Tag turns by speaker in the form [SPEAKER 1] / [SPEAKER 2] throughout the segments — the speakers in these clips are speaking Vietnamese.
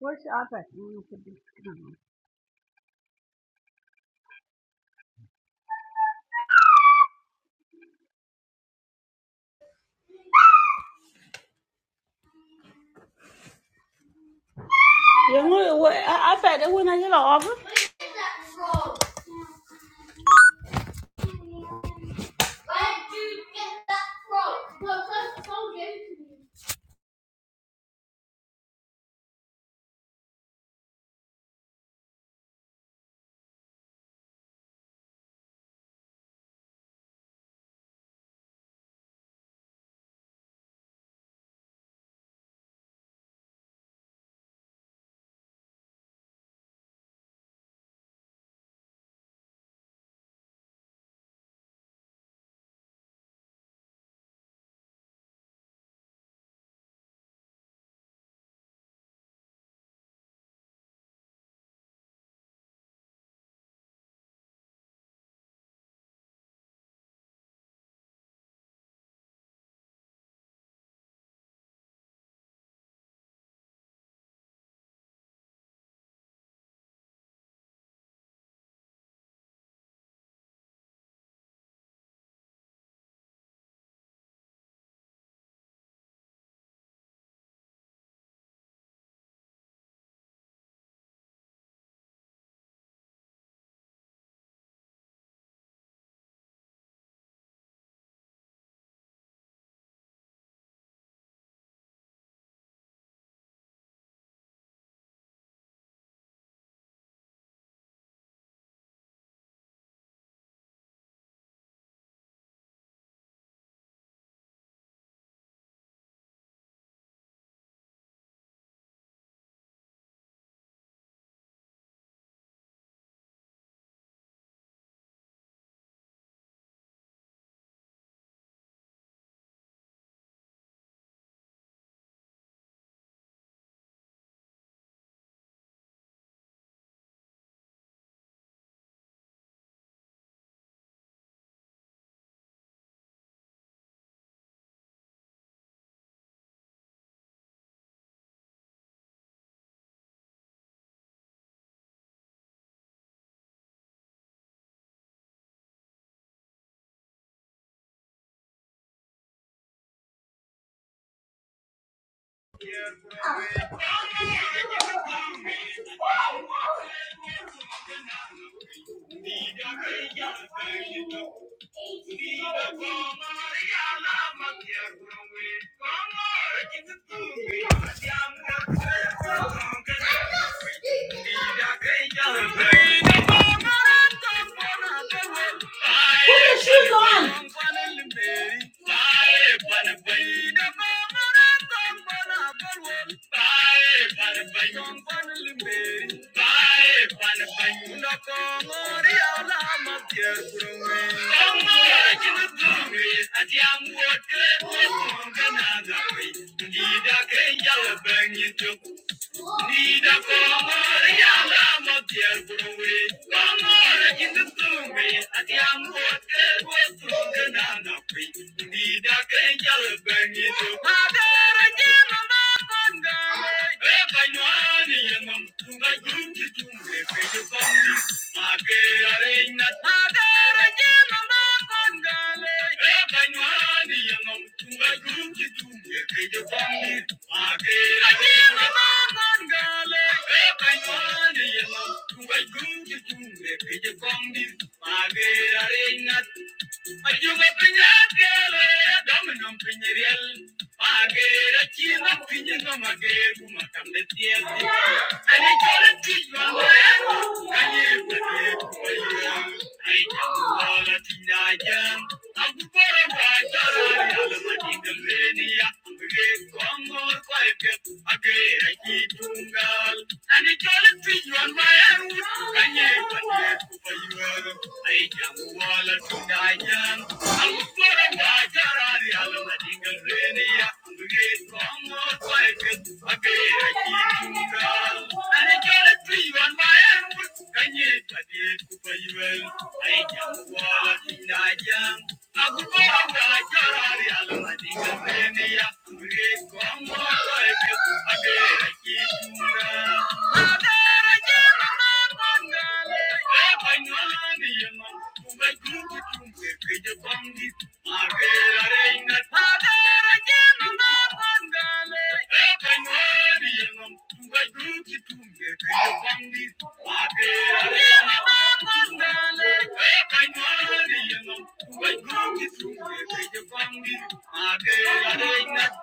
[SPEAKER 1] Where's the office? You need to be. Yung what I I bet that when I get off. Where did that from? Where did you get that from? No, first of all, give it to me. Put your shoes on. Thank you. Thank you. Thank you. I'm Thank you. Thank you. Thank you.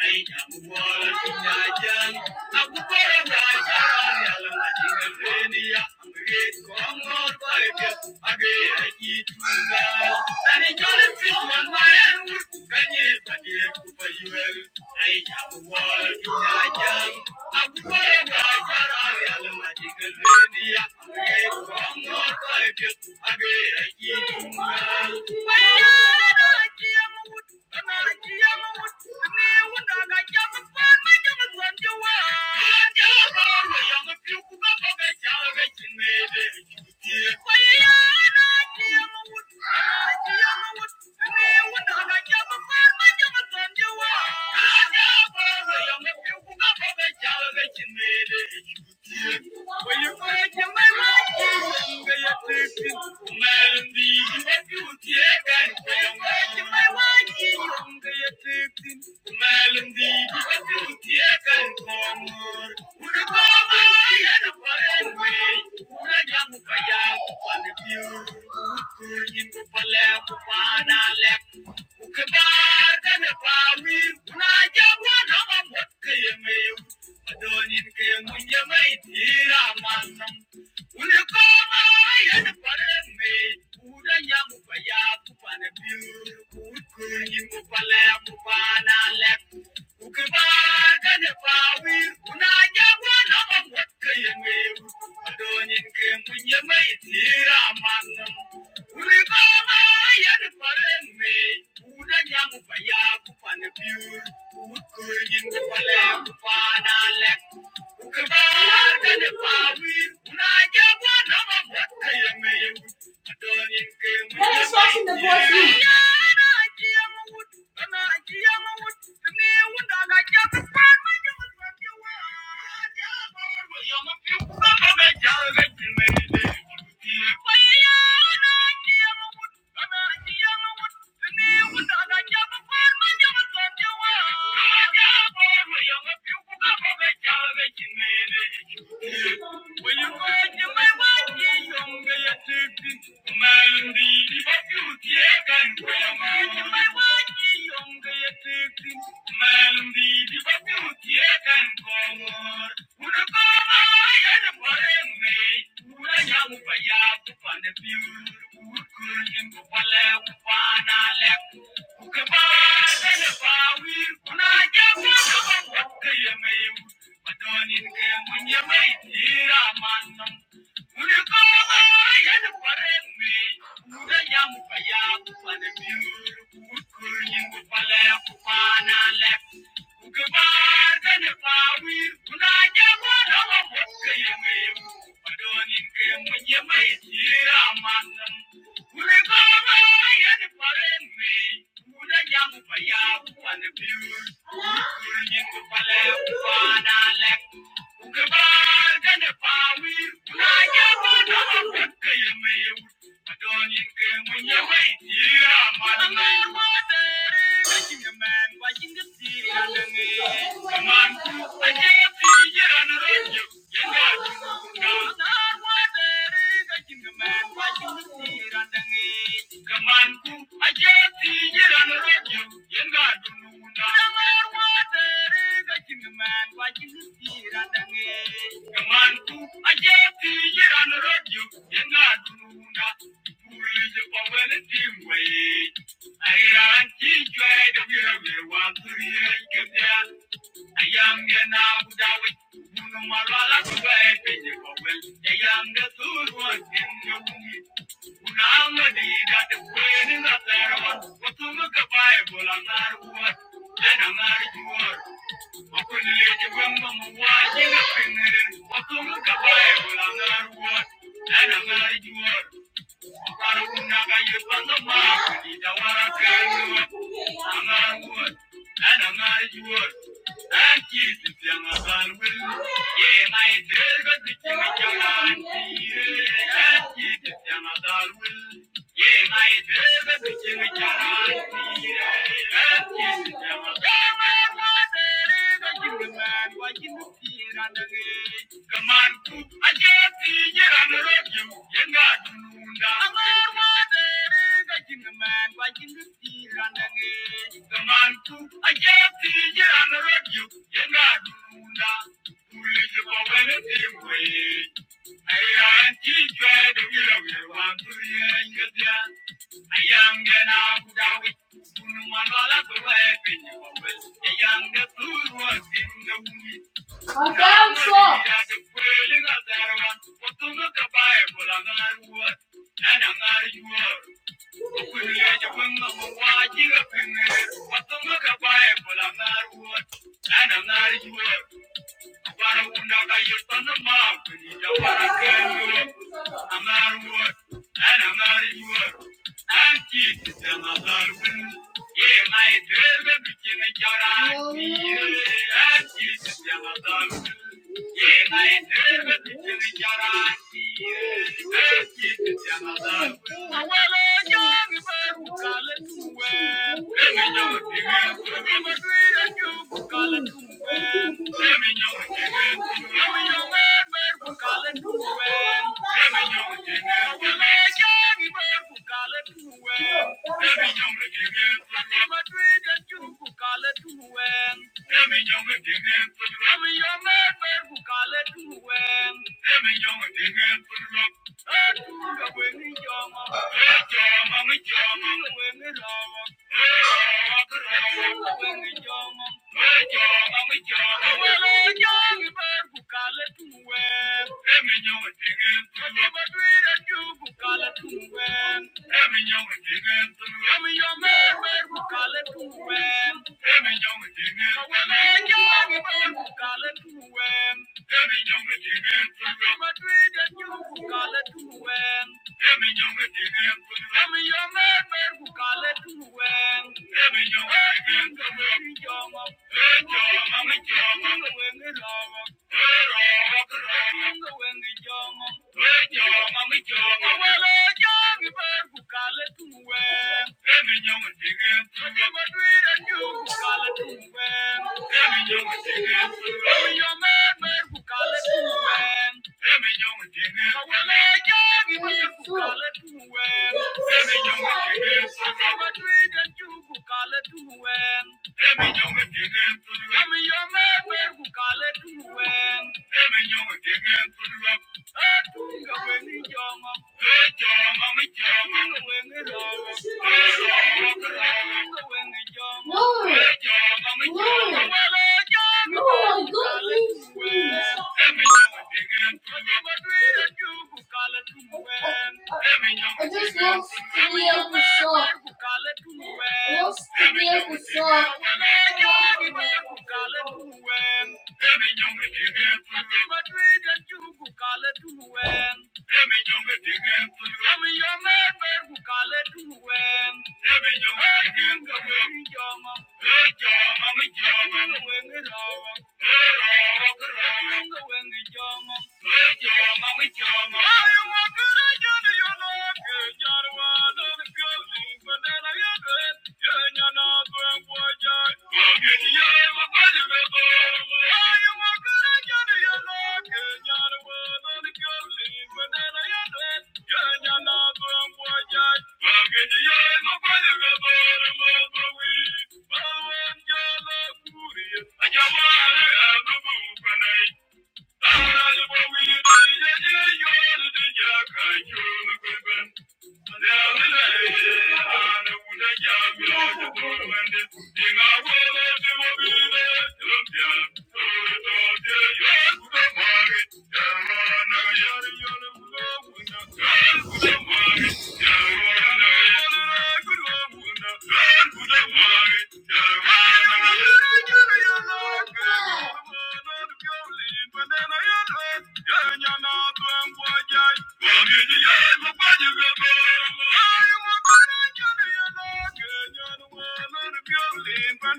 [SPEAKER 1] Thank you. I'm Thank you. find your mind, you will be a man. Thank you. Thank you. Let us watch in the voice room. I Thank you. Yam, and the beautiful. Thank you kamanku ake tigiran rojo yanga dununa kamar wata riga kinman wakin tira dange kamanku ake tigiran rojo yanga dununa Mulje pawen timwaye ti jwe da wira wa turiye kemya Ayanga na budawi, munu marala kuwe penye Thank you. Yeah. I am teacher, The to one Thank you. I am gonna go down with you. Thank you. Thank you. Thank you. Thank you. Emi yong I just lost the other song. Lost the other song. Thank you. Thank you. Yeah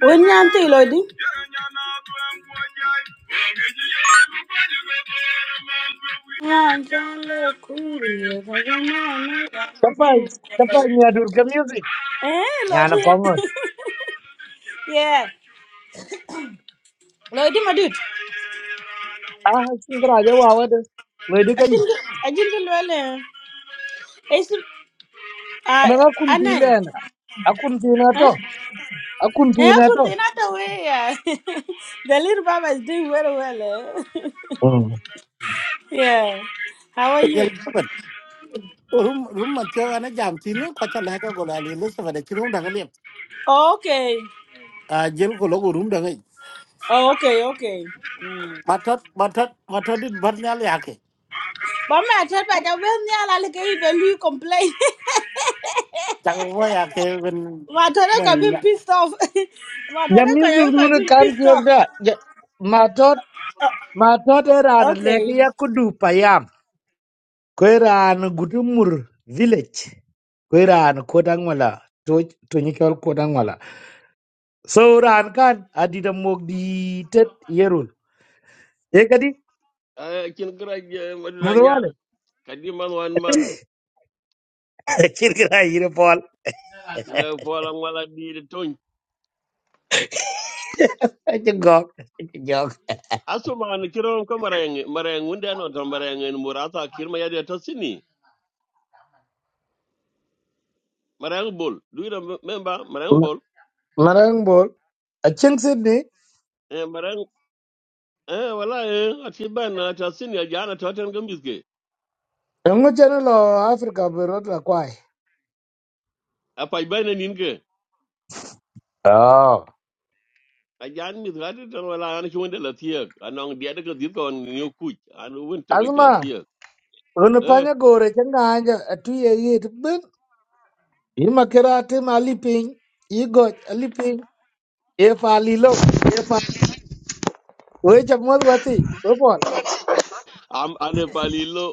[SPEAKER 1] wen nyan ti lo di na jan le kuri yo ko
[SPEAKER 2] Kapaz, kapaz niya durga music.
[SPEAKER 1] eh lo
[SPEAKER 2] Yana
[SPEAKER 1] di
[SPEAKER 2] kongo.
[SPEAKER 1] yeah lo di ma dut
[SPEAKER 2] Ah, singra ja wawa de. Loy de kay.
[SPEAKER 1] ajin ajin lo le Uh,
[SPEAKER 2] Ana na kun tine
[SPEAKER 1] Anan,
[SPEAKER 2] na. Akun tine
[SPEAKER 1] huh?
[SPEAKER 2] to. Akun
[SPEAKER 1] Eh,
[SPEAKER 2] tine
[SPEAKER 1] could be
[SPEAKER 2] to.
[SPEAKER 1] another way. Yeah. the little Baba is doing very well. Eh?
[SPEAKER 2] Mm.
[SPEAKER 1] yeah. How are you?
[SPEAKER 3] Elizabeth. Rum rum matio ana jam tini ko cha leka go la Elizabeth de chirum daga lep.
[SPEAKER 1] Oh, okay.
[SPEAKER 3] A jel ko logo rum daga.
[SPEAKER 1] Oh, okay, okay.
[SPEAKER 3] Matot matot matot dit barnyal yake.
[SPEAKER 1] But my tell by the way, I like even you complain.
[SPEAKER 3] Chaka wo yake ben
[SPEAKER 1] My daughter can
[SPEAKER 3] mon
[SPEAKER 1] be
[SPEAKER 3] ya.
[SPEAKER 1] pissed off. My
[SPEAKER 2] Ja
[SPEAKER 1] daughter
[SPEAKER 2] music
[SPEAKER 1] can can
[SPEAKER 2] dun
[SPEAKER 1] be
[SPEAKER 2] kan ti
[SPEAKER 1] pissed off.
[SPEAKER 2] ogda. Ja matot matot eran
[SPEAKER 1] Oh, okay.
[SPEAKER 2] leke ya kudu payam. Ko eran gutumur village. Ko eran kodangwala. To to nyikol kodangwala. So ran kan adida mogdi tet yerul. Ekadi.
[SPEAKER 4] Uh, kin kira ke madudan yar
[SPEAKER 2] Madawale.
[SPEAKER 4] kadiman wan mat
[SPEAKER 2] Kirkira yire pol.
[SPEAKER 4] ida fola wala bi de ton
[SPEAKER 2] chứ ngọt chứ giọt
[SPEAKER 4] asu ma ni kiro ko marayeng marayeng wunde no ton marayeng en murata kirma yade to sini marayeng bol duira memba marayeng bol
[SPEAKER 2] Ngarang bol. Achin Sydney.
[SPEAKER 4] eh marayeng eh wala eh ati bana ta sini ya jana to ten gambiske
[SPEAKER 2] Yungu channel o Africa be rot la kwai.
[SPEAKER 4] apa bana nin ke
[SPEAKER 2] oh
[SPEAKER 4] a jan mi gadi ton wala an ki wunde la tiek anong dia de ko dir ko ni ku an wunte ko ki la
[SPEAKER 2] Azma.
[SPEAKER 4] tiek
[SPEAKER 2] Unu
[SPEAKER 4] eh
[SPEAKER 2] panya gore changa anja atu ye ye tibin. Ima kira tim aliping. Igoj aliping. If alilo. Uwe chamod wati. Uwe pol.
[SPEAKER 4] am ane palilo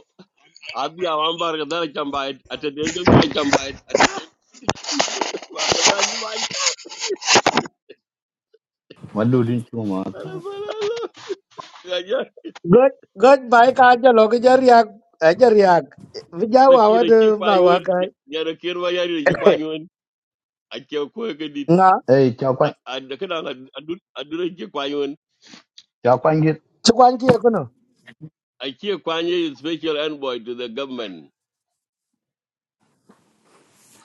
[SPEAKER 4] abi awam bar ga dal chamba at den gambiske Barkazani ma an
[SPEAKER 5] Madudin chuma ta.
[SPEAKER 4] tsara falala. Ya ya
[SPEAKER 2] Goj. Goj bai ka anja loge jariag. Ajariag.
[SPEAKER 4] da
[SPEAKER 2] Vijawa
[SPEAKER 4] ke da ke
[SPEAKER 2] wadu bawa
[SPEAKER 4] kwayo
[SPEAKER 2] kai.
[SPEAKER 4] ya da ke ruwa yari da ke kwayo a ke koyo gadi
[SPEAKER 2] Nga.
[SPEAKER 5] Hey, chakwan
[SPEAKER 4] a da kana a duran ke kwayo
[SPEAKER 5] chakwangit
[SPEAKER 2] Chukwanki yakuno.
[SPEAKER 4] a ke kwanye special envoy to the government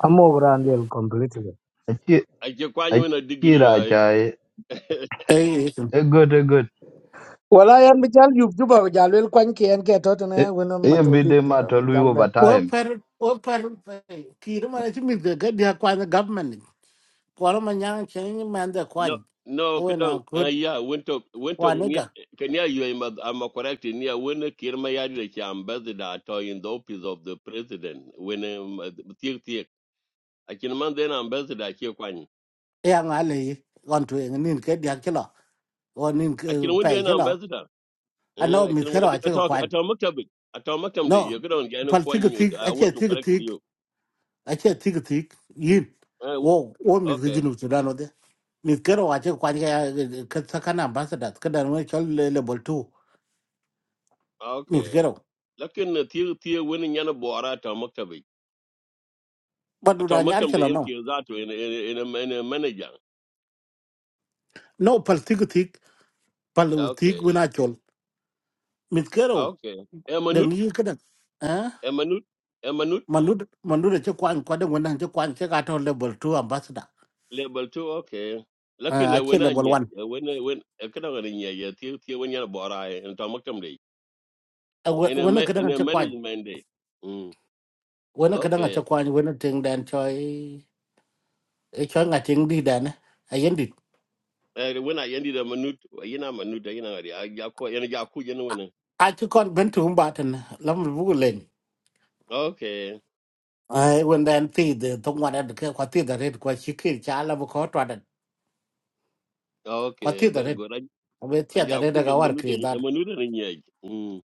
[SPEAKER 2] Amo grandel completely.
[SPEAKER 5] achi
[SPEAKER 4] a ke kwayo na degree
[SPEAKER 5] achira
[SPEAKER 4] ai.
[SPEAKER 5] chai.
[SPEAKER 3] Eh.
[SPEAKER 5] A good a good.
[SPEAKER 2] wala yan mi jal yub juba ko jal wel kwan ki en ke to tene wono
[SPEAKER 5] E
[SPEAKER 2] matolit
[SPEAKER 5] bide mata
[SPEAKER 2] mi
[SPEAKER 5] lui
[SPEAKER 2] jal
[SPEAKER 5] over
[SPEAKER 2] ben
[SPEAKER 3] Wo
[SPEAKER 5] time.
[SPEAKER 3] per wo per kiri mana chimi daga dia kwa the government. Kwara manyang chenyi mande
[SPEAKER 4] No
[SPEAKER 3] kwani.
[SPEAKER 4] no
[SPEAKER 3] Owe na
[SPEAKER 4] kudan
[SPEAKER 3] kut
[SPEAKER 4] ya winto winto
[SPEAKER 3] waniga.
[SPEAKER 4] kan ya yi ma amma correct ni ya wani kirma yari da ke ambassador to in the office of the president wani tiek tiek a kin man da yana ambassador ke kwanyi.
[SPEAKER 3] Ya ngale on to ngin ke dia kilo. Onin
[SPEAKER 4] akin wonde
[SPEAKER 3] pe
[SPEAKER 4] na
[SPEAKER 3] kilo.
[SPEAKER 4] ambassador
[SPEAKER 3] Ano
[SPEAKER 4] eh
[SPEAKER 3] mit
[SPEAKER 4] akin
[SPEAKER 3] kero achiko
[SPEAKER 4] ato
[SPEAKER 3] kwani.
[SPEAKER 4] ato maktabi ato maktamde
[SPEAKER 3] No,
[SPEAKER 4] yo gidon gano
[SPEAKER 3] pal
[SPEAKER 4] kwan
[SPEAKER 3] tiga tig,
[SPEAKER 4] i
[SPEAKER 3] ache
[SPEAKER 4] want to
[SPEAKER 3] tiga
[SPEAKER 4] correct
[SPEAKER 3] tig,
[SPEAKER 4] you
[SPEAKER 3] ache tiga tig, yin.
[SPEAKER 4] eh
[SPEAKER 3] Wo, wo mi
[SPEAKER 4] okay
[SPEAKER 3] zijinu sudano de. Mi kero ache kwanja ya katsakana ambassador, kada nwe chol le level two.
[SPEAKER 4] ah,
[SPEAKER 3] Mi
[SPEAKER 4] okay
[SPEAKER 3] kero.
[SPEAKER 4] lakin na tiyo tiyo wani yana bora ato maktabi
[SPEAKER 3] Badu
[SPEAKER 4] ato
[SPEAKER 3] da nyar
[SPEAKER 4] maktamde
[SPEAKER 3] chala no.
[SPEAKER 4] yanki zato in in in manager
[SPEAKER 3] No, pal tiga tig, pal
[SPEAKER 4] Ah,
[SPEAKER 3] tig
[SPEAKER 4] okay
[SPEAKER 3] wina chol. Mi kero,
[SPEAKER 4] Ah, okay emanut
[SPEAKER 3] dengi yin kada. Eh?
[SPEAKER 4] emanut emanut
[SPEAKER 3] Mandu, mandu da che kwan, kwa de wina che kwan, che kato level two ambassador.
[SPEAKER 4] level 2 okay
[SPEAKER 3] Eh,
[SPEAKER 4] lakin na
[SPEAKER 3] ache
[SPEAKER 4] wani
[SPEAKER 3] level
[SPEAKER 4] anya
[SPEAKER 3] one.
[SPEAKER 4] wani wani kada wani anya ya tiyo tiyo wani yana bora ato maktamde in a
[SPEAKER 3] Wena
[SPEAKER 4] ma-
[SPEAKER 3] kada
[SPEAKER 4] in
[SPEAKER 3] nga
[SPEAKER 4] a
[SPEAKER 3] che kwan,
[SPEAKER 4] management day mm
[SPEAKER 3] wena kada nga
[SPEAKER 4] okay
[SPEAKER 3] che kwan, wena ting dan choy. e cho nga ting di dan a yen dit
[SPEAKER 4] Eh, wena yendi da manut, yena manut da yena wari. Aja ku yena ja ku yena wena.
[SPEAKER 3] a chi kon ben tu ba tan lam bu len
[SPEAKER 4] Okay.
[SPEAKER 3] ai wen dan ti de tong wa da ke kwa ti da red kwa chi ke cha la bu ko twa da kwa
[SPEAKER 4] Okay,
[SPEAKER 3] ti da
[SPEAKER 4] very
[SPEAKER 3] red
[SPEAKER 4] good.
[SPEAKER 3] a be ti da
[SPEAKER 4] Aja
[SPEAKER 3] red
[SPEAKER 4] ku
[SPEAKER 3] ga
[SPEAKER 4] yena
[SPEAKER 3] war
[SPEAKER 4] manut da
[SPEAKER 3] kre da
[SPEAKER 4] yena manut da nyaji. Mm.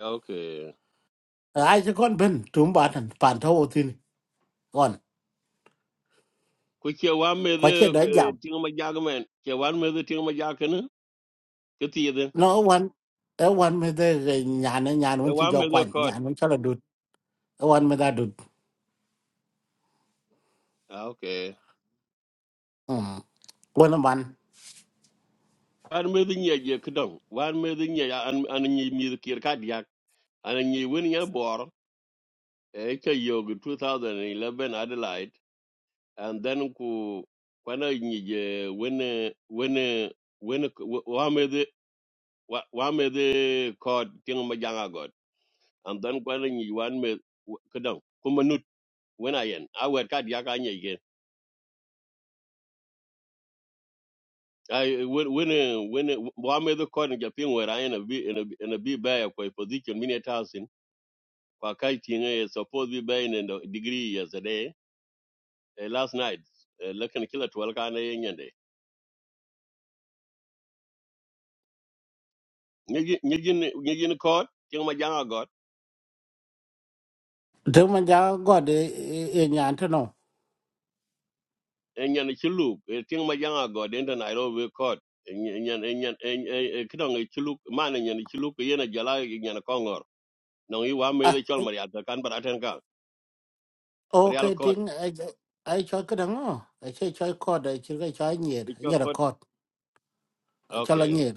[SPEAKER 4] Okay.
[SPEAKER 3] a chi kon ben tu ba tan pan tho tin kon
[SPEAKER 4] Ku ke wa me
[SPEAKER 3] kwa che
[SPEAKER 4] de
[SPEAKER 3] da jam
[SPEAKER 4] tinga ma jaga men. Ke wa me de tinga ma jaga ne? Ke ti de.
[SPEAKER 3] no wan e wan me de nya na nya no
[SPEAKER 4] E
[SPEAKER 3] chi
[SPEAKER 4] wa
[SPEAKER 3] jo
[SPEAKER 4] me
[SPEAKER 3] kwa
[SPEAKER 4] de
[SPEAKER 3] nya
[SPEAKER 4] kod.
[SPEAKER 3] no cha la du e wan me da du
[SPEAKER 4] Ah, Okay.
[SPEAKER 3] wan man
[SPEAKER 4] Wa me de nyaji ke dong. Wa me de nyaji an an nyi mi de kir ka dia. An nyi wen ya bor. E ke yo 2011 Adelaide. and then ku kwana nyije wene wene wene wamede wamede kod tinga majanga god and then kwana nyije wan me kadang kumanut wena yen awet kad yaka nyige I wene wene wamede kod nja ping wera yen a bi in a bi in a bi ba ya kwa position mini thousand kwa kai tinga is supposed to be ba in a degree yesterday eh, last night lekin kila twelve kana yen yende nyige nyige nyige kod tinga majanga god
[SPEAKER 3] de man ja god e nya tan no
[SPEAKER 4] enyan chiluk e ting ma janga god enta nairobi court enyan enyan e kidong e chiluk man enyan chiluk yena jala enyan kongor no i wa me de chol maria ta kan baraten ka
[SPEAKER 3] ok
[SPEAKER 4] maria court
[SPEAKER 3] tiếng ai ai cho cái đó ai chơi chơi code ai chơi cái chơi nhiệt
[SPEAKER 4] i chol
[SPEAKER 3] nhiệt là
[SPEAKER 4] court
[SPEAKER 3] code cho là
[SPEAKER 4] okay
[SPEAKER 3] nhiệt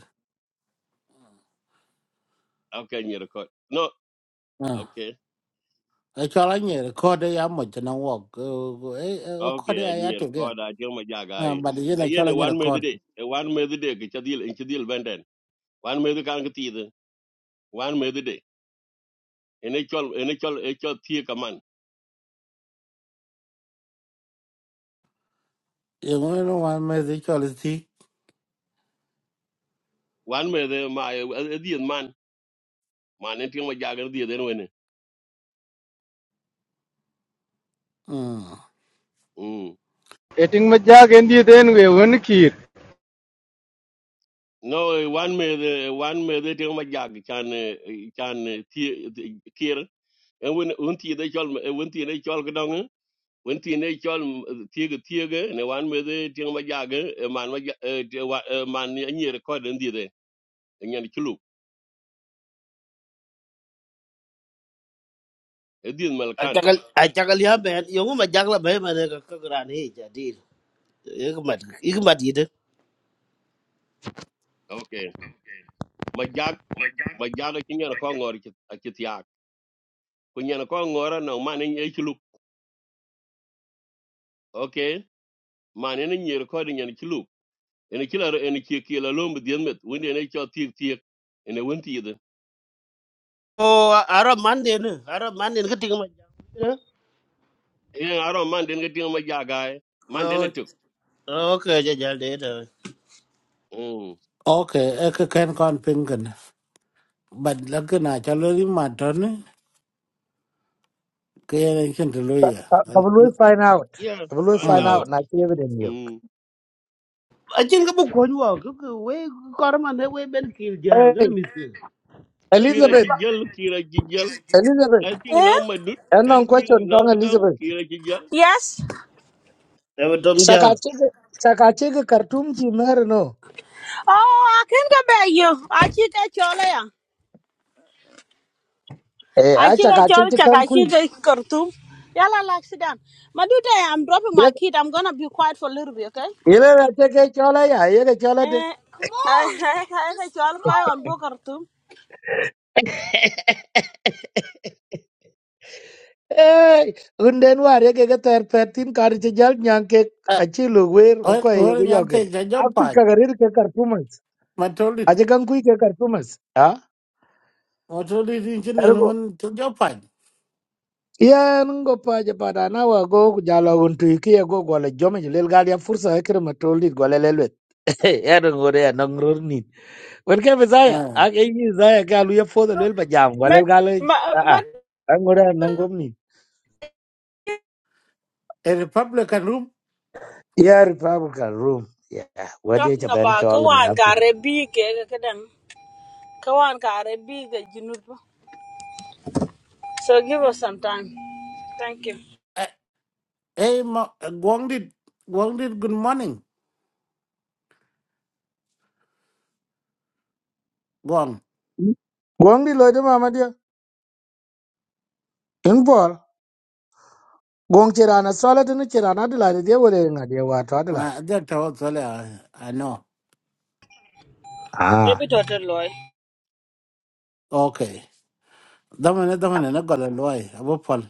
[SPEAKER 4] okay nyer court no
[SPEAKER 3] à
[SPEAKER 4] okay
[SPEAKER 3] ai cho là nhiệt code đấy ám một cho nó work ấy code
[SPEAKER 4] okay a
[SPEAKER 3] đấy ai
[SPEAKER 4] nyer
[SPEAKER 3] tụi cái
[SPEAKER 4] court a ting ma jaga
[SPEAKER 3] à
[SPEAKER 4] ai
[SPEAKER 3] bà đi
[SPEAKER 4] ka
[SPEAKER 3] này cho
[SPEAKER 4] yene
[SPEAKER 3] là nhiệt
[SPEAKER 4] wan
[SPEAKER 3] là
[SPEAKER 4] me
[SPEAKER 3] code
[SPEAKER 4] de e wan me de ke chadil en chadil benden wan me de kan ke ti de wan me de ene chol ene chol e chol tie kaman
[SPEAKER 3] yêu người nó hoàn mấy gì cho là gì
[SPEAKER 4] wan me de ma e di man man en ting ma jaga di de
[SPEAKER 3] ừ
[SPEAKER 4] Mm.
[SPEAKER 6] eting majak en diet en we wen kir
[SPEAKER 4] No, eh, wan me de wan me de tengo ma jag chan eh, eh, chan eh, ti ti- kier. En wen un ti de chol eh, un ti de chol gdong. eh, Un ti de chol ti ge ti ge ne wan me de tengo ma jag eh, man ma jag- eh, te wa- eh, man ni ni record en di de. En yan chulu. E di mal kan.
[SPEAKER 7] Achakal achakal ya ben yungu ma jakla ben ma ne ka gran hi ja dil. Ik mat ik mat yide.
[SPEAKER 4] Okay. Ma jag ma jag ki nyen ko ngor ki ki ti ak. Ku nyen ko ngora no man ni e chulu. Okay. Man ni ni record nyen chulu. ene kila ene kia kia la lom dien met wende ene cho tiek tiek ene wenti yede
[SPEAKER 7] O ara man de ne ara man de ka ting ma jakla.
[SPEAKER 4] ene aro man den ga ding ma ja gae man den etuk
[SPEAKER 7] O okay ja jal de de.
[SPEAKER 4] mm
[SPEAKER 3] ok ấy cái cái con pin cần bà là cái nào cho lôi mà trơn cái này trên từ lôi à
[SPEAKER 2] ka lu find out
[SPEAKER 4] yeah
[SPEAKER 2] ka lu
[SPEAKER 4] find
[SPEAKER 3] ừ
[SPEAKER 2] find out
[SPEAKER 4] out
[SPEAKER 2] na ki evident yok
[SPEAKER 4] mm
[SPEAKER 7] Achin ka bu ko nyuwa ka ka we kor ma ne we ben kil jal ka ne
[SPEAKER 2] hey
[SPEAKER 7] miskin. We bi
[SPEAKER 4] kira
[SPEAKER 7] ka
[SPEAKER 4] ki
[SPEAKER 2] elizabeth
[SPEAKER 7] pa.
[SPEAKER 4] gel kira ki gel
[SPEAKER 2] elizabeth
[SPEAKER 4] kai ting na
[SPEAKER 1] Eh?
[SPEAKER 4] ma dut
[SPEAKER 2] en
[SPEAKER 4] kai
[SPEAKER 2] non
[SPEAKER 4] ting
[SPEAKER 2] question
[SPEAKER 4] na
[SPEAKER 2] tong
[SPEAKER 4] ngdam
[SPEAKER 2] elizabeth
[SPEAKER 4] kira ki gel
[SPEAKER 1] Yes.
[SPEAKER 7] Ne dom
[SPEAKER 2] saka
[SPEAKER 7] jal.
[SPEAKER 2] chi saka chi ke kartum chi mer no
[SPEAKER 1] Oh, I can go back you. I should get your layer.
[SPEAKER 2] e a
[SPEAKER 1] Achika
[SPEAKER 2] saka chi
[SPEAKER 1] chol
[SPEAKER 2] chi kan ku
[SPEAKER 1] chakashide Khartoum. Yala like sit down. Madude, I'm dropping
[SPEAKER 2] ye
[SPEAKER 1] my kid. I'm gonna be quiet for a little bit, okay?
[SPEAKER 2] ye la che ke chola ya ye ke chola
[SPEAKER 1] Eh, Come on. I I chol kai on bo Khartoum.
[SPEAKER 2] Hey, runden war ye ke ter petin kar che jal nyang ke achi lu wer
[SPEAKER 3] ơi
[SPEAKER 2] ko ye go
[SPEAKER 3] ơi nhắm
[SPEAKER 2] yoge.
[SPEAKER 3] thấy cho gió
[SPEAKER 2] A ku
[SPEAKER 3] phải
[SPEAKER 2] kagarir ke kar pumas.
[SPEAKER 3] mà trôi đi
[SPEAKER 2] A je kan ku ke kar pumas. Ha?
[SPEAKER 3] mà trôi đi trên này nó
[SPEAKER 2] Ergo
[SPEAKER 3] vẫn cho gió
[SPEAKER 2] yen go pa je pada na wa go ku jalo un tu ki ye go go le jome je lel gal ya fursa e kre matol dit go le lelwet. Ya don go re na ngror ni. Wen ke bezaya
[SPEAKER 3] Uh,
[SPEAKER 2] a ke yi zaya ga lu ye fo de lel ba jam go le
[SPEAKER 1] But
[SPEAKER 2] gal a
[SPEAKER 1] ma
[SPEAKER 2] a.
[SPEAKER 1] ma
[SPEAKER 2] An go re na ngom
[SPEAKER 3] a Republican room.
[SPEAKER 2] Yeah, Republican room. Yeah, where did
[SPEAKER 1] talking
[SPEAKER 2] you bend
[SPEAKER 1] about
[SPEAKER 2] Charlie me
[SPEAKER 1] kawan
[SPEAKER 2] after?
[SPEAKER 1] ka rebi ke kadang kawan ka rebi ke junub. So give us some time. Thank you.
[SPEAKER 3] Uh, hey, mo- uh, Guang did. Guang did. Good morning, Guang.
[SPEAKER 2] Gong di loy de mama dia. In bol. Gong chirana solid in the chirana adelaide dia wole nga dia wa to
[SPEAKER 3] Uh,
[SPEAKER 2] adelaide.
[SPEAKER 3] that was all I, I know.
[SPEAKER 2] Ah.
[SPEAKER 1] Maybe total loy.
[SPEAKER 3] Okay. Damane damane na gola loy. Abo pol.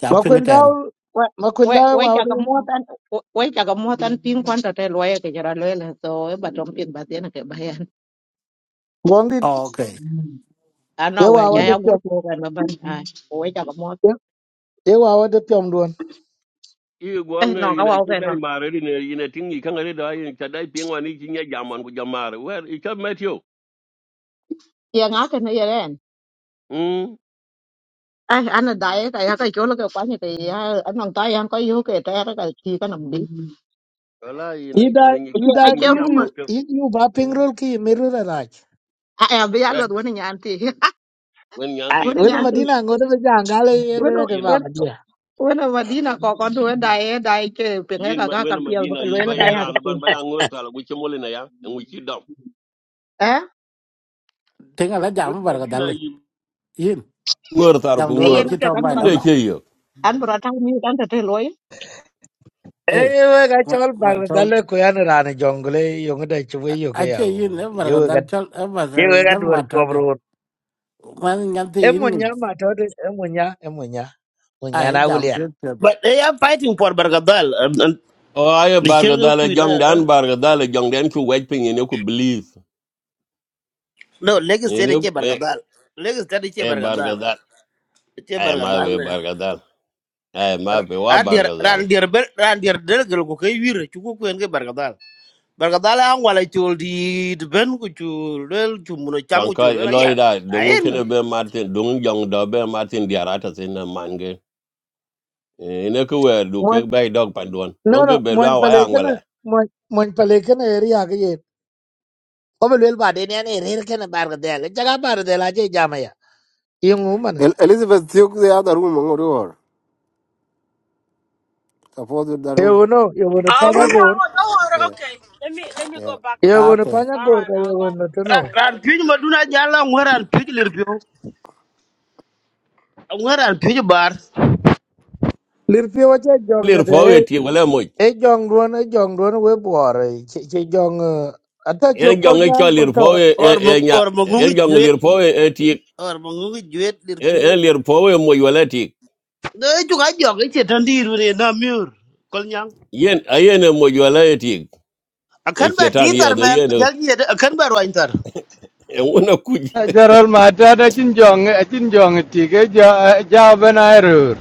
[SPEAKER 3] Ja pinga tan.
[SPEAKER 2] Makwendao
[SPEAKER 8] we we
[SPEAKER 2] makwendao
[SPEAKER 8] we
[SPEAKER 2] wa wa
[SPEAKER 8] chaka muat an we we chaka muat an pin kwan ta te loye ke jara loye le so e batom pin ba tiene ke bayan
[SPEAKER 2] gong di
[SPEAKER 3] Oh, okay.
[SPEAKER 8] ano
[SPEAKER 2] de
[SPEAKER 8] we
[SPEAKER 2] wa
[SPEAKER 8] cha
[SPEAKER 2] wa de
[SPEAKER 3] Hmm.
[SPEAKER 8] ya gur
[SPEAKER 2] pyom.
[SPEAKER 8] ko kan ba ban ai we chaka muat
[SPEAKER 2] De wa wa de pyom don.
[SPEAKER 4] i
[SPEAKER 8] eh
[SPEAKER 4] gwang
[SPEAKER 8] no ka
[SPEAKER 4] ina
[SPEAKER 8] wa
[SPEAKER 4] cho
[SPEAKER 8] ke no
[SPEAKER 4] dai mare ina ina ting i kanga da ina cha dai ping wani ki nya jaman ku jamare wer i cha metio
[SPEAKER 8] ye nga ke ne ye ren
[SPEAKER 4] mm
[SPEAKER 8] ai an da ye ta ya ka jo lo ke kwan ye ke ya an nong ta ya ko yu ke ta ra ka ti ka nam di
[SPEAKER 4] wala ina ina
[SPEAKER 2] Ida
[SPEAKER 4] ni
[SPEAKER 8] ai
[SPEAKER 4] ka
[SPEAKER 8] che ai
[SPEAKER 2] ida
[SPEAKER 4] ni
[SPEAKER 2] ku
[SPEAKER 8] che
[SPEAKER 4] ki
[SPEAKER 2] yu
[SPEAKER 8] rum
[SPEAKER 4] jaman
[SPEAKER 2] yu
[SPEAKER 4] ke
[SPEAKER 2] yu ba
[SPEAKER 4] mm
[SPEAKER 2] pingrol ki miru ra raj.
[SPEAKER 8] a ya be ya lo
[SPEAKER 4] yes
[SPEAKER 8] woni nyan ti
[SPEAKER 4] when
[SPEAKER 2] Ah,
[SPEAKER 4] yanti
[SPEAKER 8] woni
[SPEAKER 2] un
[SPEAKER 8] nyan
[SPEAKER 4] dungu
[SPEAKER 8] ti
[SPEAKER 2] madina ngode be jangale
[SPEAKER 8] wono
[SPEAKER 2] yele de mama dia.
[SPEAKER 8] wono madina ko ko do da ye da ye ke pe
[SPEAKER 4] yin
[SPEAKER 8] ka
[SPEAKER 4] ma-
[SPEAKER 8] ka
[SPEAKER 4] wen
[SPEAKER 8] ka pi ba
[SPEAKER 4] madina
[SPEAKER 8] ke
[SPEAKER 4] yi
[SPEAKER 8] loye le
[SPEAKER 4] ba
[SPEAKER 8] ka
[SPEAKER 4] ya
[SPEAKER 8] ya ke
[SPEAKER 4] ran
[SPEAKER 8] ti
[SPEAKER 4] ban ba ya ngor tar gu chemol na ya en wi ci dom
[SPEAKER 8] eh
[SPEAKER 3] Tinga la
[SPEAKER 4] wen
[SPEAKER 3] jam barka
[SPEAKER 4] madina
[SPEAKER 3] dal.
[SPEAKER 4] yi
[SPEAKER 3] Yin.
[SPEAKER 4] ngor tar
[SPEAKER 3] Jam
[SPEAKER 4] ku
[SPEAKER 3] do na
[SPEAKER 8] Ella no
[SPEAKER 4] ngor
[SPEAKER 8] te
[SPEAKER 3] chita bai la
[SPEAKER 8] acuerdas
[SPEAKER 4] unde
[SPEAKER 3] ba.
[SPEAKER 4] ke yo
[SPEAKER 8] an bra ta mi dan ta te loy
[SPEAKER 3] Hey.
[SPEAKER 2] Ewe ga
[SPEAKER 3] Ma
[SPEAKER 2] chol
[SPEAKER 3] ma
[SPEAKER 2] bang da
[SPEAKER 3] chol.
[SPEAKER 2] le ko yan rane jongle yong da chwe yo ke
[SPEAKER 3] Ache
[SPEAKER 2] ya u.
[SPEAKER 3] yin e barka
[SPEAKER 2] Ewe
[SPEAKER 3] dal
[SPEAKER 2] ga
[SPEAKER 3] chol e barka
[SPEAKER 2] ewe ga
[SPEAKER 3] jam
[SPEAKER 2] dwar ko
[SPEAKER 3] matad.
[SPEAKER 2] bro.
[SPEAKER 3] Man nyanti
[SPEAKER 2] E
[SPEAKER 3] yin ngi.
[SPEAKER 2] munya ma to de e munya e munya. Munya
[SPEAKER 3] Ai
[SPEAKER 2] na
[SPEAKER 3] jam
[SPEAKER 2] wulian.
[SPEAKER 3] pet pet.
[SPEAKER 7] But they are fighting for Bargadal and and
[SPEAKER 4] o ay
[SPEAKER 7] the
[SPEAKER 4] barga
[SPEAKER 7] chirga
[SPEAKER 4] dale
[SPEAKER 7] kuina
[SPEAKER 4] jong dan
[SPEAKER 7] da.
[SPEAKER 4] barga dale jong dan ku wet pin ne ku believe
[SPEAKER 7] No, Lagos
[SPEAKER 4] ne
[SPEAKER 7] State ke
[SPEAKER 4] e
[SPEAKER 7] Bargadal. Lagos State ke
[SPEAKER 4] e bar ga
[SPEAKER 7] Bargadal.
[SPEAKER 4] dal
[SPEAKER 7] Ke
[SPEAKER 4] ay ma be
[SPEAKER 7] Bargadal.
[SPEAKER 4] bar ga dal ay ma be wa bar
[SPEAKER 7] adier
[SPEAKER 4] ga
[SPEAKER 7] ran
[SPEAKER 4] dal
[SPEAKER 7] dier ben ran dier del gel ko kay wir ci ko kuen ke barka dal barka dal an wala ciol di de ben ko ciol del ci mu no cham
[SPEAKER 4] kan
[SPEAKER 7] ko
[SPEAKER 4] ka
[SPEAKER 7] ciol la
[SPEAKER 4] eloy
[SPEAKER 7] ya
[SPEAKER 4] da dongo
[SPEAKER 7] ayen men
[SPEAKER 4] kene be martin dongo jong do be martin diarata sin na mange ene ku wer du ke
[SPEAKER 2] Mon
[SPEAKER 4] bay dog pandon
[SPEAKER 2] no no
[SPEAKER 4] dongo be
[SPEAKER 2] mon
[SPEAKER 4] lwa wa ya
[SPEAKER 2] pale kana
[SPEAKER 4] ngwele
[SPEAKER 2] mon mon pale kana eri ya ke ye. Ko bel ba de ne ne eri kana bar ga de le jaga bar de la je jama ya. Yong u man.
[SPEAKER 9] El Elizabeth took the other room on door. Suppose that
[SPEAKER 2] E
[SPEAKER 9] room.
[SPEAKER 2] uno yo go no
[SPEAKER 1] Oh, no, no,
[SPEAKER 2] panya gor.
[SPEAKER 1] no, no,
[SPEAKER 9] Yeah,
[SPEAKER 1] okay. Let me let me
[SPEAKER 9] yeah.
[SPEAKER 1] go back then.
[SPEAKER 2] Yo go no
[SPEAKER 3] Okay.
[SPEAKER 2] panya
[SPEAKER 1] All
[SPEAKER 2] gor
[SPEAKER 1] right,
[SPEAKER 2] ka
[SPEAKER 1] now
[SPEAKER 2] yo go no to
[SPEAKER 7] ran
[SPEAKER 2] no.
[SPEAKER 1] go.
[SPEAKER 7] ran piñ ma duna jalla ngoran piñ lir piñ ngoran piñ bar
[SPEAKER 2] Lirpi wache
[SPEAKER 4] lir fo
[SPEAKER 2] jonga
[SPEAKER 4] weti wala mo
[SPEAKER 2] e jong duon e jong duon we buore che che jong ata cho
[SPEAKER 4] en
[SPEAKER 2] kol
[SPEAKER 4] jonge
[SPEAKER 2] nyang
[SPEAKER 4] cho
[SPEAKER 2] ko
[SPEAKER 4] lir
[SPEAKER 2] to
[SPEAKER 4] po e
[SPEAKER 7] or
[SPEAKER 4] e
[SPEAKER 7] mo
[SPEAKER 4] nya
[SPEAKER 7] or mo ngi
[SPEAKER 4] en jonge
[SPEAKER 7] juet
[SPEAKER 4] lir po e e ti
[SPEAKER 7] or mo ngi juet lir
[SPEAKER 4] en
[SPEAKER 7] piñ
[SPEAKER 4] en lir po e mo yola ti
[SPEAKER 7] de ci ga jog ci tan dir ne na mur kol nyang
[SPEAKER 4] yen ayen e mo yola e ti e
[SPEAKER 7] akan ba
[SPEAKER 4] chetan
[SPEAKER 7] ti tar
[SPEAKER 4] ye de
[SPEAKER 7] men
[SPEAKER 4] yen e
[SPEAKER 7] jal ni akan ba roin tar
[SPEAKER 4] wona ku
[SPEAKER 6] jaral matat achin jong achin jong ti ke ja eh, ja ben airur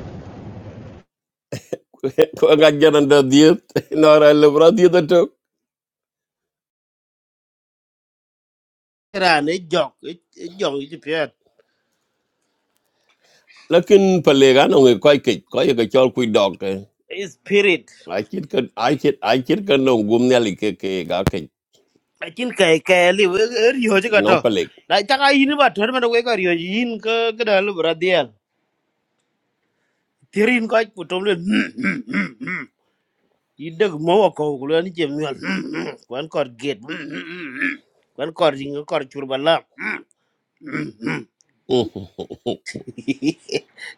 [SPEAKER 4] ko ga jaran da diet no ra le bra diet to
[SPEAKER 7] ran jog jog ci pet
[SPEAKER 4] lakin pale ga no ko ke ko ye ga chol ku dog
[SPEAKER 7] spirit
[SPEAKER 4] ai chit ka ai chit ai chit ka no gum ne li ke ke ga ke
[SPEAKER 7] akin kai kai li riyo ji
[SPEAKER 4] no
[SPEAKER 7] kato
[SPEAKER 4] pale
[SPEAKER 7] na chaka yin ba tor ma we ka riyo yin ka kada lu bradial tirin ka putom le idag mo ko ko ni jem yol kwan kor get kwan kor jing kor chur bala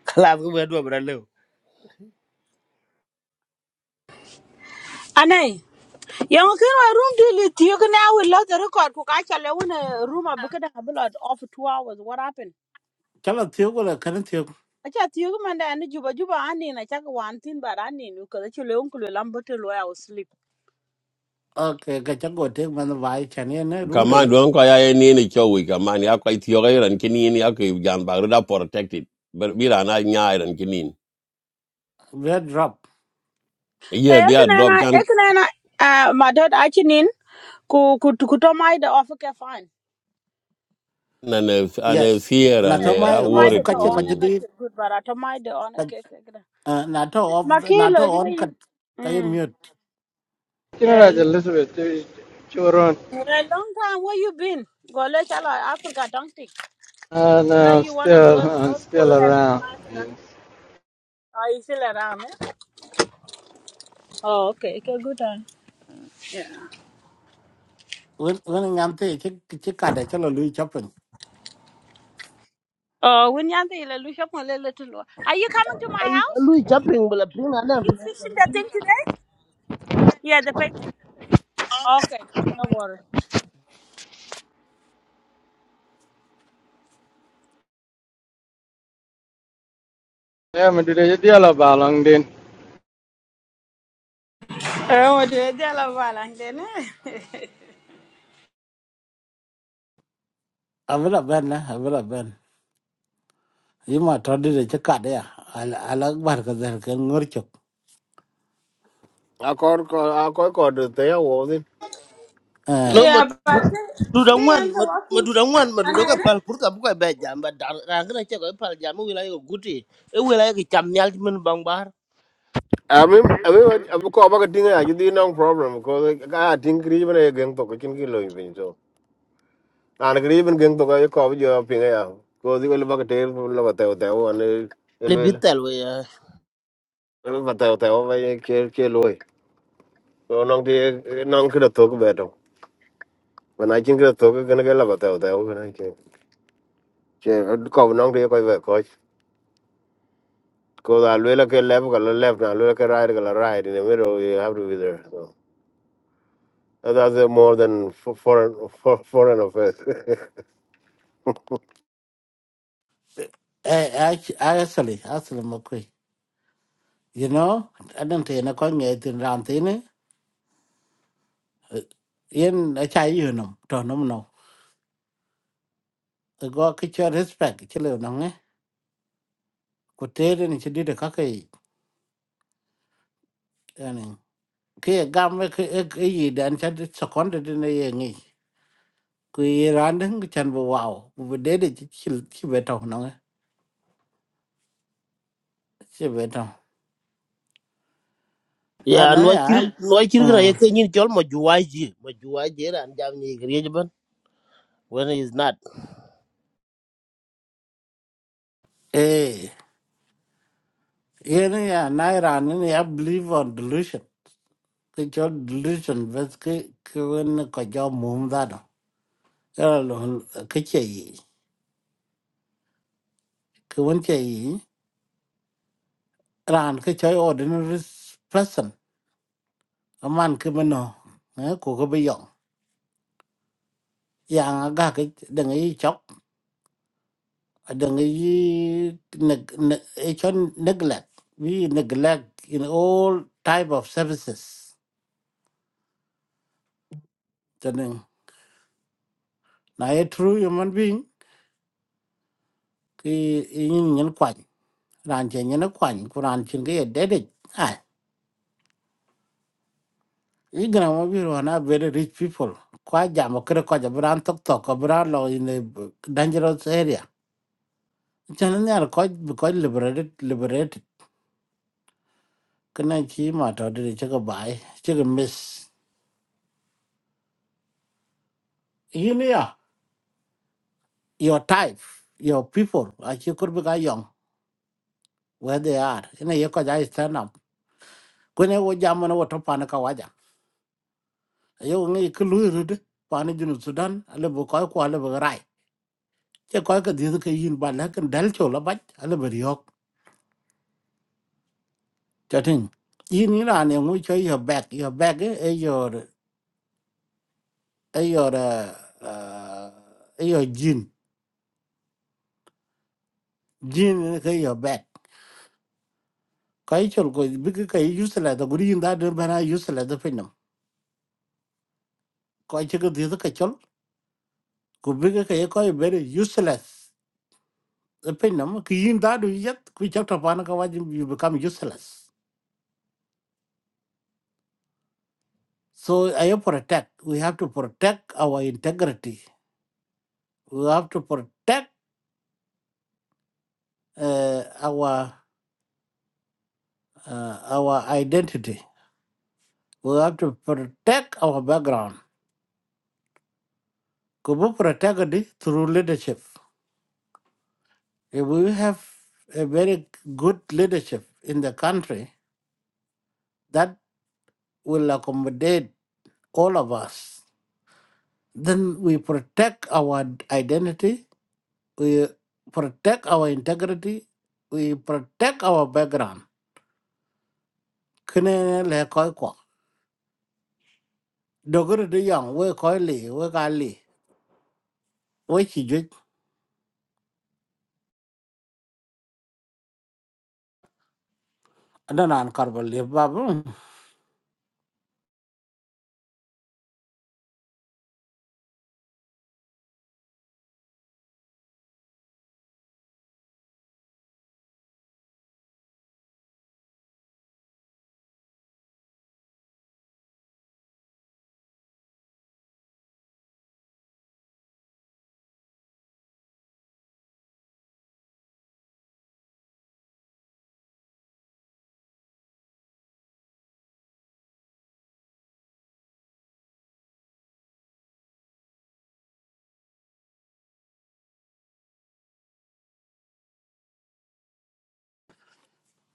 [SPEAKER 7] kala ko be do bra le
[SPEAKER 1] Anay. Yang kin wa room deal it you can now we the record cook I shall own room a bucket of blood off two hours. What happened?
[SPEAKER 3] Chala thiyo gola kan
[SPEAKER 1] I chat you man and juba juba and in I check one thing but I need because it's your uncle lamberto where I was sleep.
[SPEAKER 3] Okay, kachako take man vai chani na
[SPEAKER 4] Kaman
[SPEAKER 3] rumle
[SPEAKER 4] don ko ya ni ni cho wi kaman ya ko itiyo ga ran kini ni ya ko jan ba da protected. But bi ran a nya ran kini.
[SPEAKER 3] red drop.
[SPEAKER 4] Ye bi a drop
[SPEAKER 1] Ekanana
[SPEAKER 4] kan
[SPEAKER 1] ekanana uh my dad achinin ku ku ku to my the offer ke fine.
[SPEAKER 4] na ne an
[SPEAKER 3] Yes.
[SPEAKER 4] fear and
[SPEAKER 3] Nato
[SPEAKER 1] Yeah,
[SPEAKER 4] I
[SPEAKER 3] mai
[SPEAKER 1] every my
[SPEAKER 3] of
[SPEAKER 1] the
[SPEAKER 4] worried.
[SPEAKER 1] to
[SPEAKER 3] kache
[SPEAKER 1] on and
[SPEAKER 4] Mm.
[SPEAKER 1] got
[SPEAKER 3] kajadi
[SPEAKER 1] you good but I to my the on a cake.
[SPEAKER 3] nato of nato on
[SPEAKER 1] Makilo
[SPEAKER 3] kat kaya
[SPEAKER 1] Mm.
[SPEAKER 3] mute.
[SPEAKER 6] kina
[SPEAKER 1] Yeah, you-
[SPEAKER 6] elizabeth choron
[SPEAKER 1] yeah, long time where you been? Go let Africa don't think.
[SPEAKER 6] and
[SPEAKER 1] Well, are
[SPEAKER 6] uh,
[SPEAKER 1] you one of
[SPEAKER 6] still
[SPEAKER 1] those
[SPEAKER 6] uh,
[SPEAKER 1] nose boy
[SPEAKER 6] still
[SPEAKER 1] who have your
[SPEAKER 6] around
[SPEAKER 1] wife and a-
[SPEAKER 6] yeah
[SPEAKER 1] are you still around? Eh? Oh, okay. Okay, good time.
[SPEAKER 3] Un un ngante che che kada chalo lui chapin.
[SPEAKER 1] Oh, when you're there, look up a little lower. Are you coming to my house?
[SPEAKER 7] lu chapping bla pin ala
[SPEAKER 1] Are you fixing that thing today? Yeah, the painting. Okay, no worry.
[SPEAKER 6] me dire dia la balong
[SPEAKER 1] Oh, de de la valang de ne.
[SPEAKER 3] Avila ben na avila ben. Yima todi de che kada ya al alag bar kadar ken ngorchok.
[SPEAKER 9] Akor kor akor kor the ya wo din.
[SPEAKER 7] no
[SPEAKER 3] Eh
[SPEAKER 7] ma
[SPEAKER 1] Yeah, but
[SPEAKER 7] du da
[SPEAKER 1] can you
[SPEAKER 7] ngwan
[SPEAKER 1] enter
[SPEAKER 7] ma
[SPEAKER 1] walking?
[SPEAKER 7] du da ngwan ma du da ka
[SPEAKER 1] Another?
[SPEAKER 7] pal pur ka bu ka be jam ba dar ra ngana che ko pal jam wi la yo guti e wi la ki cham nyal men bang bar
[SPEAKER 9] Ami ami abu ko ba ting ya ji no problem ko ka ting kri ben e geng to ko chin ki lo bin so. An kri ben geng to ko ko jo pin ya. Ko di ko ba te lo ba te te wo ne
[SPEAKER 7] le
[SPEAKER 9] elo elo.
[SPEAKER 7] bitel we
[SPEAKER 9] Lo ba te te wo ba ye ke ke lo. So nong ti nong kri to ko ba to. When I think to ko gonna get lo ba te te wo na ke. Che ko nong ti ko ba ko. Because Alwela can left, color left, Alwela can right, color right. In the middle, you have to be there. So And that's uh, more than fo- foreign fo- foreign affairs.
[SPEAKER 3] eh ac- actually actually makwe. You know, I don't think na kwenye tin ramtini. Yen achai yunum tonom no. go ke cho respect che le no nge ko te de ni che di de ka ke yani ke gam me ke e e yi dan cha de second de ne ye ngi ku yi ran de ngi chan bo wow bu be de de chi chi chi be to no nge chi be to a
[SPEAKER 7] ya
[SPEAKER 3] na
[SPEAKER 7] no
[SPEAKER 3] ya
[SPEAKER 7] kir no kir gra ye
[SPEAKER 3] mm
[SPEAKER 7] ke nyin chol ma juwa ji ma juwa ji ran jam ni gre ban when is not
[SPEAKER 3] e ye ne ya na ran ne ya believe on delusion ke cho delusion bes ke ke wen ko jo mum da no ya lo ke che yi ke wen che yi ran ke cho ordinary person a man ke mano ko ko be yong yang aga ke deng yi chok deng yi ne ne e chon neglect we neglect in all type of services tenen na e true human being ki yin nyen kwany ran chen nyen kwany ku ran chen ke dede ai yi gna mo bi ro na very rich people kwa jam ko ko ja bran tok tok ko bran lo in a dangerous area chan ne ar ko ko liberated liberated cái này chỉ mà trò đi chơi cái bài chơi cái miss you know your type your people à chỉ có biết cái dòng where they are cái này có giải stand up cái này vô jam mà nó vô top anh cái waja yêu nghe cái lùi rồi đấy bạn đi Sudan là vô coi qua là vô rai chứ coi cái gì cái yên bản là cái đel chỗ là bách là vô riok cho nên yên như là anh ngồi chơi your back your back ấy ấy your ấy your uh, uh, ấy your jean jean cái your back Koi chol ko big ka use la da guri da de bana use la da pinam koi che ko diz ka chol ku big ka ye ko be useless the pinam ki yin da du yet ku chak ta pana ka wajin you become useless so i am protect we have to protect our integrity we have to protect uh, our uh, our identity we have to protect our background ku bu protect it through leadership if we have a very good leadership in the country that. will accommodate all of us, then we protect our identity, we protect our integrity, we protect our background. Kene le koi kwa. Dogere de yang we koi li we ka li we chi ju adanan karbal li babu.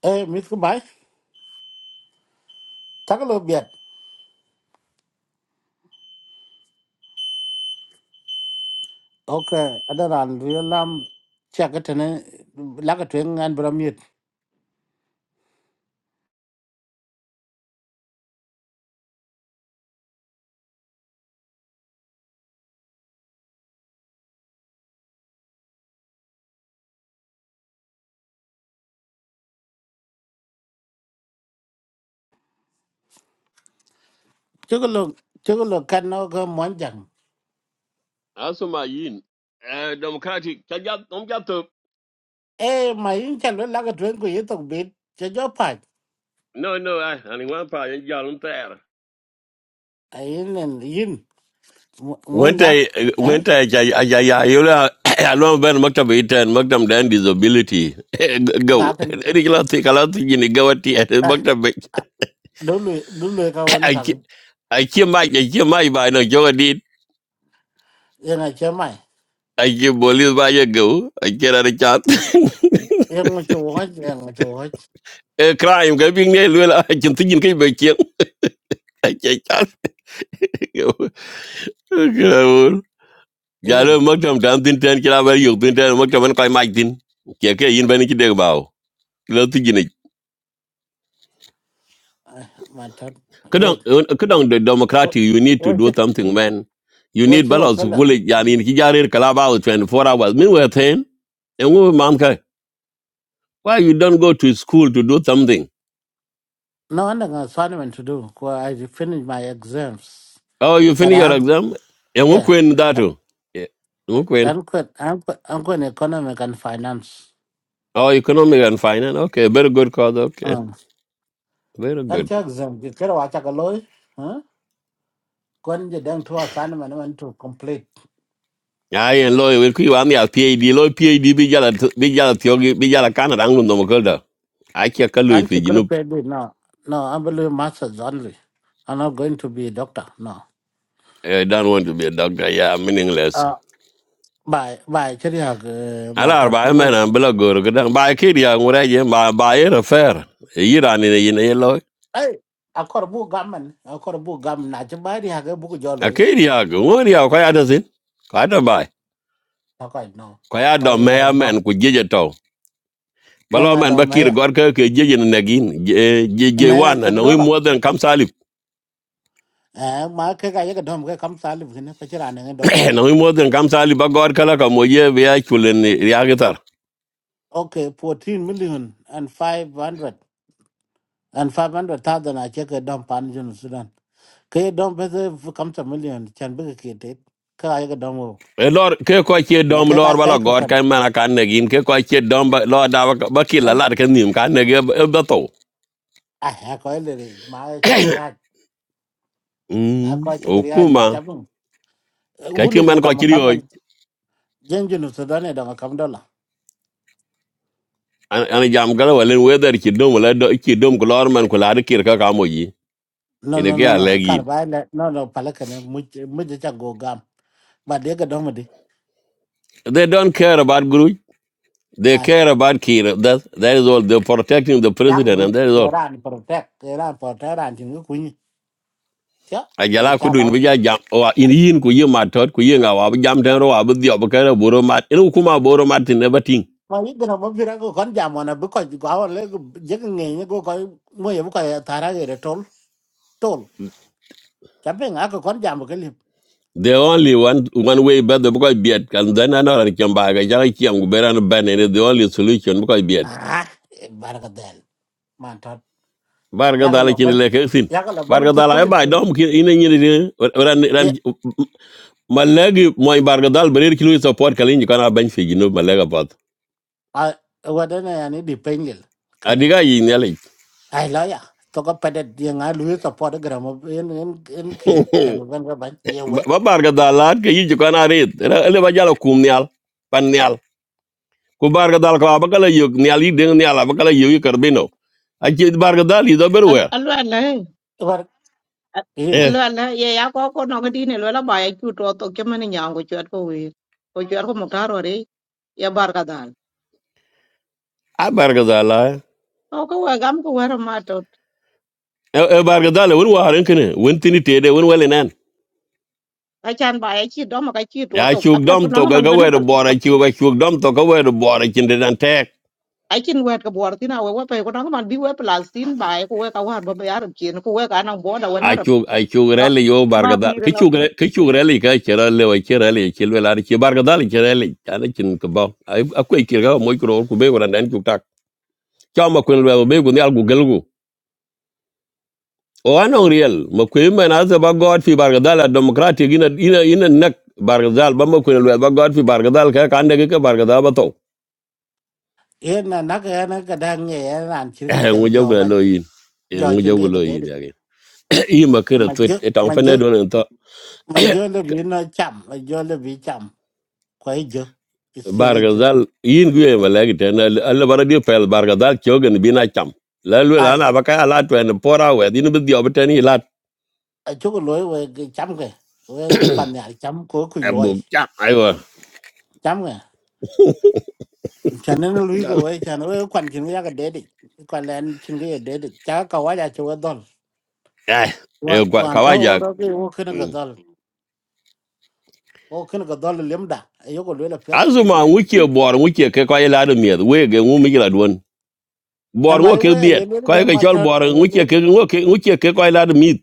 [SPEAKER 3] Eh mit ku bai takalo biat. Okay adanan riolam chakatene lagatwen an bramit. Chukalo chukalo kanno ka monjang.
[SPEAKER 4] Asuma yin. Eh democratic ka ja dom ja to.
[SPEAKER 3] e ma yin cha lo la ga twen ku ye tok bi cha jo pa
[SPEAKER 4] No no I ani wan pa yan ja lun ter.
[SPEAKER 3] ai nen yin mo
[SPEAKER 4] Wenta
[SPEAKER 3] nya ha
[SPEAKER 4] wenta ja ja ja yola alon ben maktab itan maktab dan disability
[SPEAKER 3] ga
[SPEAKER 4] go.
[SPEAKER 3] kan
[SPEAKER 4] Eri kala ti kala ti ni gawati maktab
[SPEAKER 3] do lu do lu ka wona ka ken
[SPEAKER 4] Aki mai, aki mai ba no joga dit.
[SPEAKER 3] ye na che mai
[SPEAKER 4] Aki bolis ba ye go. Aki ra de chat.
[SPEAKER 3] ye mo chu ho ye mo chu ho
[SPEAKER 4] E crime ga bing ne lula akin tin kai ba kien. Aki chat. Gawul.
[SPEAKER 3] yin
[SPEAKER 4] Galo maktam tan tin tan kila ba yok tin trên mất maktam an kai mai tin. Ke ke yin ba ni ki de bawo. này, cái ni.
[SPEAKER 3] ma ta
[SPEAKER 4] cái
[SPEAKER 3] we
[SPEAKER 4] kadang the democratic you need to
[SPEAKER 3] we che
[SPEAKER 4] do something man. You
[SPEAKER 3] we
[SPEAKER 4] need
[SPEAKER 3] che o
[SPEAKER 4] balance
[SPEAKER 3] tsala
[SPEAKER 4] kule yani ki jarir kala ba 24 hours. Meanwhile, then, and we mom kai. Why you don't go to school to do something?
[SPEAKER 3] no na ga assignment to do ku i finish my exams
[SPEAKER 4] Oh, you
[SPEAKER 3] but
[SPEAKER 4] finish
[SPEAKER 3] i
[SPEAKER 4] your
[SPEAKER 3] have
[SPEAKER 4] exam? And who
[SPEAKER 3] yeah
[SPEAKER 4] queen that?
[SPEAKER 3] I-
[SPEAKER 4] oh? Yeah. Who queen?
[SPEAKER 3] I'm quit. I'm quit. I'm quit economic and finance.
[SPEAKER 4] Oh, economic and finance. Okay, very good cause. Okay,
[SPEAKER 3] Um,
[SPEAKER 4] very
[SPEAKER 3] and
[SPEAKER 4] good.
[SPEAKER 3] check them. Get a watch a loy. Kwan je dang to assignment man man to complete.
[SPEAKER 4] Aye, and lawyer, we could want your PhD. Lawyer PhD, be jala, be jala, theory, be jala, Canada, Anglum, no more I can't call you
[SPEAKER 3] And
[SPEAKER 4] if
[SPEAKER 3] you
[SPEAKER 4] you
[SPEAKER 3] could
[SPEAKER 4] know.
[SPEAKER 3] pay me no. No, I'm only masters only. I'm not going to be a doctor. No.
[SPEAKER 4] I don't want to be a doctor. Yeah, meaningless.
[SPEAKER 3] Uh by by chari hag ma
[SPEAKER 4] Ala
[SPEAKER 3] tot
[SPEAKER 4] arba men
[SPEAKER 3] wo.
[SPEAKER 4] an bila gor gadan ba kiri ya ngura je ba ba era fair yira ni ne yine yelo
[SPEAKER 3] Hey, akor bu gaman, akor bu gam na che ba di hag bu joloi.
[SPEAKER 4] akiri ya ngori ya ko ya dazin ko ya da bai
[SPEAKER 3] Takai no.
[SPEAKER 4] ko ya do
[SPEAKER 3] Koi
[SPEAKER 4] me ya
[SPEAKER 3] no.
[SPEAKER 4] men ku jeje to
[SPEAKER 3] Yang
[SPEAKER 4] balo man
[SPEAKER 3] ada
[SPEAKER 4] bakir
[SPEAKER 3] maya.
[SPEAKER 4] gor ke jeje na nagin je je je
[SPEAKER 3] Maya
[SPEAKER 4] wan na
[SPEAKER 3] sik
[SPEAKER 4] ngi
[SPEAKER 3] dola.
[SPEAKER 4] moden kam salib
[SPEAKER 3] Eh, ma ke ga yaga dom ke kam salib ne ko chira ne dom.
[SPEAKER 4] na ngi moden kam salib ba gor kala ka mo ye be ay kulen ya gitar
[SPEAKER 3] Okay, fourteen million and five hundred and 500,000 I check a dump pan in Sudan. ke dom be the come to million chan be ke te ka ay ga dom wo
[SPEAKER 4] e lor ke ko ke
[SPEAKER 3] ma
[SPEAKER 4] dom
[SPEAKER 3] ke ga
[SPEAKER 4] lor bala
[SPEAKER 3] sai ko
[SPEAKER 4] gor
[SPEAKER 3] fan
[SPEAKER 4] kan man kan nagin ke ko ke dom lor da ba bakir la
[SPEAKER 3] am
[SPEAKER 4] lar kan nim kan nagi ba to
[SPEAKER 3] a ha ko le re ma che ga ya a ko
[SPEAKER 4] mm
[SPEAKER 3] che ga
[SPEAKER 4] o
[SPEAKER 3] ya
[SPEAKER 4] kuma
[SPEAKER 3] cham
[SPEAKER 4] ka ti
[SPEAKER 3] hule ne
[SPEAKER 4] man ko
[SPEAKER 3] dom
[SPEAKER 4] kiri
[SPEAKER 3] kam
[SPEAKER 4] hoy
[SPEAKER 3] man jen junu to da ne dom kam dola
[SPEAKER 4] an jam gala walen weather ki dom la do ki dom ko lor man ko la de kir ka ka mo
[SPEAKER 3] no
[SPEAKER 4] ene
[SPEAKER 3] no
[SPEAKER 4] ke
[SPEAKER 3] no no
[SPEAKER 4] alegi
[SPEAKER 3] kar ba ne no no pala ka ne mu mu je cha go gam ba de ga dom de
[SPEAKER 4] they don't care about guru They
[SPEAKER 3] ai
[SPEAKER 4] care about Kira. That that is all. They're protecting the
[SPEAKER 3] yang
[SPEAKER 4] president,
[SPEAKER 3] bi
[SPEAKER 4] and that is all.
[SPEAKER 3] ran protect ran protect ran tin ku ni ya e
[SPEAKER 4] Ajala
[SPEAKER 3] cha
[SPEAKER 4] kudu in
[SPEAKER 3] la
[SPEAKER 4] bija jam or in yin ku ye matot ku ye ngawa bu jam tenro wa bu diop kere boro mat in ukuma boro mat in everything.
[SPEAKER 3] mà ít cái nào mà biết rằng con giảm mà nó bước coi quá là lấy cái giấc nghề nó có coi mua gì bước coi thà ra cái đó tol chape nga ko kon jam ko lip
[SPEAKER 4] They only one one way better because beat and then another chamba ga jala chiam ku beran ban and the only solution because beat.
[SPEAKER 3] ah baraka del man tot
[SPEAKER 4] Barga
[SPEAKER 3] ya ga
[SPEAKER 4] dala
[SPEAKER 3] loban
[SPEAKER 4] kin le kesin.
[SPEAKER 3] ya ga loban
[SPEAKER 4] Barga
[SPEAKER 3] to
[SPEAKER 4] dala e
[SPEAKER 3] kulil
[SPEAKER 4] ba dom ki in ni ni ran
[SPEAKER 3] ye
[SPEAKER 4] ran malagi moi barga dal berir kilo support kalin kana ban fi gino malaga pat.
[SPEAKER 3] a wada na yani di pengil kane
[SPEAKER 4] Adiga yin yale.
[SPEAKER 3] ai la ya to ko pede ye nga lu to pod gram en en en ki chan ban ga ban ye we
[SPEAKER 4] ba barga dalat ke yi ko na rit Ra- ele ba jalo kum nyal pan nyal ku barga dal ko ba kala yug nyal yi ding nyal ba kala yug karbino a ji barga dal yi do
[SPEAKER 8] al
[SPEAKER 4] berwer
[SPEAKER 8] al wa la
[SPEAKER 3] war in
[SPEAKER 8] al
[SPEAKER 4] eh
[SPEAKER 8] wa la ye ya ko ko no ngadi ne lo la ba ya chu to to ke mani nyang ko chat ko we ko chat ko mukta ro re ya bar ka dal
[SPEAKER 4] a barga dal
[SPEAKER 8] o ko wa gam ko wa ma to
[SPEAKER 4] e e barga dal won waren kene won tini tede won wele nan
[SPEAKER 8] a chan ba ya chi do ma ka chi to
[SPEAKER 4] ya
[SPEAKER 8] to
[SPEAKER 4] chuk
[SPEAKER 8] ap ya ko
[SPEAKER 4] dom to
[SPEAKER 8] no
[SPEAKER 4] ga
[SPEAKER 8] man
[SPEAKER 4] ga
[SPEAKER 8] ben
[SPEAKER 4] wer
[SPEAKER 8] pal ko
[SPEAKER 4] bora chu ba chuk dom to ga wer bora chin de dan tek
[SPEAKER 8] ai chin wet ka bor tin a we wa pe ko no man bi we plastin ba ko we ka wa ba ya ram chien ko we ka nang bo da wa na
[SPEAKER 4] a
[SPEAKER 8] ra
[SPEAKER 4] chuk a chuk rele yo
[SPEAKER 8] ba
[SPEAKER 4] barga dal ke
[SPEAKER 8] pi
[SPEAKER 4] chuk re- ke chuk rele ka chera le wa chera le chil wela ri barga dal chera le ana chin ko ba a ko ikir ga mo ko ku be wala nan chuk tak cho ma kun lwel be gun yal gu gel gu o ano riel ma ku men aza ba god fi bargadal democratic ina ina ina nak bargadal ba ma kun lwel ba god fi bargadal ka kan de ka bargadal ba to
[SPEAKER 3] en na na ga na ga dang ye na an chi ga cham
[SPEAKER 4] ngu jaw
[SPEAKER 3] jo
[SPEAKER 4] gu
[SPEAKER 3] ba
[SPEAKER 4] lo yin Eh,
[SPEAKER 3] jo
[SPEAKER 4] ngu
[SPEAKER 3] chen
[SPEAKER 4] jaw gu
[SPEAKER 3] ga ga
[SPEAKER 4] lo yin
[SPEAKER 3] de
[SPEAKER 4] ya ge i ma kira
[SPEAKER 3] mà
[SPEAKER 4] twit etang
[SPEAKER 3] jo
[SPEAKER 4] pene do nen to
[SPEAKER 3] mà jo là vì nó bi mà cham là vì le bi cham ko jo isele
[SPEAKER 4] bargadal yin gu e ma lagi ten alla bara di pel bargadal kyogen bina cham la lwel
[SPEAKER 3] jo
[SPEAKER 4] ana ba ka ala twen pora we din bi dio beteni lat
[SPEAKER 3] ở chỗ lối về cái chấm kìa về phần nhà chấm có quỳ
[SPEAKER 4] embu
[SPEAKER 3] lối
[SPEAKER 4] cham ayo
[SPEAKER 3] chấm kìa cho nên nó lối của ấy cho nó quan quần chân cái cái đế đi quan lên chân cái đấy đi chả cầu ai ra chỗ cái đòn
[SPEAKER 4] ai e
[SPEAKER 3] hoàn hoàn đó ô
[SPEAKER 4] kawaja
[SPEAKER 3] đó cái ô khi nó cái đòn ô khi nó cái đòn là liếm đã ấy chỗ cái lối là phết
[SPEAKER 4] asuma wuke bor wuke ke ko ilado miet wege ngu mi la don bor
[SPEAKER 3] em
[SPEAKER 4] ngo
[SPEAKER 3] ấy
[SPEAKER 4] ke
[SPEAKER 3] về
[SPEAKER 4] biet
[SPEAKER 3] ấy lối
[SPEAKER 4] ko
[SPEAKER 3] đang
[SPEAKER 4] ke
[SPEAKER 3] mà
[SPEAKER 4] chol
[SPEAKER 3] thật
[SPEAKER 4] bor
[SPEAKER 3] ấy
[SPEAKER 4] wuke
[SPEAKER 3] lối
[SPEAKER 4] ke ngo ke wuke ke ko ilado mit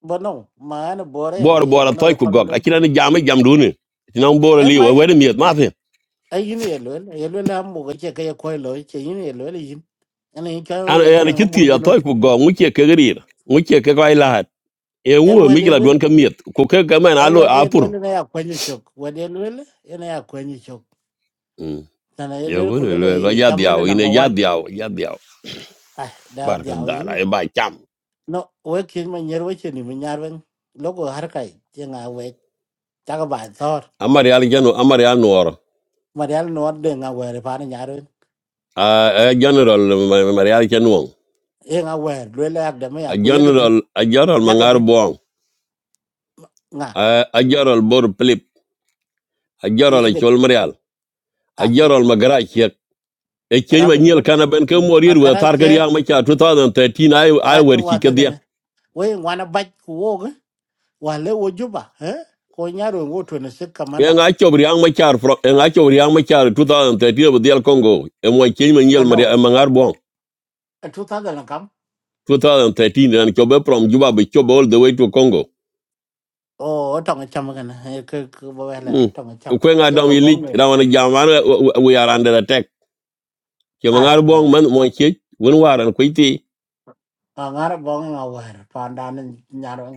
[SPEAKER 3] bận không mà nó bừa đấy à
[SPEAKER 4] bor
[SPEAKER 3] ấy
[SPEAKER 4] bor
[SPEAKER 3] bận không
[SPEAKER 4] toy
[SPEAKER 3] ấy
[SPEAKER 4] ku
[SPEAKER 3] còn bận
[SPEAKER 4] gok
[SPEAKER 3] lối
[SPEAKER 4] akina ni jam jam duni tina bor
[SPEAKER 3] em
[SPEAKER 4] li we we
[SPEAKER 3] ấy
[SPEAKER 4] miet ma fi
[SPEAKER 3] ấy như này lối ấy lối là một cái chơi cái quay lối chơi như này lối là gì anh ấy cho
[SPEAKER 4] an
[SPEAKER 3] cái
[SPEAKER 4] an
[SPEAKER 3] thằng ông
[SPEAKER 4] kiti
[SPEAKER 3] bông
[SPEAKER 4] ya
[SPEAKER 3] cho nó
[SPEAKER 4] toy ku gok wuke ke grir wuke ke ko ilad e
[SPEAKER 3] em
[SPEAKER 4] ngu
[SPEAKER 3] về
[SPEAKER 4] mi la
[SPEAKER 3] đấy
[SPEAKER 4] don ke miet ku ke ke man
[SPEAKER 3] e
[SPEAKER 4] alo
[SPEAKER 3] wade
[SPEAKER 4] apur
[SPEAKER 3] lwele na ya kwenye chok wade lwele ina ya kwenye chok nana ye
[SPEAKER 4] yo
[SPEAKER 3] lwele
[SPEAKER 4] gune lo lo
[SPEAKER 3] kulele
[SPEAKER 4] ya
[SPEAKER 3] chamwene
[SPEAKER 4] diaw ine
[SPEAKER 3] number
[SPEAKER 4] ya
[SPEAKER 3] one
[SPEAKER 4] diaw ya diaw
[SPEAKER 3] ah da
[SPEAKER 4] barka
[SPEAKER 3] diaw
[SPEAKER 4] dala
[SPEAKER 3] yin
[SPEAKER 4] e ba cham
[SPEAKER 3] no wekin ma nyer weche ni ma nyarwen logo harkai je nga we taka ba thor
[SPEAKER 4] amari al janu amari al nuor
[SPEAKER 3] marial no de nga were pa na nyarwen
[SPEAKER 4] a general amari al janu
[SPEAKER 3] e nga wer lwele ak de ma ya
[SPEAKER 4] a
[SPEAKER 3] ku yegdi
[SPEAKER 4] general a general mangar
[SPEAKER 3] yagdi
[SPEAKER 4] bong
[SPEAKER 3] nga
[SPEAKER 4] a general bor plip a general
[SPEAKER 3] yegdi
[SPEAKER 4] chol marial a
[SPEAKER 3] ati
[SPEAKER 4] general magara che e chen ma
[SPEAKER 3] rafi ben
[SPEAKER 4] kana ben ke morir we
[SPEAKER 3] agara
[SPEAKER 4] tar
[SPEAKER 3] che
[SPEAKER 4] yang ma cha 2013 ai ai
[SPEAKER 3] a
[SPEAKER 4] wer
[SPEAKER 3] che
[SPEAKER 4] ki
[SPEAKER 3] wada
[SPEAKER 4] ke dia
[SPEAKER 3] gane we ngwana bach ku woga wale wo juba eh ko nyaro ngo to ne sik
[SPEAKER 4] e
[SPEAKER 3] kamanda
[SPEAKER 4] nga chob yang ma cha fro e nga chob yang ma cha 2013 bu del congo e mo chen ma nyel maria e mangar bong
[SPEAKER 3] two thousand là cắm
[SPEAKER 4] 2013 ran chobe from juba be chobe all the way to congo
[SPEAKER 3] ồ ở trong cái chăm cái này cứ cứ bố bé là
[SPEAKER 4] mm
[SPEAKER 3] trong cái chăm
[SPEAKER 4] ko nga
[SPEAKER 3] giờ
[SPEAKER 4] dam
[SPEAKER 3] bố bé
[SPEAKER 4] yilik
[SPEAKER 3] người
[SPEAKER 4] rawana we are under attack ke mangar
[SPEAKER 3] ai rồi
[SPEAKER 4] bong
[SPEAKER 3] à
[SPEAKER 4] man mo che won waran ko
[SPEAKER 3] mà ngã đó bóng ngầu về rồi phản đàn lên nhà đó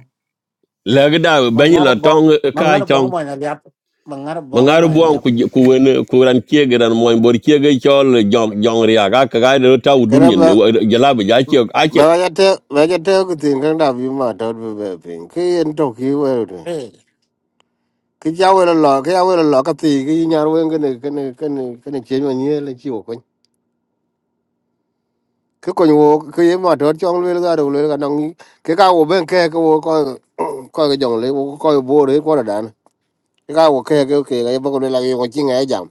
[SPEAKER 4] lagi da
[SPEAKER 3] mà
[SPEAKER 4] benyi
[SPEAKER 3] ngã đó
[SPEAKER 4] la
[SPEAKER 3] bóng
[SPEAKER 4] tong eh,
[SPEAKER 3] mà ngã
[SPEAKER 4] kai
[SPEAKER 3] đó bóng
[SPEAKER 4] tong
[SPEAKER 3] mày là liệp mà ngã đó bóng
[SPEAKER 4] mangaru
[SPEAKER 3] mày
[SPEAKER 4] buang
[SPEAKER 3] liệp
[SPEAKER 4] ku ku wen ku ran kiege ran moy bor kiege chol jong jong ria ga ka ga do ta
[SPEAKER 9] Kena
[SPEAKER 4] udunyen
[SPEAKER 9] ba
[SPEAKER 4] jala ba ja kiek a
[SPEAKER 9] ba
[SPEAKER 4] kiek
[SPEAKER 9] ba jate ba jate ku tin kan da bi ma tot bi be pin. Ki en to ki we ru.
[SPEAKER 3] ê
[SPEAKER 9] Ki ja we lo ki ja we lo ka ti ki nyar we ngene kene kene kene che ma nye le chi wo kon. Ki kon wo ki ye ma tot chong le ga ru le ga nong ki ka wo ben ke ko ko ko ga jong le wo ko bo re ko da dan. Ki ka wo ke ke ke ga bo ko le la yo chi ngai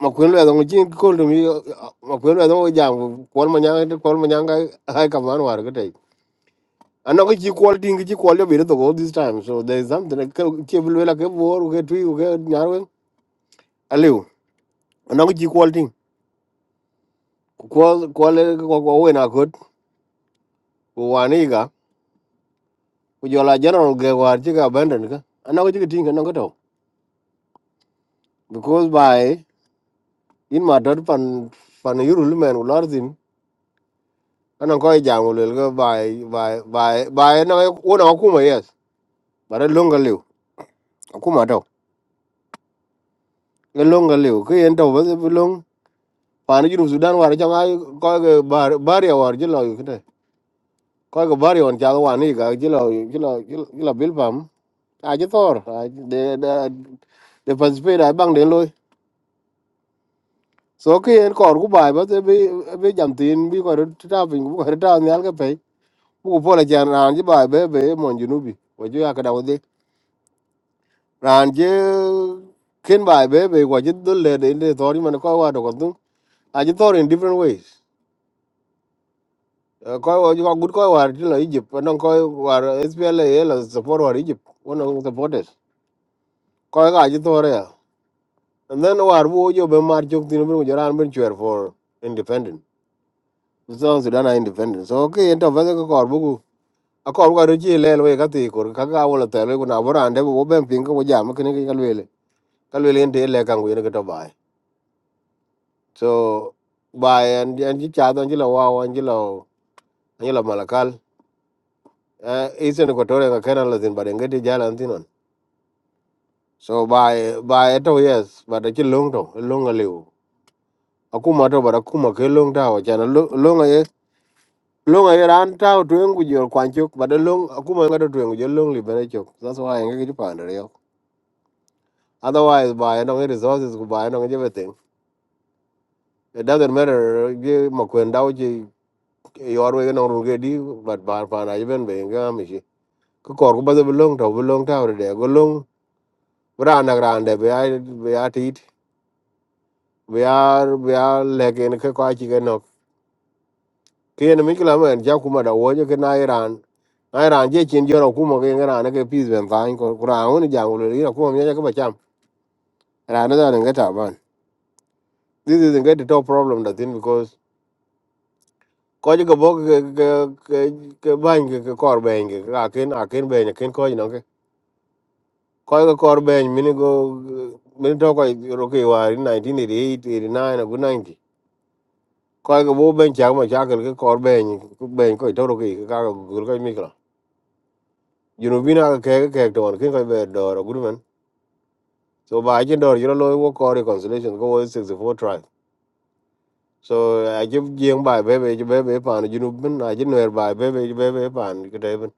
[SPEAKER 9] ma kwen lwe dong chin ko dum yo ma kwen lwe dong jam ko ma nyang ko ma nyang cái hay ka man war ga dai ana ko chi ko ding chi ko le bi to all this time so there is something like cái lwe la cái bor cái tu cái nyar wen aliu ana ko chi cái ding ko ko le cái ko we na ko ko wani ga ko yo la general cái war chi ga benden ga cái ko cái ting ana cái to because by in ma dot pan pan yurul men ular zin ana cái jam lwe cái by by by by na cái na ko ma yes bara longa lew akuma taw e longa lew ke en taw bas e long pani jinu sudan war jang ay ko ga bar baria war jilo yu kete ko ga baria on jago wani ga jilo jilo jilo bilbam a je tor a de de de participate ay bang de loy so ke en kor ku bai bas e be e be jam tin bi ko ta pin ku ko ta nyal ke pe ku po la jan ran ji bai be be mon junubi ko ju ya ka dawo de ran je ken bai be be ko je dulle de de tor man ko wa do ko aji thor in different ways Eh, koi wa jwa gut koi war ti la egypt but non koi war spla e la support war egypt one of the supporters koi ga aji thor ya and then war bu jo be mar jok tin bu jaran ben chwer for independent so sudan are independent so ke ento va ko kor bu a kor ga ji le le ka ti kor ka ga wala ta le na bora ande bu ben pin ko jam kene ke ne ka le ka le ente le kan wi ne to bai so bai and and ji cha don ji la wa wan ji la ji la malakal uh, isen ko tore ka kana la tin bare ngati jala tinon so by by eto yes but a long to long a liu akuma to bara kuma ke long ta wa chana long ye long ye ran ta to ngu jor kwanchok but a long akuma ngado to ngu jor long li bere chok that's why ngi ki pande yo otherwise by no resources ku by no everything it doesn't matter ye makwenda uji yorwe no ruge di but bar pa na ben be ngamishi ko kor ko bado long to long ta ore de go long Rana grande be ai be biar biar legen ke kwa chi ke no kien mi kila men ja kuma da wo ke na iran na iran je chin joro kuma ke ngara ne ke peace ben tan ko kura un ja ngul ri na kuma mi ja ke bacham ran da ne ta ban this is get the top problem that thing because ko je ke bok ke ke ke ke ban ke ke kor ben ke ra ken a ken ben ken ko no ke ko ke kor ben mi ni go mi to ko ro ke wa 1988 89 go 90 ko ke bo ben cha ma cha ke kor ben ben ko to ro ke ka Junu bina ka kege kege to wan kin ka be doro gudu men. So ba aje doro jiro loy wo ko reconciliation ko wo 64 tribe. So aje jeng ba bebe aje bebe pan junu bin aje noer ba bebe aje bebe pan kete bin.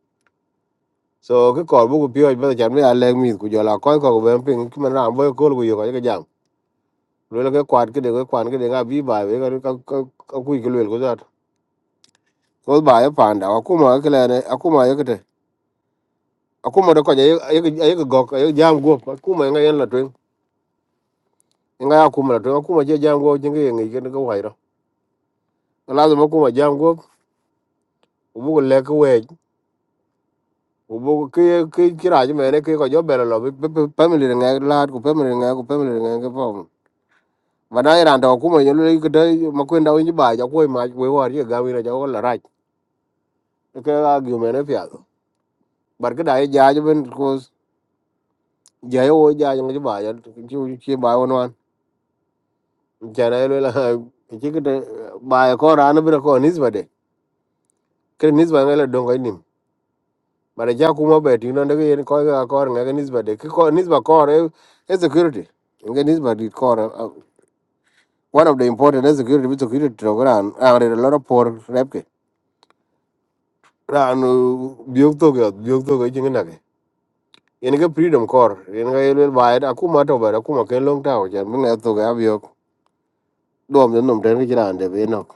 [SPEAKER 9] So cái kor bu ku pio be chan me alek mi ku jola ko cái be ping ki man ram boy ko ku cái ka ke jam. cái le cái kwat cái de cái kwan cái de ga bi cái cái cái cái ka cái ke lo ko zat. Ko cái ye pan da ku cái ke le ne ku cái ye kete. Aku ma de cái cái cái cái gok cái jam go ku ma nga yen la nga ya kuma to kuma je jango jinga yengi ken ko wairo lazima kuma jango ubu le ko we ubu ke ke kira je mene ke ko jo bere lo bi- bi- bi- family nga la ko family nga ko family nga ko pom bana ira ndo kuma yo le ko dai makwenda winji ba ja ko ma we war ye gawi na ja ko la raj ke ga gyu mene pya do bar ke dai ja je ben ko ja yo ja je ba ja ju chi ba won wan jana le la ke ke dai- ba ko ran bi ko nisba de ke nisba ngala dongo ni But ja kuma beti no ndege yen ko ga kor ng'e nisba de ki ko nisba kor e e security. Ng'e nisba di kor uh, one of the important is security bit security program are a lot of poor repke. Ran biok to ga biok to ga jinga nage. Yen ga freedom kor yen ga yel ba da kuma to ba da kuma ken long taw jan mi ne to ga biok. Dom den nom den ki ran de be nok.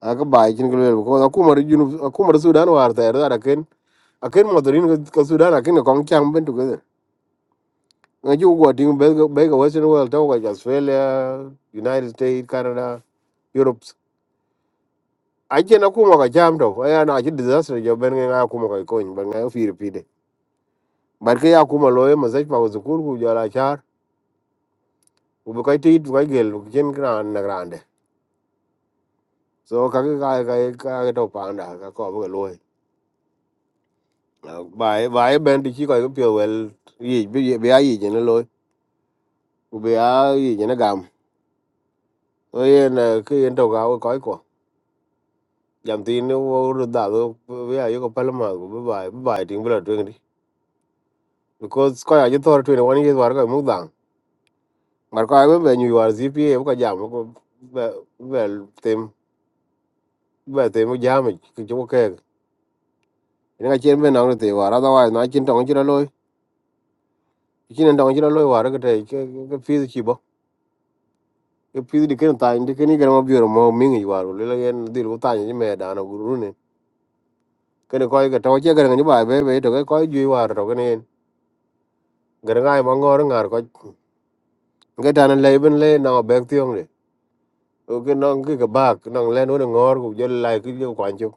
[SPEAKER 9] Aka ba jin ga lel ko akuma ri junu akuma ri Sudan war ta da ken aken modorin ka Sudan aken ko kang chang ben tu you go to bega bega western world to like australia united states canada europe I na kuma ka jam to aya na ji disaster jo ben nga kuma ka ko ben nga fi repeat bar ke ya kuma loye ma zai pa zukul ku jara char u be kai tit ka gel ku jen gran na grande so ka ka ka ka ka ka to pa nda ka ko be loye bai bai ben di ki ko ko pio wel yi bi bi ayi je ne loye u be ayi je ne gam so yen ke yen to ga ko ko jantin wo ru da do we ayo ko palma go be bai be bai ting bla twenty because ko ayo thor twenty one years war ko mu dang mar ko ayo be nyu war gpa ko jam ko be be tem be tem jam ki jo ke ni ga chen be na ru te war da wa na chin tong chi loy chin tong chi loy war ko te ke ke fi chi bo ke fi di ken ta ndi ken ni ga mo bi ro mo mi ni war le le gen di ru ta ni me da na guru ne ken ko ga to che ga ni bai be be to ko ju war to ken ga ga ma ngor ngar ko cái đàn anh lấy bên lê nào bèn tiếng này, ok nó cái cái bạc nó lên nó ngor cũng giờ lại cái điều quan trọng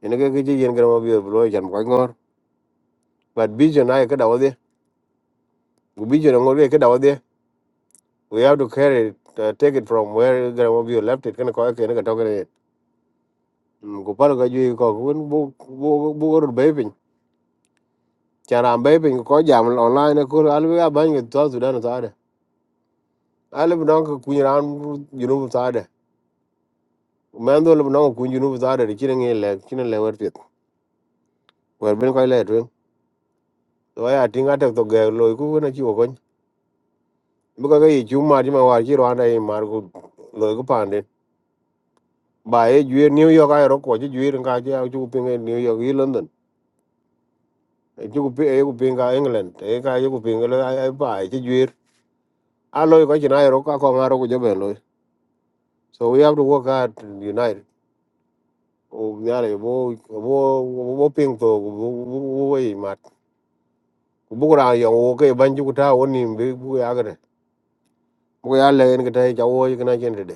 [SPEAKER 9] nên cái cái gì cái mà biểu rồi chẳng có ngor but vision này cái đầu đi cái vision ngor cái đầu đi we have to carry it, uh, take it from where cái mà biểu left it cái nó có cái nó cái trong cái này Ừ, cũng phải cái gì có cũng bu bu bu rồi bé bình chả làm bé bình có giảm online nó có alo cái bán người ta sudan nó ta đây alo nó cái cuy ran you know ta đây mà nó nó cuy you know ta đây chỉ là nghe lẹ chỉ là lẹ vật việc vật bên coi lẹ rồi waya tinga tek to ge loy ku na chi okon buka ga yi chu ma ji ma war chi rwanda yi mar ku loy ku pande ba e jue new york ay ro ko ji jue nga ji au chu ping e new york yi london e chu ku pi e ku ping ga england e ka yi ku ping le ay ba e ji jue a loy ko chi na ro ka ko nga ro ku jo be loy so we have to work hard united o nyare bo bo bo ping to bo bo yi mat ku bu ra yo wo ke ban ju ku ta woni bi bu ya ga de bu ya le en ga ta ja wo yi na chen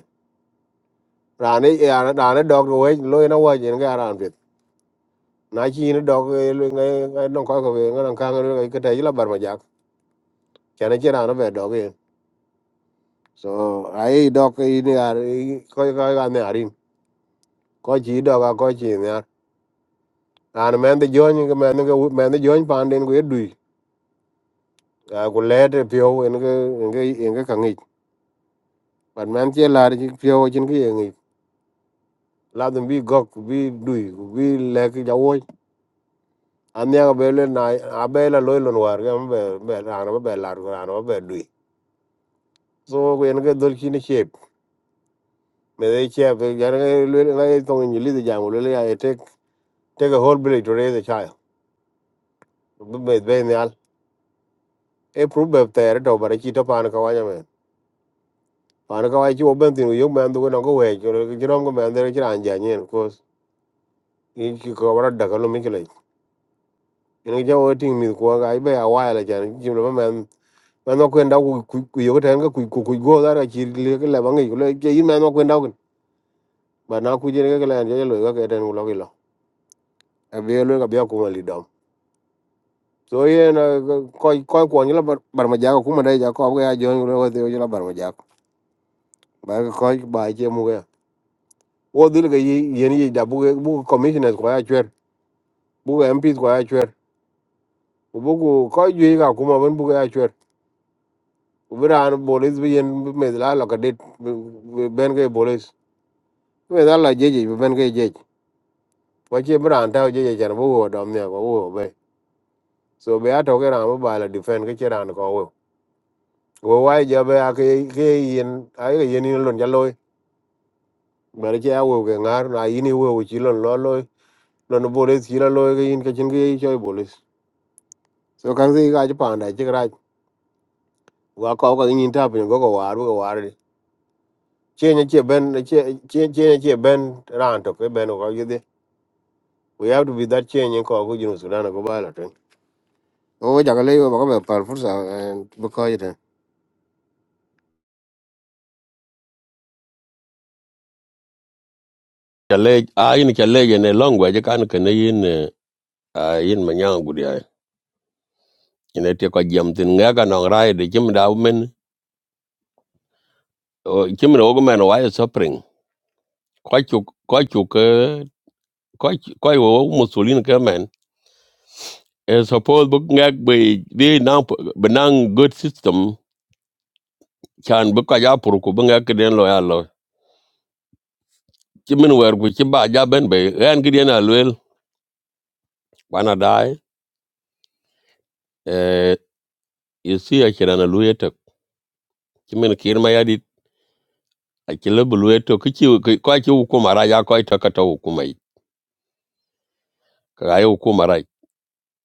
[SPEAKER 9] rane rane dog we lo na wa jen ga ran pit na chi ne dog lo ngai ngai non ko ko we ngai ka ngai ngai ka tai la bar ma jak chana chi rane be dog ye so ai dog i ne ar ko ko ga ne arin ko chi dog a ko chi ne ar an men de jon ga men ga men de jon pan den ge du a ku le de pyo en ge en ge en ge ka ngi pan men che la chi pyo chin ge ngi la dum bi gok bi du bi le ki ja aniang be le na abe la loy lon war gam be be rano be lar ko rano be dui so ko en ga dol kini chep me de chep gar ga le na e tong ni li de jam le le ya e tek tek a whole village to raise a child be be be nyal e prove be ter to bare chi to pan ka wanya me pan ka wai chi oben tin yo man du no go we ko ki rom go man de chi ran ja nyen ko in ki ko bara da ka lo mi kle en ga o ting mi ko ga be a wa la jan ji lo man mano kwenda ku ku ku- yo tan ga ku ku ku go da ra chi le ga la bangi lo ke yi mano kwenda kun ba na ku je ga la je lo ga ke tan lo ke lo a be lo ga be ku ma li dom so ye na ko ko ko ni la bar bar ma ja ko ma dai ja ko ga jo ni lo de jo la bar ma ja ba ga ko ba je mu ga wo dil ga yi ye ni da bu ga bu commissioner ko ya chwer bu ga mp ko ya chwer bu ku ko ju ga ku ma ban bu ga ya chwer bu ra an bolis bi yen me la lo ka dit ben ga bolis me da la je je ben ga je kwa chi bi ran tao je chen bu wo dom ne ko wo be so be ato ke ran bu ba la defend ke chi ran ko wo wo wai je be a ke ke yin a ke yin ni lon ja loy ba re che a wo ke ngar na yin ni wo chi lon lo loy lon bu re chi lo loy ke yin ke chin ke choi bolis so kan si ga ji pa na chi ra wa ko ko yin ta pin go go war go war di che ne che ben che che ne che ben ran to ke ben ko yide we have to be that change ko ko jinu sudan ko ba la ten o ja ga le ba ko ba par fursa bu ko ye
[SPEAKER 4] chale a yin chale ge ne longwa je kan ke ne yin eh, a yin manyang gudia ine te ko jam tin nga ga nong rai de jim da men o, jim ro go men wa suffering ko chu ko chu ke ko ko wo musulin ke men e suppose bu nga be de na benang good system chan bu ka ja pur ku bunga kiden lo ya lo chi min wer ku chi ba ja ben be ran kiden a luel wana dai eh you see a chiran a luel to chi min kir ma ya dit a chi le bu luel to ki chi ko chi ku mara ya ko to ka to ku mai ka ya ku mara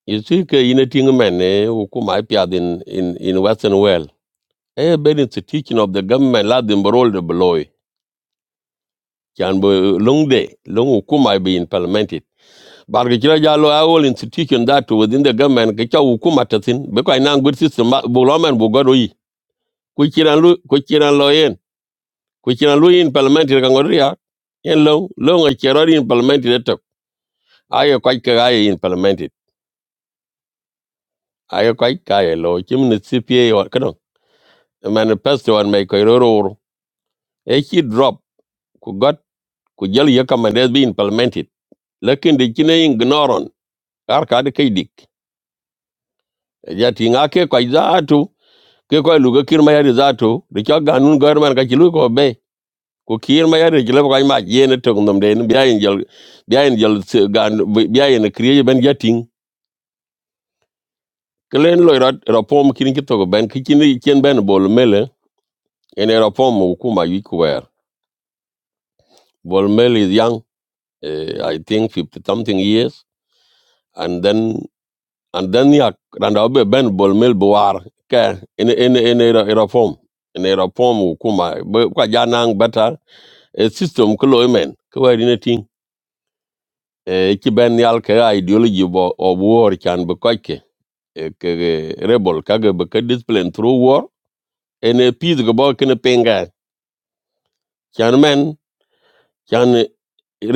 [SPEAKER 4] you see ke ina ting men ne ku mai pya din in in western world eh ben it's a teaching of the government la din role de bloy chan bu long de long ku mai be in parliament barga kira jalo a all institution that within the government ke cha hukuma tatin be ko ina good system ma- bu lo men bu godo yi ku kiran lu ku kiran lo yen ku kiran lu in parliament ka ngoria yen lo lo ngo kero in parliament de to ayo ko ka ayo in parliament ayo ko ka ayo lo kim ne cpa wa kado manifesto on me ko roro e ki drop ku got ku jali ya kamande be in parliament lakin de kine ignoron ar ka de kai dik ya tinga ke ko ke ko lu ga kir ma yari zato de ka ganun gorman ka kilu ko be ko kir ma yari kilo ko ma yene to ngom de biya en jol biya en jol se- gan biya en kriye ben jatin kelen lo rat rapom kin ki to ben ki kin ken ben bol mele en rapom ku ma yi kwer bol mele is young eh, i think fifty something years and then and then ya randa be ben bol mel buar ke en en en rapom en rapom ku ma kwa janang bata e system ko loy men ko wari na ting Eh, e ci ben yal ka ideology bo o war kan be ko ke e ke rebel ka ga be ka discipline through war and e peace go bo ken penga kan men kan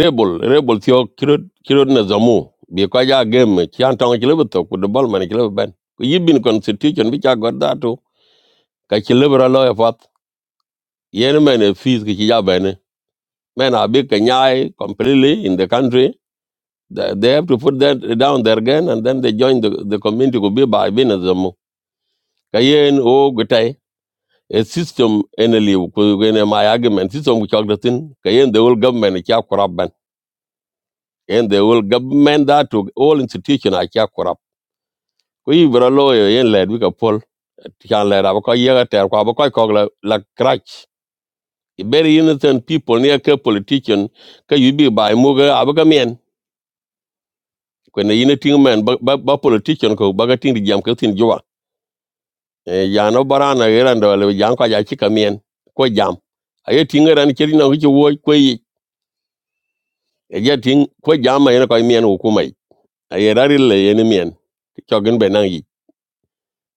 [SPEAKER 4] rebel rebel thio kirod kirod na zamu bi ko ja gem kan tong ci lebe to ku de bol man ci lebe ben ko yibin constitution bi ca godda to ka ci lebe ra lo e fat yen men e fees ki ci ja ben men a be ka nyaai completely in the country They they have to put that down their gun and then they join the, the community could be by Benazamo. Kayen o gutai a system enely kugene my argument system which ogdatin kayen the whole government is a chap corrupt ban and the whole government that to all institution are a corrupt. Kuyi bro lawyer yen led we ka poll can let up because you tell kwa boy kogla la crutch very innocent people near ke politician ka you be by muga abaga men when the unity man ba politician ko baga ting di jam ka Eh, ya no barana era ndo le ya ko ya chika mien ko jam aye tinga ran chiri na wichi wo ko yi e ya ting ko jam ma ina ko mien hukuma yi aye rari le yen mien to gen be nang yi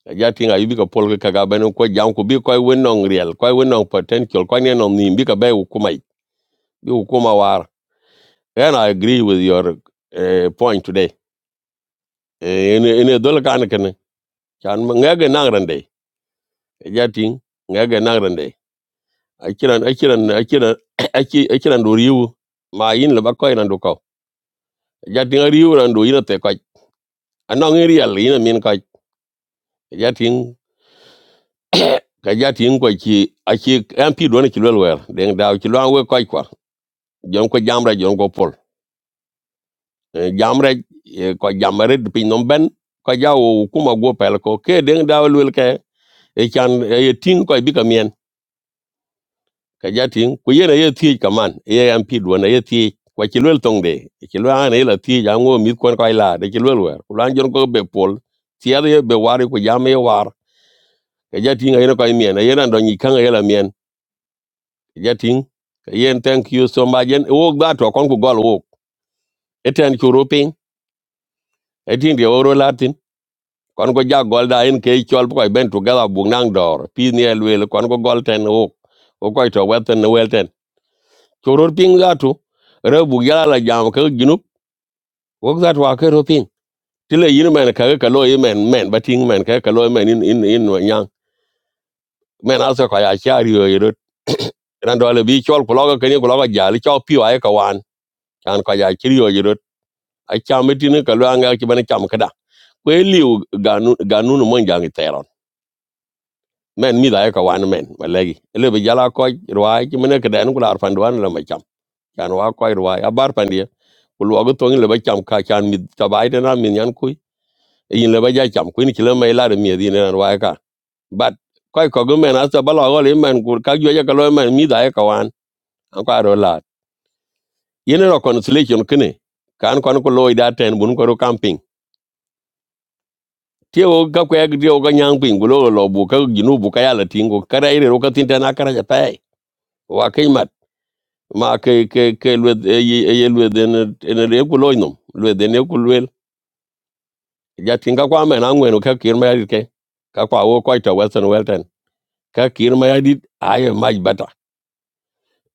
[SPEAKER 4] e ya tinga yubi ko pol ka ga ben ko jam ko bi ko wenong real ko wenong potential ko ne no ni bi ka be hukuma yi bi wo kuma war and i agree with your uh, point today in in dol kan kan chan ngege nang rande e ya ting ngege nang rande akiran akiran akiran aki akiran do riu ma yin le ba ko ran do ko ja tin riu ran do ina te ko anong in real ina min ko ja tin ka ja tin ko ki aki mp do ne ki lol wer den daw ki lol we ko ko jom ko jamra jom ko pol Eh, jamre eh, ko jamre pin non ben ko ja o kuma go pel ko ke den daw lol ke e kan e tin ko bi ka mien. ka jatin ku yena ye ti kaman ye am pi do na ye ti kwa chi lwel tong de chi lwel an la ti ja ngo mit kon kai la de chi lwel wer ku lan jon ko be pol ti ya ye be war ku ja me war ka jatin ye ko mien ye na do ni kan ye la mien ka jatin ka yen thank you so much yen wo ga to kon ku gol wo eten ku rupin etin de oro latin kon ko ja gol da en ke chol ko ben tu gala bu nang dor pi ne lwel kon ko gol ten wo ko ko to weten welten ku rupin ga tu rebu gala la jam ka wok zat wa ke ro pin ti le yin men ka ka lo yin men men ba ting men ka ka lo men in in in wa nyang men aso ka ya chari yo yero ran do le bi chol ko lo ka ni ko lo ga ja li cho pi wa ka wan kan ka ya chiri yo yero a cha me ti ne ka lo anga ki ban cham ka da kwe liu ganu ganu no mon jang teron men mi da ka wan men wa legi le bi jala ko rwa ki men ka dan ko ar fan wan la ma cham kan wa ko rwa a bar pan dia ko lo ga to ni le ba cham ka chan mi ta bai da na min yan ku yin le ba ja cham kuin ki le mai la de mi di ne wa ka but ko ko go men aso ba lo go le men gur ka jo ja ka lo men mi da e ka wan an ka ro la yin ro reconciliation kene kan kon ko lo da ten bun ko ro camping tie o ga ko ag dio ga nyang ping gulo lo bu ka ginu bu ka ya la tingo kara ire ro ka tin ta na kara ja pai wa ke mat ma ke ke ke lwe ye lwe den en le ku lo no lwe den e ku lwe ja tinga kwa men an wen ka kir ma ya ke ka kwa wo ko ta western welton ka kir ma yadit aye maj bata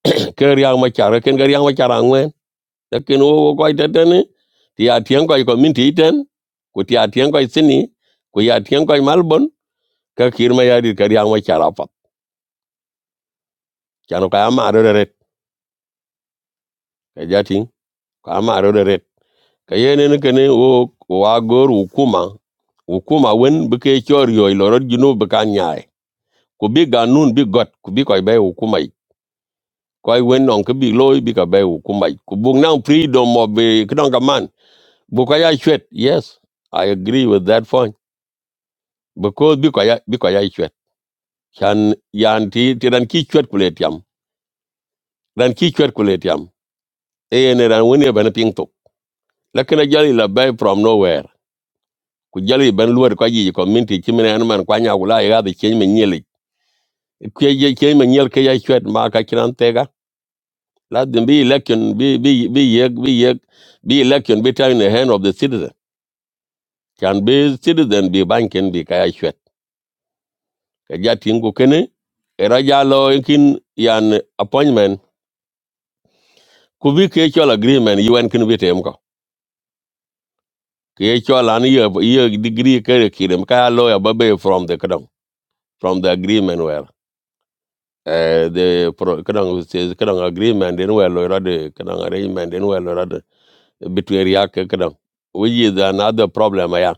[SPEAKER 4] ker yang ma chara ken gar yang ma chara ngwen da ken wo ko tetene ti ya tien ko ko min ti ten ku ti ya tien ko sini ku ya tien ko malbon ka kir ma yadit gar yang ma chara pat chano ka ma ro re ka jati ka ma ro re ka yene ne ken wo wa gor hukuma hukuma wen bi ke chor yoy lorot junu bi ka nyaay ku bi ganun bi got ku bi ko be hukuma koy wen non ke bi loy bi ka be hukuma ku bug nan freedom of eh, kidon ka man Bukaya Chwet, yes, I agree with that point. Because Bukaya Bukaya Chwet. Chan Yanti Tiran Ki Chwet Kuletiam. Ran Ki Chwet Kuletiam. Ayan Ran Winnie Ben Ping Tok. Lakina Jali La Bay from nowhere. Kujali Ben Luer Kwaji community Chimina Anuman Kwanya Wula Yaga the Chen Menyeli. Kaya Chen Menyel Kaya Chwet Maka Kiran Tega. Let them be election, be be be yek, be yek, be election, be time in the hand of the citizen. Can be citizen be banking, be kaya Chwet. ka ja tin go kene era ja lo en kin yan appointment ku bi ke chol agreement un kin bi tem ko ke chol an ye ye degree ke kirem ka lo ya babe from the kadam from the agreement where eh the pro- kadam says kadam agreement den where lo ra de arrangement den where lo ra de between ya ke which is another problem ya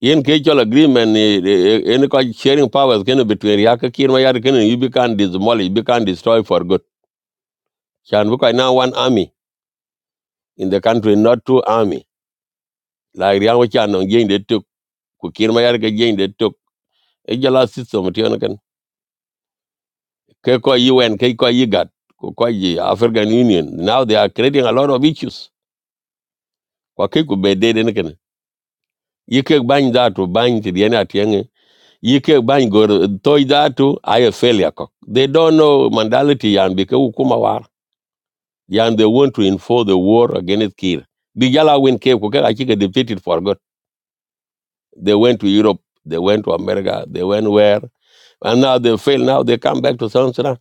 [SPEAKER 4] yen ke chol agreement ni eh, eh, en ko sharing powers ken between ya ke kirma ya ken you be can demolish you be can destroy for good chan bu ko na one army in the country, not through army. Like Riang Wachan on Jing they took, Kukir Mayarga Jing they took. Ejala system, Tionakan. Keko UN, Keko Yigat, Koko Yi, African Union. Now they are creating a lot of issues. Kwakiku be dead in a can You can bind that to bang to the end You can bind bang go toy that to I a failure. cock. They don't know mentality yan because Ukuma war. Yan they want to enforce the war against Kir. Bijala win Cape, I think they defeated for God. They went to Europe, they went to America, they went where? and now they fail now they come back to south sudan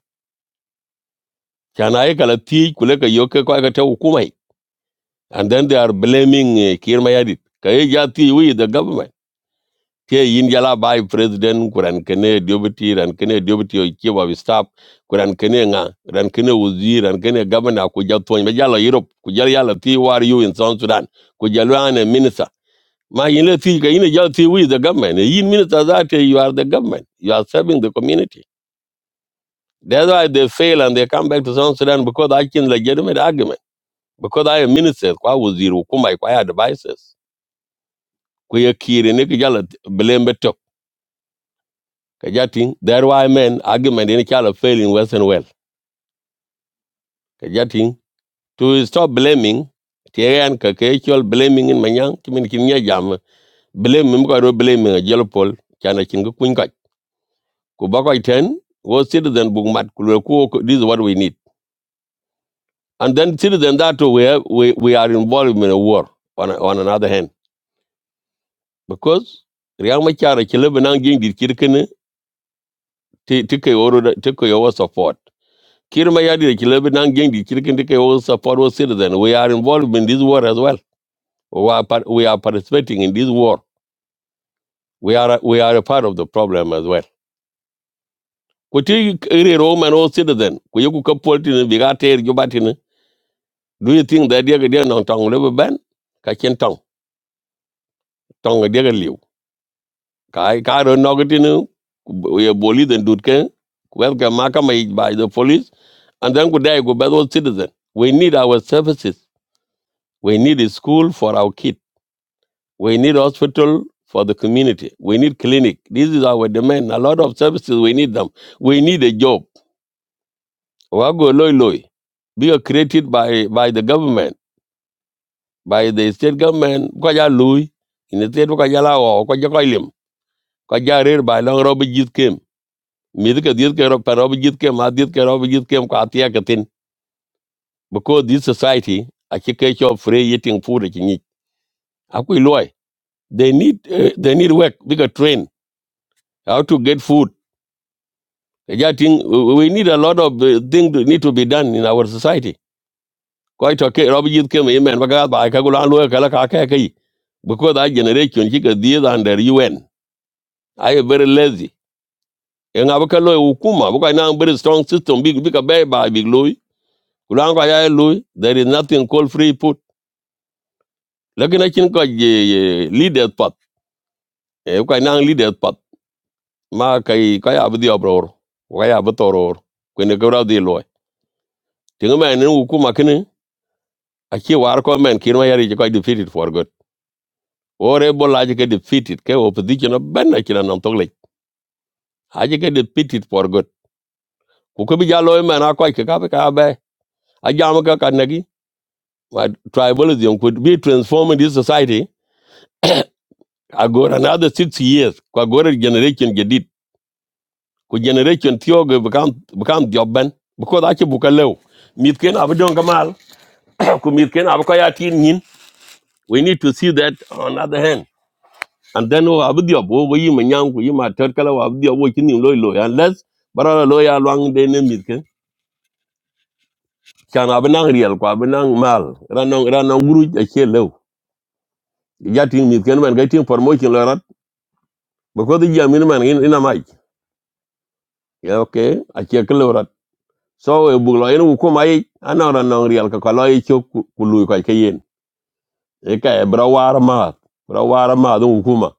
[SPEAKER 4] kana ai kala ti kule ka yoke ko ka ta hukumai and then they are blaming eh, Kir Mayadit. ka ye ja we the government Here, India jala by president kuran kene deputy ran kene deputy o chief of staff kuran kene nga ran kene wazir ran kene governor ku ja ton europe ku jala yala ti war you in south sudan ku jala minister ma yin ti ka yin ja we the government yin minister that eh, you are the government you are serving the community That's why they fail and they come back to South Sudan because I can legitimate argument. Because I am minister, kwa waziri hukuma, kwa ya devices. Kwa ya kiri, ni kijala belembe tok. Kajating, that's why I mean argument in chala fail in Western well, Kajating, to stop blaming, tiyan kakechol blaming in manyang, kimin kinya jam, blame mimko ro blaming a jelo pol, chana chinga kuinka. Kubako iten, was citizen bugmat, kulwe kuo, this is what we need. And then till then that we have, we, we are involved in a war on, on another hand. Because Riyang Machara Kilibinang Ging did Kirkin take Oro take over support. Kirmayadi the Kilibinang Ging did Kirkin take over support was citizen. We are involved in this war as well. We are, part, we are participating in this war. We are we are a part of the problem as well. Kuti iri Roman or citizen, kuyoku kapoltin bigate jubatin. Do you think that they're going to ban? Kachin tong, tong a dear kai karo nogitinu we boli den dutke welcome makamai by the police and then could die go better citizen we need our services we need a school for our kid we need hospital for the community we need clinic this is our demand a lot of services we need them we need a job wago loy loy be a created by by the government by the state government ko ya loy in the state ko ya la ko ko lim ko ja rer by long rob jit came. mid ke diet ke ro paro diet ke ma diet ke ro diet ke ko atia ke tin because this society a ke ke cho free eating food ke ni a ku loy they need uh, they need work bigger train how to get food ja ting we need a lot of uh, thing to, need to be done in our society Quite okay ke ro diet ke me men ba ga ba ka gulan loy kala ka la ka ke ke because that generation ke diet under UN i am very lazy en abaka loy hukuma buka na very strong system big big a bay ba big loy kulango ya loy there is nothing called free food lakini akin ko ye leader pat e ko nang leader pat ma kai kai abdi abror ko ya betoror ko ne gora di loy tinga men ku kuma kini aki war ko men kin wa defeated for good ore bola je ke defeated ke opposition no ben na kina nan togle aje ke defeated for good ku ko bi jalo men akoy ke ka be ka be a ka ka nagi tribalism could be transformed in this society agora another six years ko agora generation get ku generation tioge bukan bukan jobben because achi buka lew mit ken abu don kamal ku mit ken abu kaya tin nin we need to see that on other hand and then wo abu diob wo wo yima nyang ku yima ter kala wo abu diob wo chini loy loy unless bara loy ya lwang de ne mit ken chan abu nang riel ku abu nang mal ranong ranong guru achi lew ya tin mit ken man ga tin promotion lorat because the yamin man in in amai okay achi kelo so e buk lo en wu kuma yi anong ran nong riel ka ko lo yi chok ku ku lui ko ke yin e ka e bra war ma bra war ma do wu kuma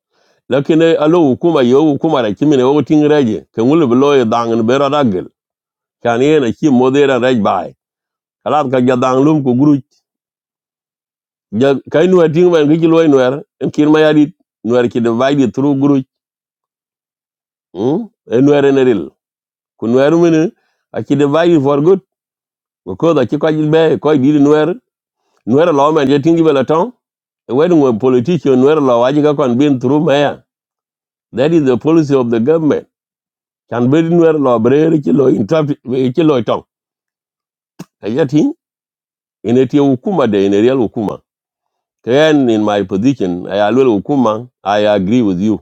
[SPEAKER 4] lakin e alo wu kuma yo wu kuma ra kimi ne wo ting reje ke ngul bi lo yi dang ne bera dagel kan yen a chi modera rej bai kalat ka ja dang lum ku guru ja kai nu ting ban ki lo yi nuer en kin ma yadi nuer ki divide through guru hm e nuer ne ril ku nuer mene a ki divide for good ko da ki ko jil be ko di nuer nuer lo men je ting bela when a politician were law wajiga kon been through maya that is the policy of the government can be nwer law brere ki law interpret ki law tong kayati in a tia hukuma de in a real hukuma then in my position i alwel hukuma i agree with you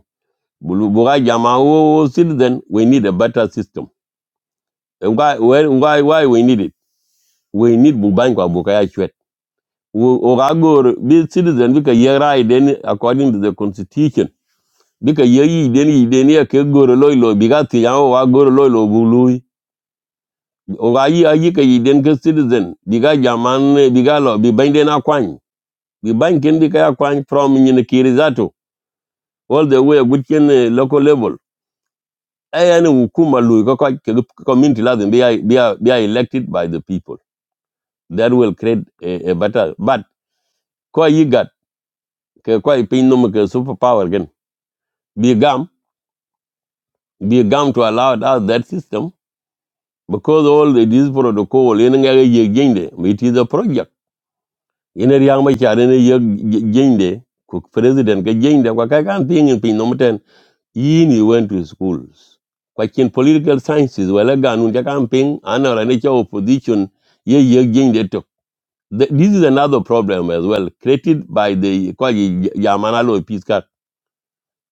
[SPEAKER 4] bulu buga jama wo citizen we need a better system And why why why why we need it we need bubank kwa bukaya chwet o gagor bi citizen bi ka yera den according to the constitution bika yeyi den yi den ya ke goro loy lo bika ti ya wa goro loy lo bului o ga yi ayi ke yi ke citizen bika jaman eh, bika lo bi ban den akwany bi ban ken bika akwany from nyin kirizato all the way good ken eh, local level aya ne hukuma lui ko ko ke community lazim be be be elected by the people that will create a, a better but ko yi gat ke ko pin no ke superpower gen bi gam bi gam to allow out that system because all the, this protocol ene nga ye gende it is a project ene riang ma cha ene ye gende ku president ke gende kwa ka kan ting in pin nomten yin you went to schools kwa kin political sciences wala ganun ja kan ping anara ne cha opposition ye ye gende to Th- this is another problem as well created by the kwa yi- yamana lo peace card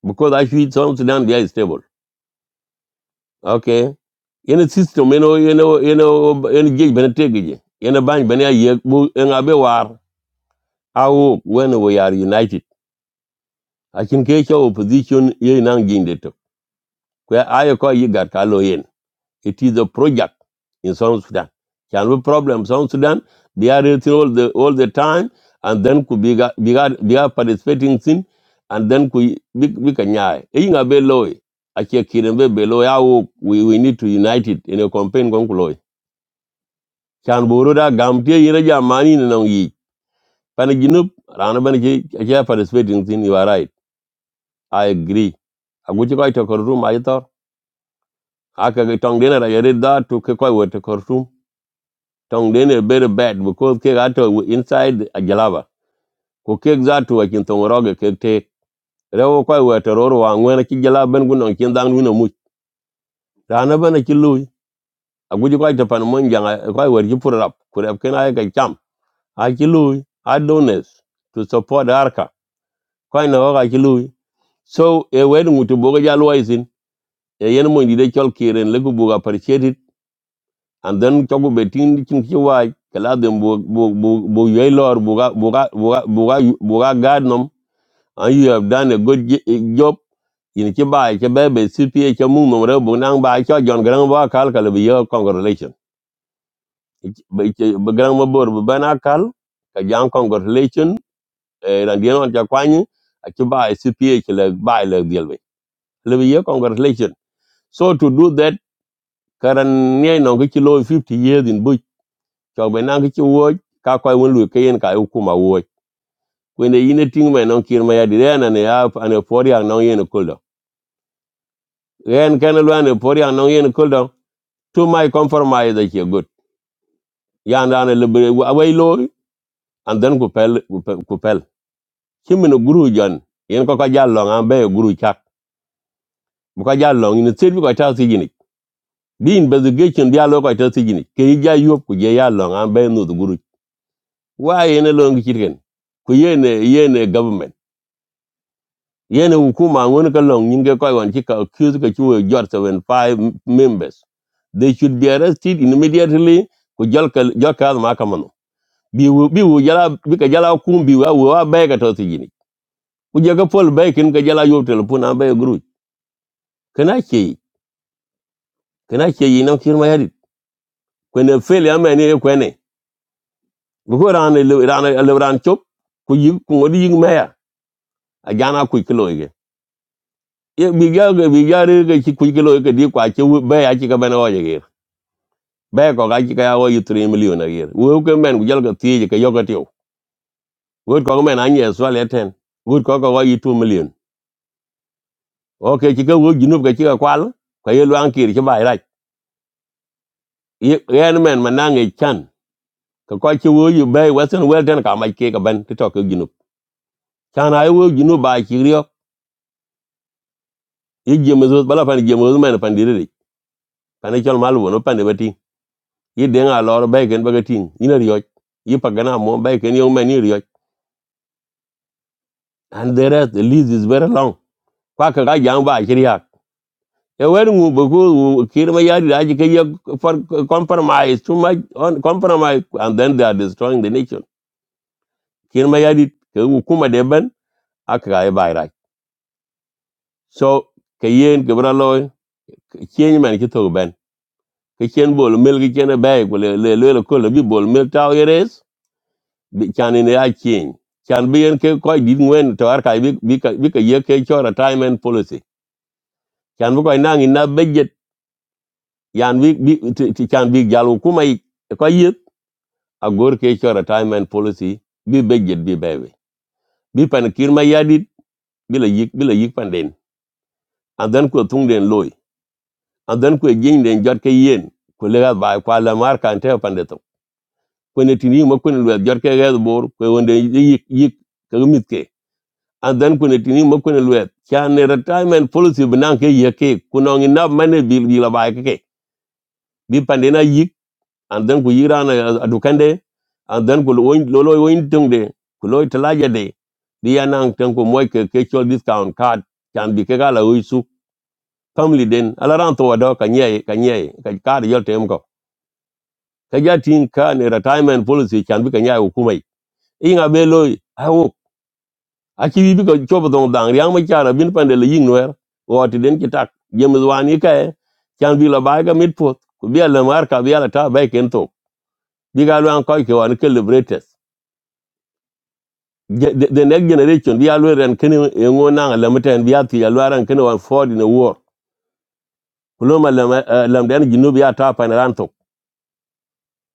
[SPEAKER 4] because actually South Sudan they are stable okay ene system ene ene ene ene jej bene tegeje ene bany bene ye bu en abe war awo when we are united akin ke cho opposition ye nan jinde to ko ayo ko yigar ka lo yen it is a project in south sudan can we problem south sudan they are it all the all the time and then could be ga- be ga- be are participating sin and then could be be kanya e yinga be loy akie kiren be be loy awo we we need to unite it in a campaign kon can boro da gam te yina ja mani na nong yi pan ginup rana ban ke ke participating thing you are right i agree agu ti koi to kor room ai tor aka ge tong dena ra yare da to ke koi wo to kor room tong dena better bad because ke ga to inside a jalaba ko ke za to wa kin tong roge ke te rewo koi wo to ro wa ngwen ki jalaba ben gun on kin dang nu na mu rana ban ki lui agu ti koi to pan mon janga koi wo ji purap kurep ken ai ga cham a ki lui a donors to support arka koy no ga ci lui so e wer ngutu boga ja lo isin e yen mo ndi de chol kiren le ku buga appreciate and then to go betin chin ci wai kala dem bo bo bo bo yoy lor buga buga buga buga buga gadnom and you have done a good j- eh, job in ci bai ci bebe cpa ci mung no re bu nang bai cho jon gran ba kal kal bi yo congratulation be gran ma bor bu bana kal ka jang congratulation e ran di non ja kwani ci bai cpa ci le bai le diel lebe ye congratulation so to do that karan nye no ki lo 50 years in buch to be na ki wo ka ko won lu kayen ka yu kuma wo when the ine ting me no kir ma ya dire na ne ya an for ya no yen kuldo ren kan lo an for ya no yen kuldo to my compromise that you good ya na ne lebe away lo and then ku pel ku pel kimi no guru jan yen ko ka jallo ngam be a guru chak bu ka jallo ni sir bi ko ta si gini bi investigation dia lo ko ta si gini ke ja yop ku je ya lo ngam be no the guru wa yene long chirgen ku yene yene government yene hukuma ngon ka long nyinge koy wan ci ka accuse ka ci wo jot seven five members they should be arrested immediately ku jol ka jol ka ma ka manu bi wu bi wu jala bi ka jala kum bi wa wu wa bay ka to ci jini ku jaga pol bay kin ka jala yob telefon an bay gru kana ke kana ke yi na kirma yadi ko ne fel ya mene ko ne bu ko ran le ran le ran chop ku yi ku ngodi yi maya a jana ku kilo yige ye mi ga ga mi ga re ga ci ku gelo ga di kwa ci be ya ci ka ben o ye be ko ga ci ka ya o yu 3 million a yer wo ko men gel ga ti ka yo ga ti wo ko men an ye so le ten wo ko ko wa yu 2 million o ke ci ga wo gi nu ga ci ka kwal ka ye lo an ki ci ba ra ye en men ma na nge chan ka ko ci wo yu be western well ten ka ma ke ka ben ti to ka gi nu chan ay wo gi nu ba ci ri yo ye je me bala fan je me men pan di ri pan e chol mal no pan de bati yi denga lor bai ken baga ting ina rioj yi pagana mo bai ken yong mani rioj and the rest the list is very long kwa ka ga jang ba kiri hak e wer ngu for compromise too much on compromise and then they are destroying the nation kir ma yari ke wu kuma de ben aka right. so ke yen ke bra loy ke chen man ki to ben ke chen bol mel ki chen bai ko le le le ko le bi bi chan in ya chen chan bi en ke ko dit ngwen to ar kai bi bi ka bi ka ye ke cho retirement policy chan bu ko nang in na budget yan bi bi ti ti chan bi jalu kuma yi ko yit a ke cho retirement policy bi budget bi bebe bi pan kir ma ya bi la yik bi la yik pan den and then ko tung den loy and then ko jing den jot ke yen ko le ga ba kwa la mar kan te pan de to ko ne tini mo ko ne jot ke ga bor ko wonde yik yik ka mit ke and then kune tini ma kune luet chan ne retirement policy binan ke ye ke kunong ina mane bil bila ba ke ke bi pandena yik and then ku yira na adukande and then ku loin lolo loin tungde ku loy talaja de bi anang tan ku moy ke ke chol discount card chan bi ke gala uisu family den ala ran to wado ka nye ka nye ka card yol tem ko ka jatin ka ne retirement policy chan bi ka nya hukumai inga be loy aki bi ko chobo dong dang riang ma chara bin pande le ying wer woti den ki tak jemes wan yi kae chan bi la bai ga mit pot ku bi ala mar ka bi ala ta bai ken to bi ga luan ko ke wan ke liberators Ge- the the next generation bi alu ren ken e ngo na la meten bi ati alu ran ken wan ford in a war kulo ma lam eh, lam den ginu bi ata pan ran to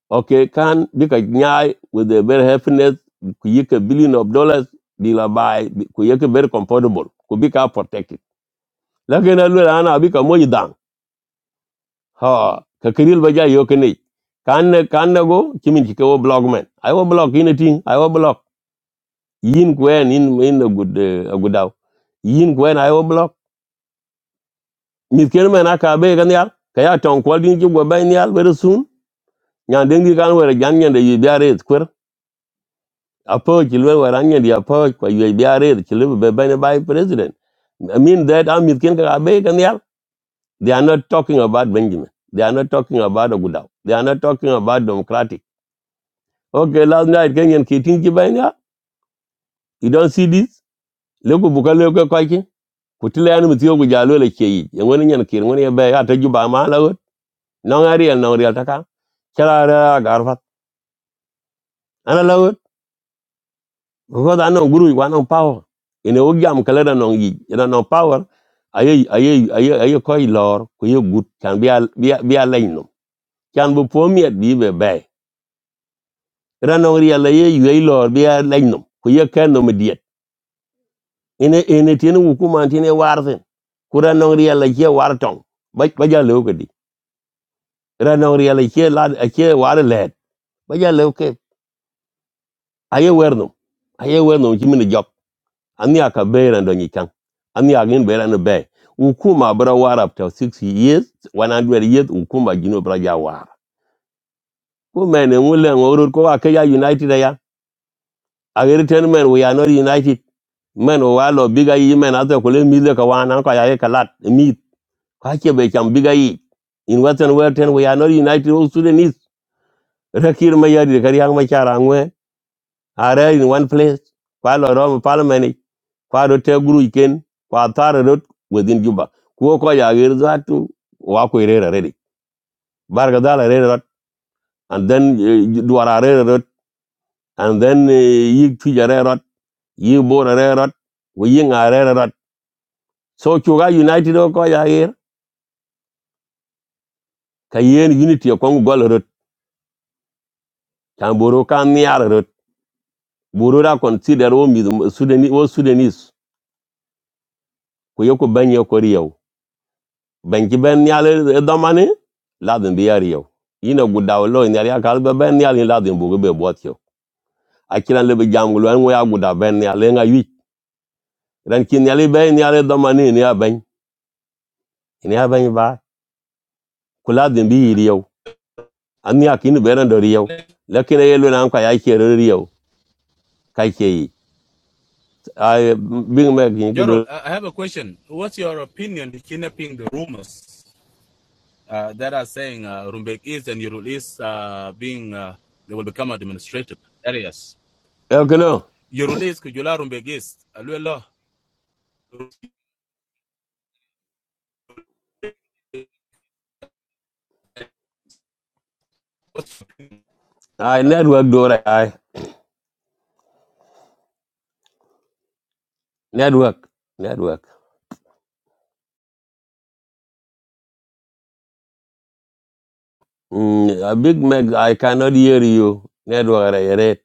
[SPEAKER 4] okay kan bi ka nyai with the very happiness ku yi billion of dollars bi la bai bi- ku yi very comfortable ku bi ka protected la ken alu ran abi ka mo yi Ha, kakiril baja yo kene. Kan na- kan nago kimin ki ko blog man. I blog in a thing, I blog. Yin kwen in in a good uh, a good out. Yin kwen iwo blog. Mit ken man aka be Kaya ton kwal din ki very soon. Nyan dengi kan wera jan nyan de yi biare square. Apo kilwe wera di apo kwa yi biare kilwe be by president. I mean that I'm with Ken Kagabe Daniel. They are not talking about Benjamin. They are not talking about Ogudao. They are not talking about democratic. Okay, last night kan yan kitin ki You don't see this? Leku buka leku kwa ki. Kutile yani mtiyo kujalo le kei. Yang wani nyan kiri wani ya baya ata juba ma la gut. Nong ari yan nong real taka. Chala ara garfat. Ana la gut. Because anong guru wa anong power. Ine ogi am kala da nong yi. Ina nong power. Aye aye aye aye koi lor ku ye gut kan biya biya biya lainum. Kan bu pomiat bi be bay. Ina nong real la ye yu lor biya lainum. Ku ye kan no media. ene ene tiene hukuma tiene warzen kura nong riala che war tong ba ba ja lew kedi ra nong riala che la che war let ba ja lew ke aye wernum aye wernum chi mini job ani aka beira ndo ni kan ani agin beira no be hukuma bra war up to 6 years 100 years hukuma gino bra ja war ko men e ngule ngorur ko aka ya united ya agere ten men we are not united men o walo biga yi men ato kule mide ka wana ka ya ye kalat mi Kakebe cham biga yi. In Western world ten we are not united all Sudanese. Rakir mayari kari hang machar angwe. Are in one place. Kwa lo rom parliament. Kwa do te guru iken. Kwa tara rot within Juba. Kuo ko ya gir zatu wa ko irera ready. Barga dala rera rot. And then eh, duara rera rot. And then eh, yi tuja rera rot. Yi bora rera rot. We yi nga rera rot. So chuga united o ko ya gir. Kayen unity o kongu gol rot. Chamboro kan niara rot. burura consider wo mi sudani wo sudanis ku yoku ban yoku riyaw ban ki ben nyal e domani ladin bi yariyaw ina gudaw lo nyar ya kal be ben nyal ladin bugo be botyo akiran le be jangul an wo ya guda ben nyal nga yi ran kin nyal be nyal e domani ni ya ben ni ya ben ba ku ladin bi yiriyaw an ya kin be ran do riyaw lakin ye lo nan ka ya ke riyaw ka ke yi ay bing me kin ko do
[SPEAKER 10] Gerald, I have a question. What's your opinion in kidnapping the rumors uh, that are saying uh, Rumbek East and Yorul East uh, being uh, they will become administrative areas?
[SPEAKER 4] e kono
[SPEAKER 10] Yorul East, Kujula Rumbek East, Aluelo.
[SPEAKER 4] ay network do ra ay network network Mm, a big mac i cannot hear you network ra yare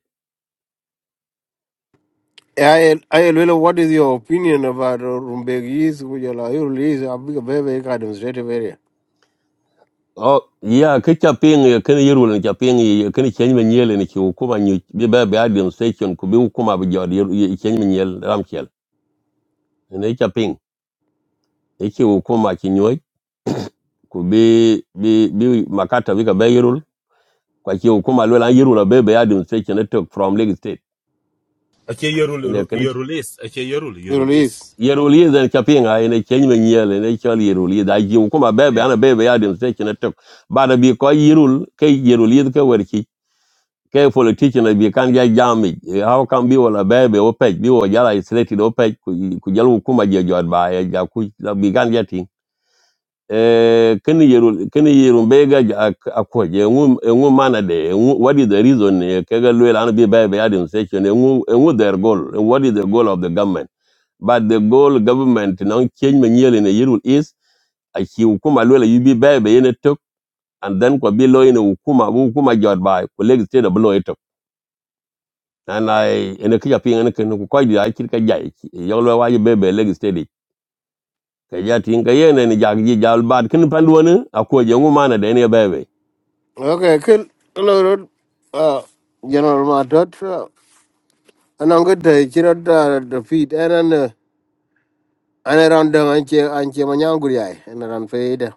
[SPEAKER 9] I I Ayelwela, what is your opinion about uh, Rumbegi is Kujala? You like, you release a big baby administrative area.
[SPEAKER 4] oh yeah ke chaping ya kan yiru ne chaping ya kan chen men yele ne ki hukuma ni bi ba ba adam station ku bi hukuma bi jod chen men yel ramchel ne chaping e ki hukuma ki nyoy ku bi bi bi makata bi ka ba yiru kwa ki hukuma lo la yiru la be ba adam station ne tok from leg
[SPEAKER 10] Okay, Yorul
[SPEAKER 4] state
[SPEAKER 10] East, okay, Yorul
[SPEAKER 9] You
[SPEAKER 10] Yorul
[SPEAKER 9] release.
[SPEAKER 10] East.
[SPEAKER 4] yerolie den kapinga ene chenye men yele ne chal yerolie da ji kuma bebe
[SPEAKER 10] Yeah.
[SPEAKER 4] ana bebe ya din te chene tok bada bi ko yirul ke yerolie ke werki ke politician bi kan ja jami how can bi wala bebe o pej bi o jala isolated o pej ku ku jalu kuma je jod ba ya ja ku la bi kan ja tin eh kani yerul kani yerum bega akko je ngum ngum mana de ngu- what is the reason eh, ke ga lwela ana bi bebe ya din se chene ngum ngum their goal what is the goal of the government but the goal government non change me nyel in the year is a ki hukuma lwela yubi be be yene tok and then kwa bi lo yene hukuma bu hukuma jot bai ko leg state bu lo yitok and i ene kya pin ene ken ko ko ya kir ka jai yo lo wa be be leg state ka ya tin ka yene ni jag ji jal bad kin pandwon a ko je ngu mana de ne be be
[SPEAKER 9] Okay, kill. Hello, Rod. Uh, General Matot. And I'm good to cheer out uh, the feet. And then, uh, and around them, and cheer and cheer Manyanguri. And around Fade.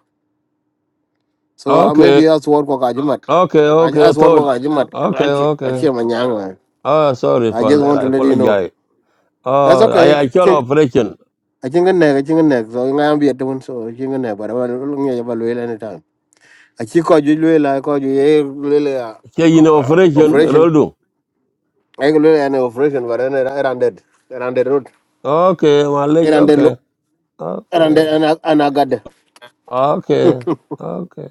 [SPEAKER 9] So uh,
[SPEAKER 4] okay
[SPEAKER 9] maybe I'll work with Ajumat.
[SPEAKER 4] okay
[SPEAKER 9] I
[SPEAKER 4] okay
[SPEAKER 9] just work with
[SPEAKER 4] thought
[SPEAKER 9] Ajumat.
[SPEAKER 4] okay
[SPEAKER 9] I
[SPEAKER 4] okay
[SPEAKER 9] cheer Manyang.
[SPEAKER 4] ah sorry
[SPEAKER 9] I
[SPEAKER 4] for
[SPEAKER 9] just
[SPEAKER 4] that
[SPEAKER 9] want
[SPEAKER 4] i
[SPEAKER 9] to let you know.
[SPEAKER 4] apologize
[SPEAKER 9] That's
[SPEAKER 4] oh i i call
[SPEAKER 9] okay.
[SPEAKER 4] operation
[SPEAKER 9] aci ŋa nɛk aci ŋa nɛk so ŋa biɛ tewen so aci ŋa nɛk bara ŋഌɛ ba lueel any time aci kɔc juic lueel a kɔc juic ye lueel a
[SPEAKER 4] ke yin
[SPEAKER 9] Luella
[SPEAKER 4] operation
[SPEAKER 9] operation
[SPEAKER 4] roldu
[SPEAKER 9] ai lueel an operation bara eran dead eran dead road
[SPEAKER 4] Okay,
[SPEAKER 9] eran
[SPEAKER 4] Malaysia.
[SPEAKER 9] dead lo
[SPEAKER 4] Okay,
[SPEAKER 9] eran
[SPEAKER 4] okay,
[SPEAKER 9] dead an agade
[SPEAKER 4] okay, okay.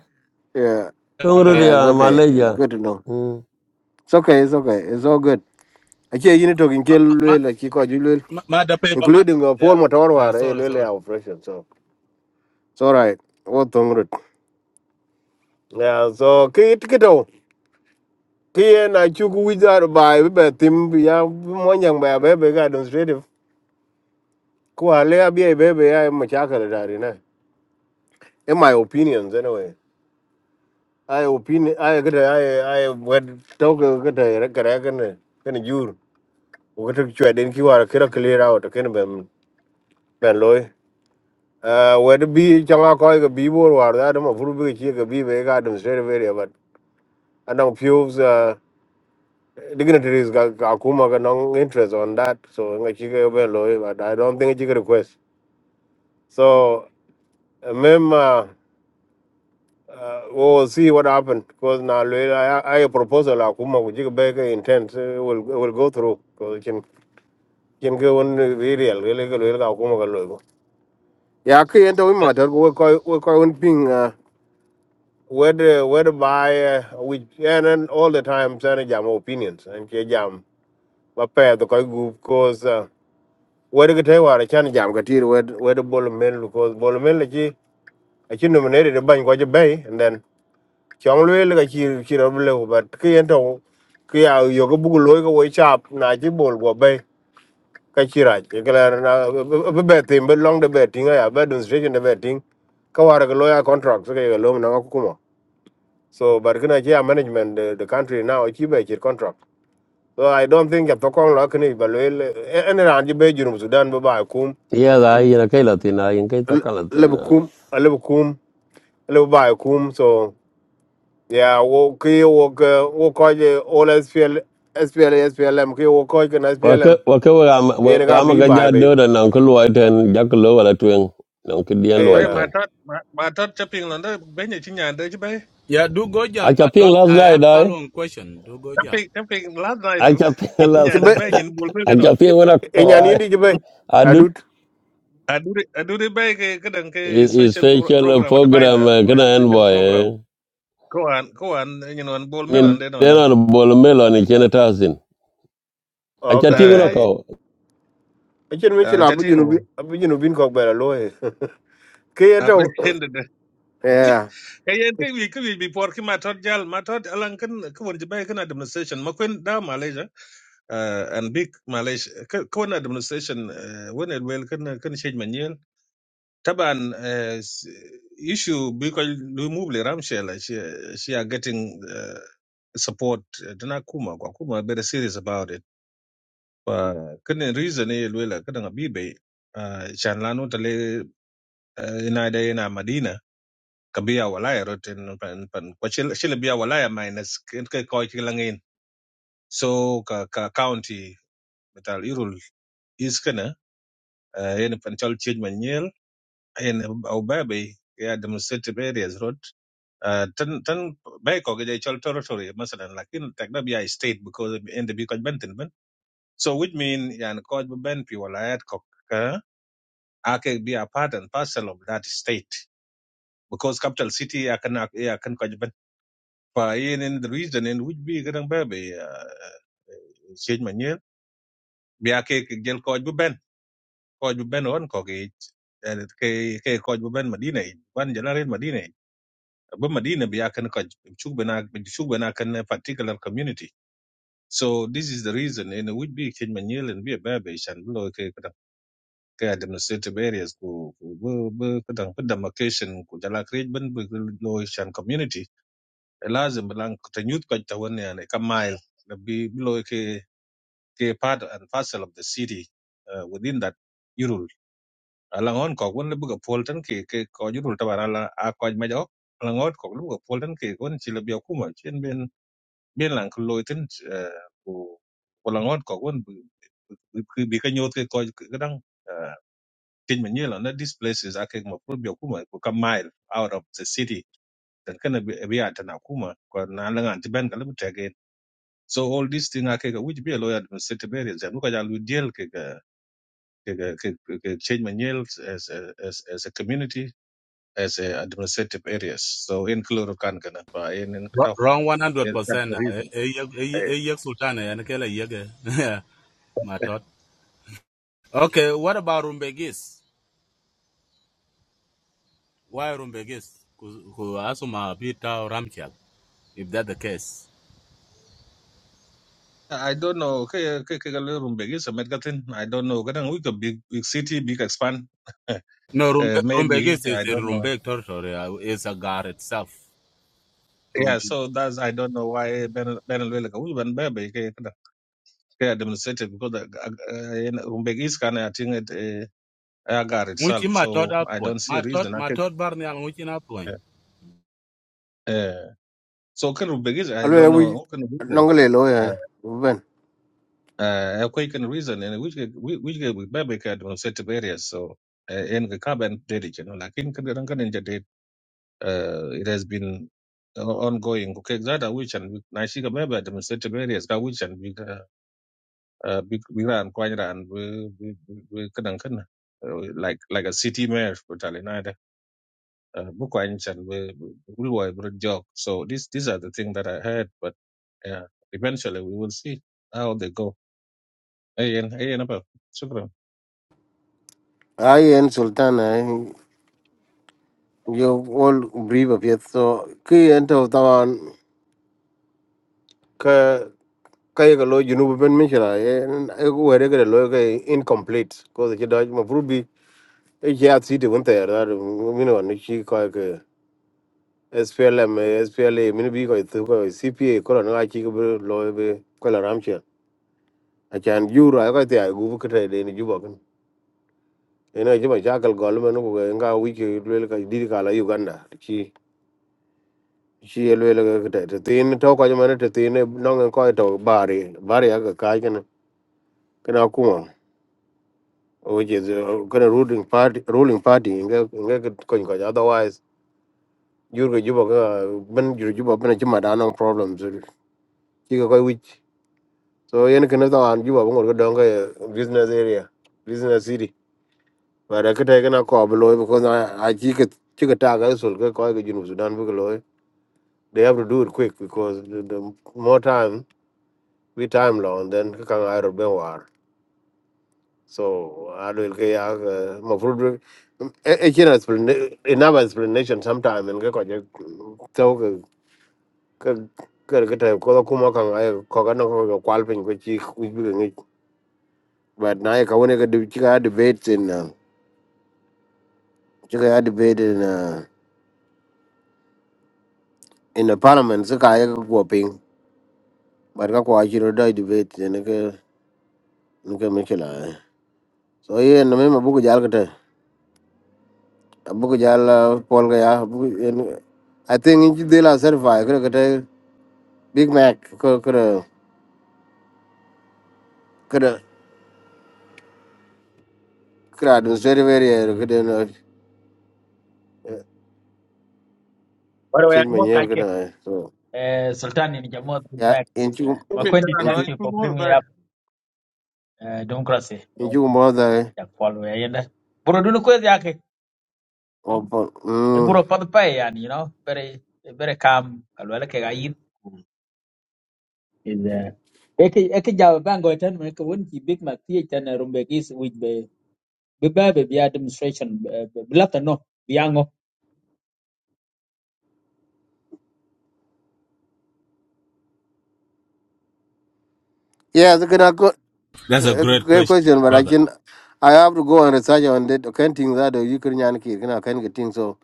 [SPEAKER 9] yeah
[SPEAKER 4] Tunggu
[SPEAKER 9] yeah it's
[SPEAKER 4] dia
[SPEAKER 9] okay it's
[SPEAKER 4] Malaysia.
[SPEAKER 9] good to know
[SPEAKER 4] Hmm.
[SPEAKER 9] it's okay it's okay it's all good aci yini tokin ke
[SPEAKER 10] Ma,
[SPEAKER 9] lueel aci kɔc juic lueel
[SPEAKER 10] ma, ma da paper, ma.
[SPEAKER 9] including uh, Paul
[SPEAKER 10] Yeah.
[SPEAKER 9] Motor
[SPEAKER 10] Uh,
[SPEAKER 9] war eh
[SPEAKER 10] sorry,
[SPEAKER 9] lueel
[SPEAKER 10] sorry.
[SPEAKER 9] operation so it's all right wo thong rut yeah so kit kito kien achuk wic Wizard bai bi tim thim bi ya mɔnyaŋ bɛ abɛ bɛ ka administrative ku ale abia bɛ bɛ ya machakal dari ne in my opinions anyway ai opinion ai kete ai ai wed tok kete kere kene kene jur ukete chwe den ki war kira clear out kene ben ben loy uh, wed bi changa koi ke bi bor war da ma furu bi ke chie ke bi bɛ ka administrative area but anang fuels dignitaries ga ga kuma ga no interest on that so nga chiga be loy but i don't think chiga request so uh, mem uh, uh, we'll see what happened because now I, I a proposal akuma ku chiga be ga intent uh, will will go through because can can go on real really ga loy ga kuma ga loy go ke ento we
[SPEAKER 10] Yeah.
[SPEAKER 9] matter we ko we ko un ping uh, whether whether by uh, which and, then all the time sana jam opinions and ke jam ba pair the ko group cause wede ke te war chan jam ka tir wed wed bol men lu ko bol men le chi a chi nominated de ban ko je bay and then chong lu le ka chi chi ro le but ke en to ke ya yo ko bu lo ko we chap na chi bol go bay ka chi ra ke la na be be tim be long de be tinga ya be demonstration de be ting ka war ke lo ya contract so ke lo na ko kuma so but kana chi ya management the, the country now chi be chi contract so i don't think ya to kong la kni ba le en ran ji be junu sudan ba ba kum
[SPEAKER 4] Iya lah, iya lah. Kayak Latin lah, yang kayak takkan
[SPEAKER 9] la
[SPEAKER 4] Latin
[SPEAKER 9] bu
[SPEAKER 4] lah.
[SPEAKER 9] kum la bu kum la bu bai kum so yeah wo ki wo ka wo ko je all SPL SPL SPLM ki wo ko ke SPLM
[SPEAKER 4] Waka, waka wama,
[SPEAKER 9] e ne ga
[SPEAKER 4] wama
[SPEAKER 9] bi bai
[SPEAKER 4] kerja
[SPEAKER 9] be
[SPEAKER 4] ada dan nang keluar dan jaga keluar lah tuang, nang kedian
[SPEAKER 9] e
[SPEAKER 11] Hey,
[SPEAKER 4] luar
[SPEAKER 11] my
[SPEAKER 9] na
[SPEAKER 4] dan.
[SPEAKER 11] thought, my, my thought chopping on the bench in Yanda, Jibay.
[SPEAKER 10] Yeah. Do go, Jal.
[SPEAKER 4] Aja
[SPEAKER 10] I
[SPEAKER 4] ping
[SPEAKER 10] thought
[SPEAKER 4] last
[SPEAKER 10] I
[SPEAKER 4] night
[SPEAKER 10] have
[SPEAKER 4] dah.
[SPEAKER 10] following question. Do go, Jal.
[SPEAKER 11] Chopping, chopping, last night, do.
[SPEAKER 4] Aja ping
[SPEAKER 9] ki
[SPEAKER 4] last.
[SPEAKER 9] be
[SPEAKER 11] Yanda, Ben, in Bulmil, not.
[SPEAKER 4] Aja ping mana
[SPEAKER 9] e
[SPEAKER 4] kau?
[SPEAKER 9] nya ni ndi ki be
[SPEAKER 4] Adut
[SPEAKER 9] adut
[SPEAKER 11] I do the, I do the bag, a
[SPEAKER 4] is
[SPEAKER 11] special pro-
[SPEAKER 4] special
[SPEAKER 11] program with the
[SPEAKER 4] program
[SPEAKER 11] Biza, or a
[SPEAKER 4] kena
[SPEAKER 11] special
[SPEAKER 4] envoy.
[SPEAKER 11] program. Go on, go on, you know, and Bulmil,
[SPEAKER 4] Ini
[SPEAKER 11] and then
[SPEAKER 4] dia
[SPEAKER 11] on.
[SPEAKER 4] nak boleh melon ini kena tasin. Aja
[SPEAKER 9] okay
[SPEAKER 4] tinggal
[SPEAKER 9] yeah
[SPEAKER 11] Aye,
[SPEAKER 4] kau.
[SPEAKER 9] e chen mi
[SPEAKER 11] uh,
[SPEAKER 9] chila bu jinu bi
[SPEAKER 11] Jatingo.
[SPEAKER 9] bu jinu bin ko be la lo e ki e
[SPEAKER 11] I pretended. Hey,
[SPEAKER 9] yeah
[SPEAKER 11] and think we could be porking my Jal, my thought, Alan, can, come on, kan can administration, Makwin, down Malaysia, uh, and big Malaysia, can, administration, uh, when it will, can, can change manual. Taban, uh, s- issue because remove the Ramshell, she, she are getting uh, support. Dana Kuma, Kwa Kuma are very serious about it. Kene reason eh lwela kada ngabibe chan lanu tale eh, inaida ina Madina kabia walaya roten pan pan kwa shil- shile bia walaya minus kente kwa chilangin so ka ka county metal irul iskana yen pan chal change in Ubabi, yeah, demonstrative areas, road. Uh, ten, ten, Beko, the Chol territory, Masalan, like in Tagnabia state because in the Bikoj Benton, ben. So, which mean, yan Koj Ben Piwala Kok, uh, I can be a part and parcel of that state because capital city, I can, I can Koj Ben. But in, in the region in which be Grand Baby, uh, Chage Manuel, be a cake, Gel Koj bu Ben, Koj bu Ben on Kok, and Koj bu Ben Medina, one Jalarin Medina. e. Ba Madina be yakan ka chuk bana chuk bana kan na particular community. So this is the reason in which be kin manyel and be a baby shan lo ke kada ke administrative areas ko ko be kada ko demarcation ko jala create ban be lo shan community. Lazim lang ta nyut ka ta wani ne ka mile da bi lo ke ke part and parcel of the city uh, within that yurul. Alangon ko wani buga poltan ke ke ko yurul ta bara la a ko majo alangon ko lu buga poltan ke ko ni chila biya kuma bien lan ko loy tin ko ko la ngot ko won bi bi ka nyot ke ko kadang tin men yela na this place is akek ma pro bi kuma ko ka mile out of the city Then kana bi bi ata na kuma ko na la ngan ti ben ka lu tege so all these thing akek which be a lawyer administrative areas and ko ja deal ke ka- ke ka- ke ke change men as a- as as a community as a administrative areas so in kloro kan kana pa in in ka
[SPEAKER 10] Wr-
[SPEAKER 11] tau.
[SPEAKER 10] Wrong one hundred
[SPEAKER 11] That's the
[SPEAKER 10] percent.
[SPEAKER 11] reason
[SPEAKER 10] Eyek Sultan and Kela Yege. Matot. Okay, what about Rumbegis? Why Rumbegis? Who Asuma Pita Ramchak, if that's the case.
[SPEAKER 11] I don't know. Ke ke ke galu rumbe gi samet gatin. I don't know. Kadang we could big big city big expand.
[SPEAKER 10] No,
[SPEAKER 11] uh,
[SPEAKER 10] Rumbe-
[SPEAKER 11] maybe
[SPEAKER 10] Rumbegis
[SPEAKER 11] I
[SPEAKER 10] is in
[SPEAKER 11] don't know.
[SPEAKER 10] Rumbeg territory, uh, it's a gar itself.
[SPEAKER 11] Yeah,
[SPEAKER 10] Rumbe-
[SPEAKER 11] so that's I don't know why Ben Ben Lwele ka we ban bebe ke kada. Ke administrative because the, uh, in rumbe gi scan I think it uh, agar
[SPEAKER 10] Muchi
[SPEAKER 11] itself.
[SPEAKER 10] Matot
[SPEAKER 11] So I
[SPEAKER 10] Appoint.
[SPEAKER 11] don't see a
[SPEAKER 10] Matot
[SPEAKER 11] reason. I could,
[SPEAKER 10] Matot Barnial Muchi Appoint.
[SPEAKER 11] uh, uh, so can rumbe gi I
[SPEAKER 9] alo le
[SPEAKER 11] don't
[SPEAKER 9] wi
[SPEAKER 11] know. Who can reason?
[SPEAKER 9] nongale lo
[SPEAKER 11] Uh,
[SPEAKER 9] e ben
[SPEAKER 11] uh, a quick reason and which which which bebe ke administrative areas. So uh, in the carbon did it, you know, like in kan kan in uh, it has been o- ongoing okay that are which and na shiga maybe demonstrative areas ka which and big uh, big big ran kwany and we we we kadan like like a city mayor totally nada bu kwany and we we were jog so these these are the things that i heard but yeah eventually we will see how they go ayen ayen apa shukran
[SPEAKER 9] ai en sultan ai yo all brief of it so ki en to tawan ka kai ga lo junubu ben mishra e were ga lo ga incomplete ko da da ma frubi e ya ti de won ta ra mi no ni chi ko ga SPLM eh, SPLA mi bi ko tu ko CPA ko na chi ko lo be ko la ram che a chan ju ra ko ta gu ko ta de ni ju ba kan e na ji ba ja kal gol men ko ga nga wi ke le ka di ka la Uganda chi chi le le ga ta te tin to ko ma ne te tin no ngan ko to bari bari ga ka ga na kana kuma which is uh, kind of ruling party ruling party nga nga ko ko otherwise jurgo juba ga ben jurgo juba ben chima da no problems ki ko which so yen kana da an juba ngor ga donga business area business city but ka ta kana ko bloy because i ki ka ki ka ta ga sul ga ko ga junu sudan bu loy they have to do it quick because the, the more time we time long then ka kan ai ro ben So alwil ke ya mafrudu echina enough explanation sometime and ko je tau ke ke ke ke ta ko kuma kan ay ko ga no ko kwal pin ko chi ku bi ngi but na ka woni ka de chi ka debate in uh, chi ka debate in uh, in the parliament so ka ya ko pin but ka ko chi ro dai debate ne ke ne ke me chila so ye no me mabuku jal ka ta abuku jal uh, pol ga ya abu- en- I think in Jidela certify. Big Mac ko kada kada kada administrative area ko kada na
[SPEAKER 12] By the way,
[SPEAKER 9] change
[SPEAKER 12] I'm
[SPEAKER 9] my
[SPEAKER 12] not
[SPEAKER 9] name
[SPEAKER 12] like
[SPEAKER 9] kada so
[SPEAKER 12] uh, Sultan in Jammu and
[SPEAKER 9] yeah
[SPEAKER 12] Mac.
[SPEAKER 9] inchu
[SPEAKER 11] Maybe there
[SPEAKER 12] Makwende,
[SPEAKER 11] are no
[SPEAKER 12] thank
[SPEAKER 9] inchu
[SPEAKER 12] you
[SPEAKER 11] two
[SPEAKER 12] for
[SPEAKER 11] more,
[SPEAKER 12] bringing
[SPEAKER 11] but
[SPEAKER 12] up uh, democracy. Uh,
[SPEAKER 9] inchu more the
[SPEAKER 12] ya follow yenda. Bro, dunu kwezi yake. Mm.
[SPEAKER 9] open
[SPEAKER 12] E
[SPEAKER 9] mm.
[SPEAKER 12] bro, padu pay yani, you know, very very calm. Alwala ke gayin. Is uh, eke eke jaw bango tan me ko won ki big mac ti tan rumbe gis which be be ba be be administration blata no biango
[SPEAKER 9] yeah so kada good
[SPEAKER 10] That's a great
[SPEAKER 9] great
[SPEAKER 10] question,
[SPEAKER 9] question but I
[SPEAKER 10] brother.
[SPEAKER 9] can I have to go and research on that okay thing that you can yan ki kana can get things. so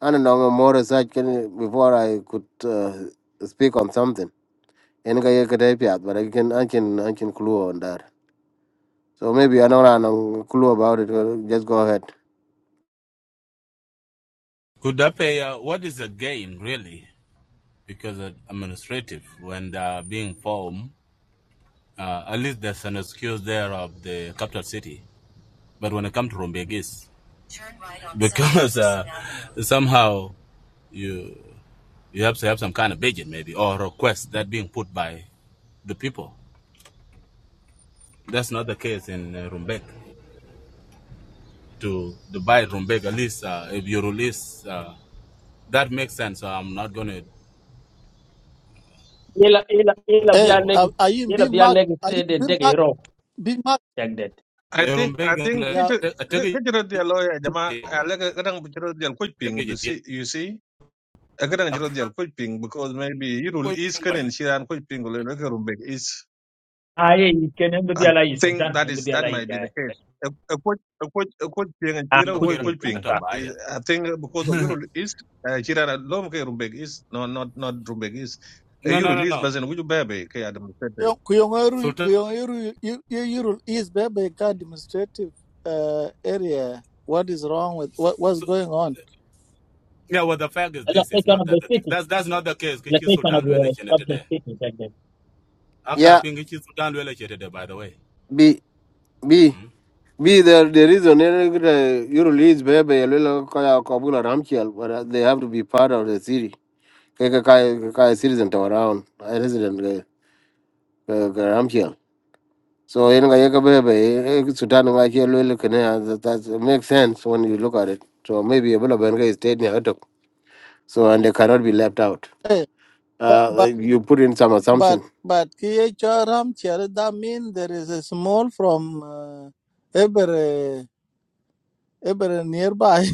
[SPEAKER 9] I don't know more research can before I could uh, speak on something and I can but I can I can I can clue on that so maybe I don't know I know clue about it uh, just go ahead.
[SPEAKER 10] Could that pay? Uh, what is the gain really? Because uh, administrative when they are being formed. Uh, at least there's an excuse there of the capital city. But when it comes to Rumbegis, because uh, somehow you you have to have some kind of budget maybe or request that being put by the people. That's not the case in uh, Rumbek. To to buy Rumbek, at least uh, if you release, uh, that makes sense. So I'm not going to
[SPEAKER 12] ila ila ila
[SPEAKER 10] on
[SPEAKER 12] biya
[SPEAKER 13] Hey,
[SPEAKER 10] that
[SPEAKER 12] leg
[SPEAKER 10] one.
[SPEAKER 13] are, are you in
[SPEAKER 12] ila
[SPEAKER 13] Big
[SPEAKER 12] biya
[SPEAKER 13] Mac?
[SPEAKER 12] leg
[SPEAKER 13] Are you
[SPEAKER 12] te
[SPEAKER 13] in
[SPEAKER 12] de
[SPEAKER 13] Big
[SPEAKER 12] de
[SPEAKER 13] Mac?
[SPEAKER 12] ro.
[SPEAKER 13] Big Mac?
[SPEAKER 11] i
[SPEAKER 10] Eh,
[SPEAKER 11] think i
[SPEAKER 10] Rumbek,
[SPEAKER 11] think
[SPEAKER 10] eh,
[SPEAKER 13] Yeah,
[SPEAKER 11] kiti-
[SPEAKER 10] te-
[SPEAKER 11] kiti-
[SPEAKER 10] tege-
[SPEAKER 11] kiti radio lawyer, jama, I like a- kadang kiti radio quick ping, you
[SPEAKER 10] tege- tege-
[SPEAKER 11] see you see Agarang jiro dial koi ping because maybe you Irul is kan and Shiran koi ping ole leke rumbek is.
[SPEAKER 12] ah ini kan nemu
[SPEAKER 11] I
[SPEAKER 12] dia lagi
[SPEAKER 11] think
[SPEAKER 12] sochan
[SPEAKER 11] that
[SPEAKER 12] nemu
[SPEAKER 11] is
[SPEAKER 12] dia
[SPEAKER 11] that
[SPEAKER 12] lagi
[SPEAKER 11] might be
[SPEAKER 12] ya
[SPEAKER 11] the case. A koi a koi a koi ping and
[SPEAKER 12] ah
[SPEAKER 11] Shiran koi
[SPEAKER 10] Okay,
[SPEAKER 12] kucing
[SPEAKER 11] koi
[SPEAKER 12] kucing
[SPEAKER 11] ping.
[SPEAKER 12] lah
[SPEAKER 11] Is- I think because of Irul is uh, Shiran lom ke rumbek is no not not rumbek is. A
[SPEAKER 10] no, no,
[SPEAKER 11] Irul
[SPEAKER 10] no,
[SPEAKER 11] is
[SPEAKER 10] no.
[SPEAKER 11] bazen wuju bebe ke adam sete.
[SPEAKER 13] Kuyongeru,
[SPEAKER 10] Sultan,
[SPEAKER 13] Kuyongeru, Yuru is Bebe administrative uh, area. What is wrong with
[SPEAKER 10] Su-
[SPEAKER 13] what? What's
[SPEAKER 10] Su-
[SPEAKER 13] going on?
[SPEAKER 10] yeah, well, the fact is, this
[SPEAKER 12] lokasi
[SPEAKER 10] is
[SPEAKER 12] kan
[SPEAKER 10] not
[SPEAKER 12] ada
[SPEAKER 10] that. The,
[SPEAKER 12] city
[SPEAKER 10] that's that's not the case. Kichi
[SPEAKER 12] lokasi kan
[SPEAKER 10] Sultan
[SPEAKER 12] ada
[SPEAKER 10] Luelechene
[SPEAKER 12] kota
[SPEAKER 10] today.
[SPEAKER 12] city
[SPEAKER 10] Aka
[SPEAKER 9] Yeah,
[SPEAKER 10] ping Kichi Sultan Luelechene today. By the way,
[SPEAKER 9] B B
[SPEAKER 10] mm?
[SPEAKER 9] B the the reason uh, you release baby yelwela kaya kabula ramchial but uh, they have to be part of the city. Kaya kaya kaya citizen to around a resident uh, uh, ramchial. So yun nga yaka baby sutan nga kaya lwela kene eh, that that's- makes sense when you look at it. So maybe a bula benga is stayed near hatok. So and they cannot be left out.
[SPEAKER 13] Hey, but
[SPEAKER 9] Uh,
[SPEAKER 13] but
[SPEAKER 9] eh, you put in some
[SPEAKER 13] but
[SPEAKER 9] assumption.
[SPEAKER 13] but KHRM that mean there is a small from uh, every every nearby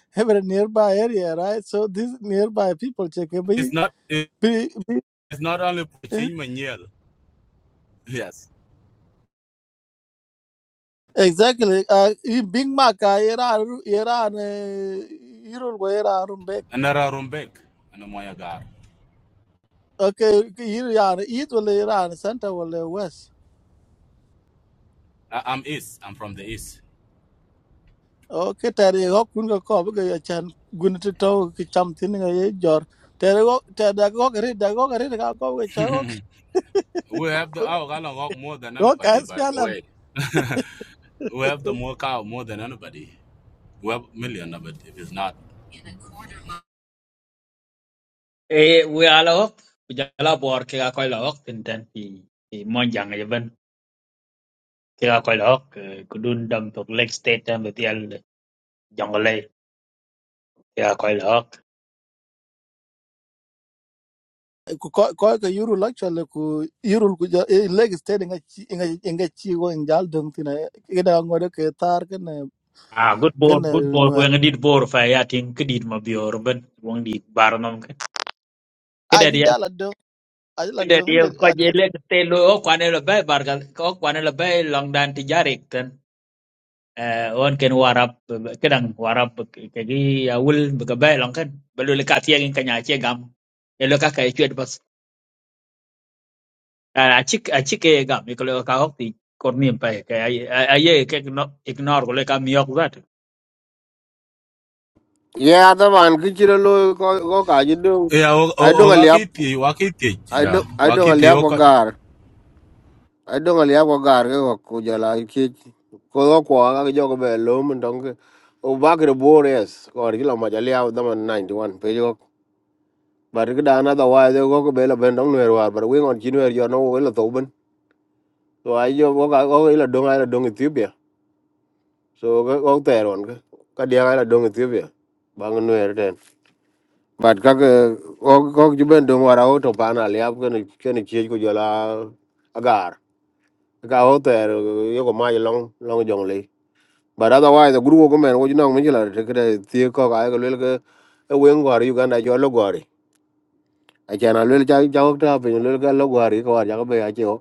[SPEAKER 13] every nearby area, right? So these nearby people check
[SPEAKER 10] it's
[SPEAKER 13] be
[SPEAKER 10] not it's not only Puchin Manuel. Yes,
[SPEAKER 13] Exactly. Uh, i Big Mac uh, era Iran Irul go Iran back.
[SPEAKER 10] and Rumbek and Moyagar.
[SPEAKER 13] Okay, Iran it will Iran center will west.
[SPEAKER 10] I- am East. I'm from the East.
[SPEAKER 13] Okay, tari go kun go ko ga ya chan gun to to ki cham tin ga ye jor. Tari go tari da go ga da go ga ri ga go ga cha go
[SPEAKER 10] we have the our Galangok more than
[SPEAKER 13] go ka
[SPEAKER 10] anybody. By the
[SPEAKER 13] spialam.
[SPEAKER 10] way, we have the more cow more than anybody. We have a million of it. If it's not.
[SPEAKER 12] eh uya loh udah jalan bor ke kakoi loh tentang di di monjangan aja ban ke kakoi loh ke dunam to Lake State yang betul jungle lake kakoi loh
[SPEAKER 13] Ko ko ko ka Irul actually ku Irul ku ja eh, leg steady nga chi nga nga chi go in jal dong tin. Ga da ngore ke tar ken
[SPEAKER 12] ah good boy
[SPEAKER 13] ken
[SPEAKER 12] good boy gua
[SPEAKER 13] no.
[SPEAKER 12] yang di dekat Borfire ting ke dekat mau di urban gua di Baranam kan ke
[SPEAKER 13] Aji
[SPEAKER 12] dari
[SPEAKER 13] jala la
[SPEAKER 12] Kede
[SPEAKER 13] dun
[SPEAKER 12] dia ko jele te lo o kwane lo barka ko kwane lo long dan ti kan, eh on ken warap kedang warap kegi awul be long kan belu le yang ngin kanya che gam e lo ka kai chwet bas a chik a chik e gam ko ka hok ti korni pay ka aye ke ignore ko le ka miok zat
[SPEAKER 9] Yeah, the man kichiro lo ko ko kaji do.
[SPEAKER 10] Yeah,
[SPEAKER 9] I don't aliap.
[SPEAKER 10] Wakiti, Wakiti,
[SPEAKER 9] I
[SPEAKER 10] yeah,
[SPEAKER 9] don't I don't
[SPEAKER 10] Wakiti,
[SPEAKER 9] aliap ai dong ali ako gar ke ko ku jala ki ko ko ko ga jo ko be lo mun dong ke o ba ke bores ko ri lo ma jali aw da man 91 pe jo bar ke da na da wa de ko be lo ben dong ner war bar we ngon chin wer jo no we lo to ben so ai jo ko ga ko lo dong ai lo dong ethiopia so ko ko ter on ke ka dia ai lo dong ethiopia bang ner den bat ka ke ko ko ju ben dong war aw to pa na ali ab ke ne ke ne chi ko jala agar ka o ter yo ko ma long long jong le but otherwise the group of men what you know me la te kre ti ko ga ga le ga e wen go ri ga na jo lo go ri a cha na le cha cha ko ta pe le ga lo go ri ko ja ga be a che o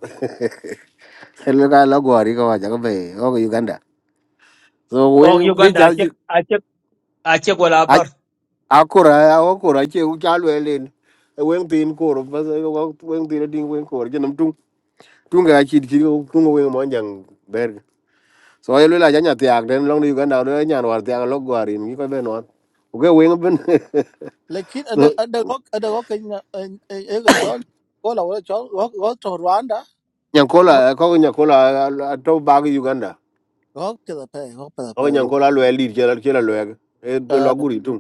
[SPEAKER 9] le ga lo go ri ko ja uganda so
[SPEAKER 12] og
[SPEAKER 9] wen ge
[SPEAKER 12] uganda a
[SPEAKER 9] cha
[SPEAKER 12] chik
[SPEAKER 9] ju-
[SPEAKER 12] a wala
[SPEAKER 9] a
[SPEAKER 12] bar
[SPEAKER 9] a ko ra a o ko ra che u cha le le e wen tin ko ro ba se ko wen tin ding wen ko je nam tung tung ga chi chi ko tung wen mo so ye le la ja nya ti long ni uganda le nya no ar ti ak lo go ri ni ko be no ko ge wen
[SPEAKER 13] la kin ada ada rock ada rock in e ga chon ko la wala chon rock rock to Rwanda
[SPEAKER 9] Nyankola, koko nyankola ato bagi Uganda.
[SPEAKER 13] rock to the pay rock to the
[SPEAKER 9] Koko
[SPEAKER 13] pay
[SPEAKER 9] nyankola lwe lead chela chela lwe. E de lo
[SPEAKER 13] uh
[SPEAKER 9] guri tum.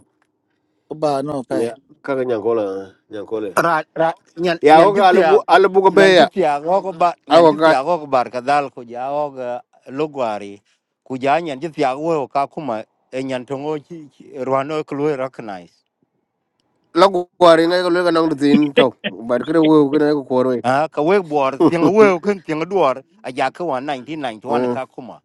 [SPEAKER 13] ba no pay
[SPEAKER 9] Ya, kaka nyankola, nyankola.
[SPEAKER 14] ra ra nyan
[SPEAKER 9] Ya ko
[SPEAKER 14] nyan jipia
[SPEAKER 9] alabu alabu ko be
[SPEAKER 14] nyan
[SPEAKER 9] ya.
[SPEAKER 14] jipia go ba nyan
[SPEAKER 9] Ako ka
[SPEAKER 14] jipia go bar kadal ku ja go logwari ku ja nyan jipia go ka kuma e nyan tongo chi rwano klue recognize
[SPEAKER 9] lagu kwari ngai ko lwe nang tin to. Bar kre wo kre ko koro.
[SPEAKER 14] a ka we bor ting we kan ting duor a ja ka wa 1991
[SPEAKER 9] Mm.
[SPEAKER 14] ka kuma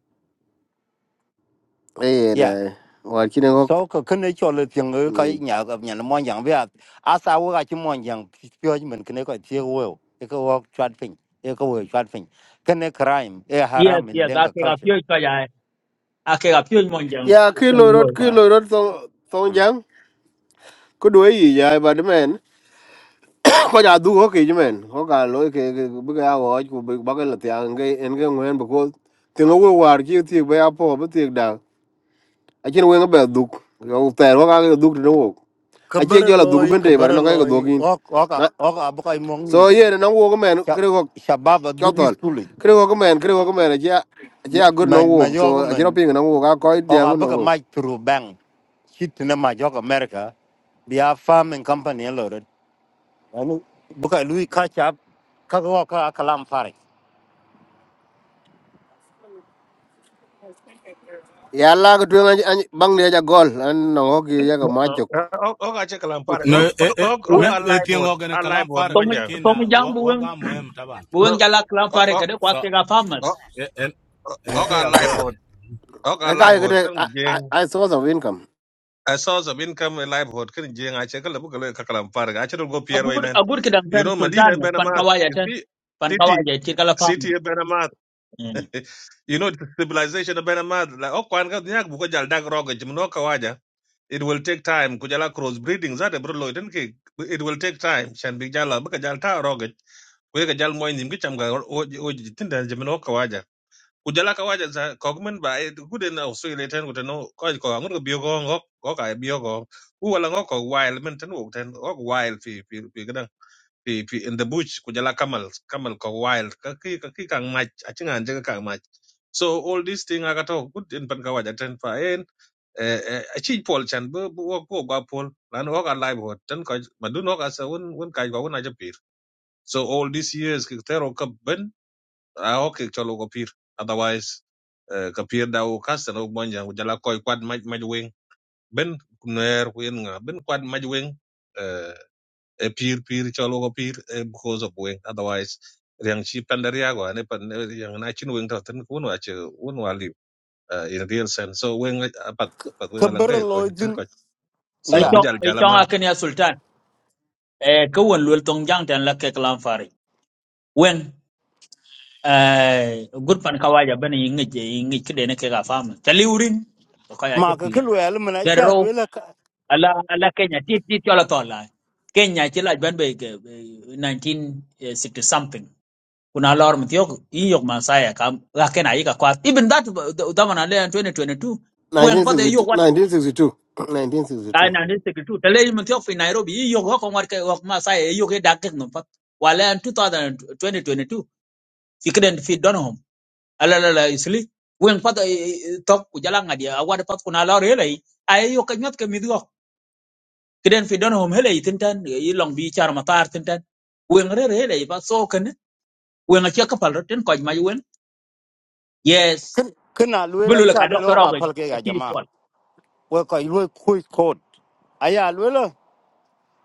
[SPEAKER 9] Eh
[SPEAKER 14] yeah
[SPEAKER 9] da. Wa kine ko.
[SPEAKER 14] so ka kan e chole ting ka nya ga nyan mon yang bia a sa wo ga chi mon yang pyo men kan ko tie we e ka wo chat pin e ka wo chat pin kan e crime e
[SPEAKER 12] yes
[SPEAKER 14] haram in
[SPEAKER 12] yes a
[SPEAKER 14] denga
[SPEAKER 12] ke ga
[SPEAKER 14] culture
[SPEAKER 12] pyo ka ya a ke ga pyo mon
[SPEAKER 9] Ya ki
[SPEAKER 12] ken
[SPEAKER 9] lo rot ki lo rot song song jang. Ko do yi ya ba de ko ja du ho ke jmen ko ga lo ke bu ga wo ku bu ba ga la ta nge en ge ngwen bu ko ti ngo wo war ki ti ba ya po bu ti da a chen wen ba du ko ta ro ga du ti wo a che jo la du
[SPEAKER 14] Kebeloy,
[SPEAKER 9] ben te ba no ga du
[SPEAKER 14] kebeloy,
[SPEAKER 9] kin
[SPEAKER 14] oka oka
[SPEAKER 9] na
[SPEAKER 14] oka abu kali
[SPEAKER 9] so ye
[SPEAKER 14] menginbangi.
[SPEAKER 9] na wo ko men kre ko
[SPEAKER 14] Siababa
[SPEAKER 9] ko
[SPEAKER 14] juga
[SPEAKER 9] tol
[SPEAKER 14] sulit.
[SPEAKER 9] kre ko ko men kre ko ko men a che a che a good no wo
[SPEAKER 14] Maju
[SPEAKER 9] so a che ro ping no wo ga ko de ngo no
[SPEAKER 14] oka
[SPEAKER 9] wo
[SPEAKER 14] maju bang. Ciptine maju Amerika. Biar farming company lalu. Buka louis kaca, kagok oka kalam faring.
[SPEAKER 9] ya la ga tu bang de ja gol an no ho ki ya ga ma chok
[SPEAKER 11] Oga che kalampare.
[SPEAKER 10] No, eh, eh,
[SPEAKER 11] Oga
[SPEAKER 12] wo
[SPEAKER 10] me,
[SPEAKER 11] oga
[SPEAKER 10] me
[SPEAKER 11] live
[SPEAKER 10] tengo que ne
[SPEAKER 11] A
[SPEAKER 10] kalam
[SPEAKER 11] live
[SPEAKER 10] farag,
[SPEAKER 12] tong
[SPEAKER 11] manja.
[SPEAKER 10] lakin
[SPEAKER 12] tong
[SPEAKER 10] na wa
[SPEAKER 12] jang
[SPEAKER 10] wa
[SPEAKER 12] buweng
[SPEAKER 10] ga taban.
[SPEAKER 12] buweng
[SPEAKER 11] No.
[SPEAKER 12] jala klan fare
[SPEAKER 11] Oga
[SPEAKER 12] kada kwa
[SPEAKER 10] So,
[SPEAKER 12] ga farmers
[SPEAKER 10] eh, eh. Enke
[SPEAKER 11] oga
[SPEAKER 10] ya
[SPEAKER 11] live
[SPEAKER 10] go.
[SPEAKER 11] board. Oga live
[SPEAKER 9] ka ga de
[SPEAKER 11] board kan
[SPEAKER 9] i source of income
[SPEAKER 11] a source of income and livelihood kan jeng ache kala bu kala kala farga ache go pier way
[SPEAKER 12] agur
[SPEAKER 11] nan
[SPEAKER 12] agur kidan
[SPEAKER 11] you
[SPEAKER 12] san
[SPEAKER 11] know
[SPEAKER 12] sultan
[SPEAKER 11] Medina,
[SPEAKER 12] pan
[SPEAKER 11] benamat
[SPEAKER 12] kawaya
[SPEAKER 11] you
[SPEAKER 12] tan
[SPEAKER 11] see
[SPEAKER 12] pan
[SPEAKER 11] city
[SPEAKER 12] kawaya ti kala
[SPEAKER 11] city
[SPEAKER 12] farmers
[SPEAKER 11] benamat
[SPEAKER 12] Mm.
[SPEAKER 11] you know the civilization benamat la o kwan ga nyak bu ko jal dag roga jim no kawaja it will take time ku jala cross breeding za de bro lo den ke it will take time shan bi jala bu ka jal ta roga we ka jal moy nim ki cham ga o o jitin da jim no kawaja kujala kawaja za kogmen ba e gude na usu ile ten gude no ko ko ngur bio ngok ko ka bio u wala ngok ko wild men ten wok ten ok wild fi fi fi gadan fi fi in the bush kujala kamal kamal ko wild ka ki ka ki kang mach achinga chinga anje ka kang mach so all this thing aga good in pan kawaja ten fa en eh, eh, a pol chan bu bu wok ko ga pol lan wok a live hot ten ko madun wok asa un un kai ga un aja pir so all these years ki tero ka ben a o ke cholo ko pir otherwise eh, ka pir da o kastel o bonja u jala koy kwad maj maj weng ben kuner ku yen nga ben kwad maj weng eh, e pir pir cholo ko pir eh, because of weng otherwise riang chi pandaria go ne pan yang na chin weng ta ten kun wa che un wa li in real sense so weng eh, apat apat weng alang ke ko
[SPEAKER 14] Kebeloy
[SPEAKER 11] tin
[SPEAKER 14] jin
[SPEAKER 11] ko so
[SPEAKER 12] ai
[SPEAKER 14] ya.
[SPEAKER 12] chong
[SPEAKER 11] abjal
[SPEAKER 12] ai chong
[SPEAKER 11] jala
[SPEAKER 12] akan ya sultan eh kawon lol tong jang tan la ke klan fare wen eh gur pan kawaya bani ngi ngi kide ne ke ga farmers tali urin ko kaya ke pir
[SPEAKER 14] Makelu luar mana
[SPEAKER 12] dero
[SPEAKER 14] cialu luar ke,
[SPEAKER 12] ala ala kenya ti ti tola tola kenya ti la ban be 1960 something kuna lor mtiok iyok masaya kam lakin ayika kwa even that tamana le 2022 wen pade
[SPEAKER 9] 1962
[SPEAKER 12] yok wat
[SPEAKER 9] 1962
[SPEAKER 12] la
[SPEAKER 9] 1962
[SPEAKER 12] na ni sekretu tele mtiok fi nairobi iyok hoko war ke wak masaya iyok e dakek no pat wala en 2022 fikren fi donhom ala la la isli wen pade tok ku jala ngadi awad pat kuna lor hele ay yok e nyot ke midgo kiden fi donhom hele tintan yi long bi char matar tintan wen re hele pa so ken wen a chekapal roten koj ma wen yes
[SPEAKER 14] kenal luar
[SPEAKER 12] bulu la ka
[SPEAKER 14] cialu
[SPEAKER 12] dok
[SPEAKER 14] oka
[SPEAKER 12] rogo a
[SPEAKER 14] pelbagai
[SPEAKER 12] ki
[SPEAKER 14] jema.
[SPEAKER 12] pol
[SPEAKER 14] Waktu itu kuis kote. Ayat luar.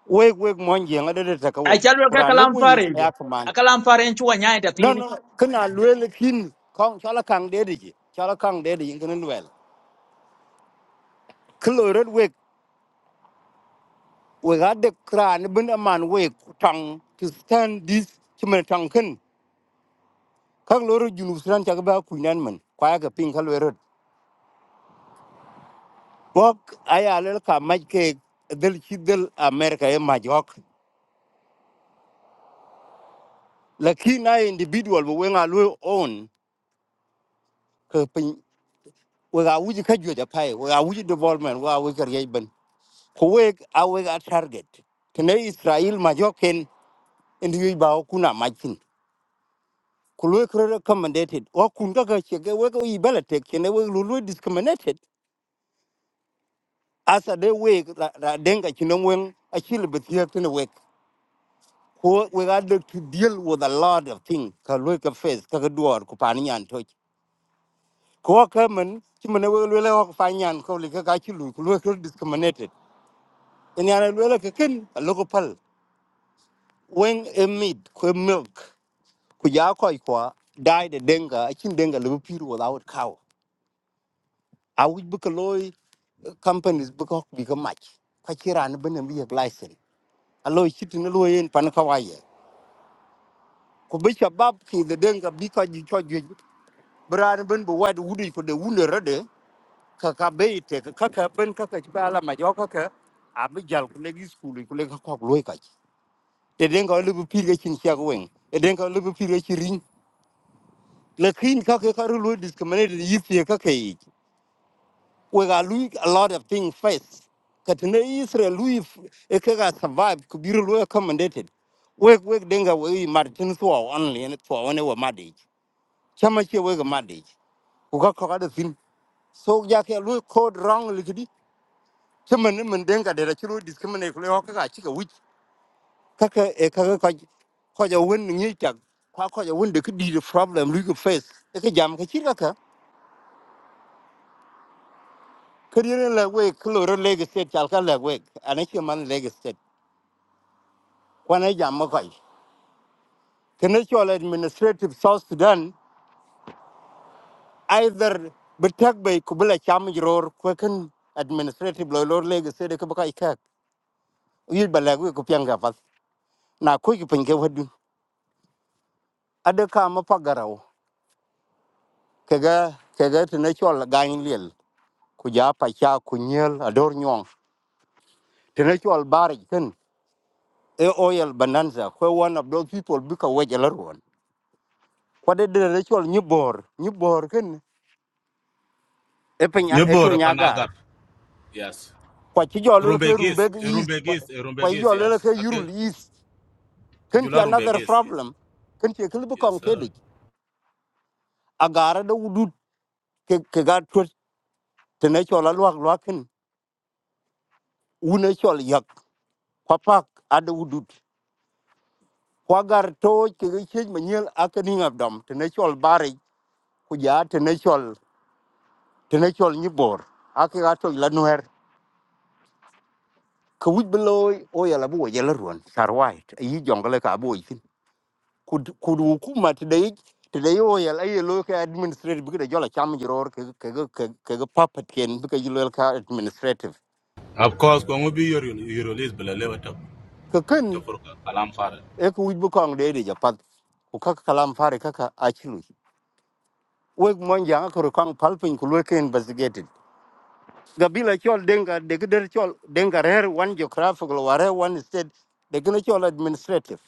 [SPEAKER 14] wek wek mon jeng ada de taka
[SPEAKER 12] a
[SPEAKER 14] wek
[SPEAKER 12] chal wel ka
[SPEAKER 14] kuran lek
[SPEAKER 12] kalam
[SPEAKER 14] we
[SPEAKER 12] fare je
[SPEAKER 14] ya
[SPEAKER 12] a
[SPEAKER 14] kuman
[SPEAKER 12] kalam fare en chuwa nyaay ta
[SPEAKER 14] no
[SPEAKER 12] tini
[SPEAKER 14] no kena lue lekin kong chala kang de de chala kang de de yin kena wel klo red wek we ga de kran bin aman wek tang to stand this chimen tang ken kang lo ru junu sran chaka ba kuinan men k w a y ga ping k l o red bok aya lel ka maj ke del chi del america e majok lakin na individual we nga lue own ke pin we ga wuji ka jwe da pai we ga wuji development we ga we kar yai kuwek awek a target tene israel majoken indi yui ba okuna machin kulwe kre recommended o kun ga ga chege we go ibele tek we lulu discriminated as a de we ra ra denga chinom wen a chile betia tene we ko we got to deal with a lot of things ka lwe ka face ka ga duor ku pani yan toch ko we lwe le ko fanyan ko li ka discriminated en yana lwe a local pal when a meat, que milk. ku ya koi kwa dai da denga akin denga lubu piru without cow a wuj buka loy uh, companies buka hok bika mach kwa kira ni bina biya glycerin a loy chiti na loy yin pan kawaye ku bi shabab ki da denga bika ji cho ji bra ni bin bu wad wudi ku da wuna rade ka ka bai te ka ka ka bin ka ka ci bala ma jo ka ka a bi jal ku legi skuli ku legi kok loy ka ci da denga lubu piru ga chin shag weng da denga lubu piru ga chin ring la kin ka ka ka ru loy discriminated yifi ka ka yi we are lose a lot of things first. Katene Israel Louis Ekega survived could be really accommodated. Wake wake denga we Martin to our only and to our never marriage. Chamachi wake a marriage. Uga Kogada thin. So Yaki Louis called wrong liquidity. Chaman and denga de Rachu discriminate Hoka chicken which Kaka Ekaka Koja win Nichak. Kwakoja win the could be the problem Luke face. Eka Jam Kachiraka. Career like wake, Colorado leg state, Chalka leg wake, and a human leg kwana jamma koy kene chol administrative south sudan either betak bay kubla cham jror kweken administrative lo lor lege sede ke baka ikak yid balagu ko pyanga pas na ko ki penke wadu ada ka ma pagaraw kega kega tene chol gain liel ku ja pa cha ku nyel ador nyong tene chol bari ken e oil bonanza ko one of those people buka wejelar won kwade de ne chol nyibor nyibor ken e penya e to
[SPEAKER 10] Nyebor panagar.
[SPEAKER 14] nyagar
[SPEAKER 10] Yes.
[SPEAKER 14] kwa ci jol wel ke
[SPEAKER 10] Rumbegis,
[SPEAKER 14] rumbek
[SPEAKER 10] eh,
[SPEAKER 14] is
[SPEAKER 10] rumbegis, eh,
[SPEAKER 14] kwa ci
[SPEAKER 10] rumbegis,
[SPEAKER 14] jol wel
[SPEAKER 10] yes.
[SPEAKER 14] ke
[SPEAKER 10] Ake
[SPEAKER 14] yurul is ken ci
[SPEAKER 10] kujula
[SPEAKER 14] another
[SPEAKER 10] rumbegis.
[SPEAKER 14] problem ken ci kelbu
[SPEAKER 10] Yes,
[SPEAKER 14] kong
[SPEAKER 10] sir.
[SPEAKER 14] tedi agara da wudut ke ke ga tut tene chola luak luakin une chol yak kwa pak ada wudut kwa gar to ke ke chej manyel akani ngabdam tene chol bare ku ja tene chol tene chol nyibor ake ga to la nuer ku wit beloy o yala bu yala ruan sarwait yi jongale ka boy kud kud hukuma tidai today yo ya lai lo ka administrative bi da jola cham jiror ke ke ke ke ke puppet ken bi ka jilol ka administrative
[SPEAKER 10] Of course, kwa ngubi your your list bela lewa to
[SPEAKER 14] ka
[SPEAKER 10] to
[SPEAKER 14] kan
[SPEAKER 10] for kalam farag.
[SPEAKER 14] e ku wujbu kong de de japat ku kaka kalam fare kaka achilu weg mon janga ko kong palpin ku lo ken investigated gabila chol denga de gider chol denga rer one geographical ware one state de gina chol administrative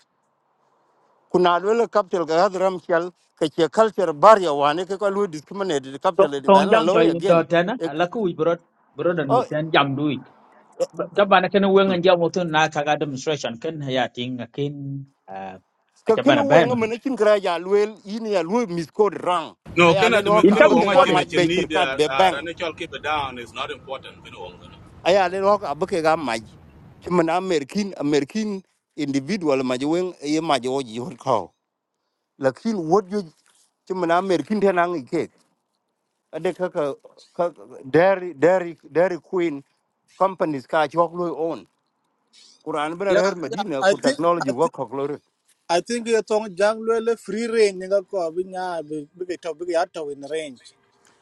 [SPEAKER 14] kuna lo capital ga hadram chal ka che culture barya wane ka ko lo discriminated
[SPEAKER 12] to
[SPEAKER 14] capital de
[SPEAKER 12] tong
[SPEAKER 14] ban la
[SPEAKER 12] jang to
[SPEAKER 14] lo
[SPEAKER 12] in do
[SPEAKER 14] again
[SPEAKER 12] tena ala ku bro bro da no
[SPEAKER 14] o
[SPEAKER 12] ten jam du wi ta bana ken wen ngan jam to na ka ga demonstration ken ya ting ken a
[SPEAKER 14] ka
[SPEAKER 12] ta
[SPEAKER 14] kene
[SPEAKER 12] bana ben
[SPEAKER 14] wenga mene chin kra ya luel yin ya luel mis code rang
[SPEAKER 10] No,
[SPEAKER 14] aya le
[SPEAKER 10] kana
[SPEAKER 14] lo
[SPEAKER 12] in
[SPEAKER 14] ka
[SPEAKER 12] ta
[SPEAKER 10] kana
[SPEAKER 14] be
[SPEAKER 12] mi
[SPEAKER 10] wonga
[SPEAKER 14] ka
[SPEAKER 12] pode
[SPEAKER 10] chene
[SPEAKER 14] maj be
[SPEAKER 10] chene
[SPEAKER 14] shirkat be
[SPEAKER 10] da
[SPEAKER 14] bank
[SPEAKER 10] rane chol keep it down is not important. Kana wonga.
[SPEAKER 14] aya le lo ka be ka maj chimen amerikin amerikin individual maj wen ye maj o ji hot ko lakin what you chimen amerikin tenang ike ade ka ka ka- dairy dairy dairy queen companies ka chok lo own kuran bena
[SPEAKER 13] Yeah,
[SPEAKER 14] her
[SPEAKER 13] yeah.
[SPEAKER 14] medina
[SPEAKER 13] I
[SPEAKER 14] ku
[SPEAKER 13] think
[SPEAKER 14] technology
[SPEAKER 13] I
[SPEAKER 14] work
[SPEAKER 13] think
[SPEAKER 14] ko
[SPEAKER 13] I think you tong jang lele free range nga ko binya big to big out in range.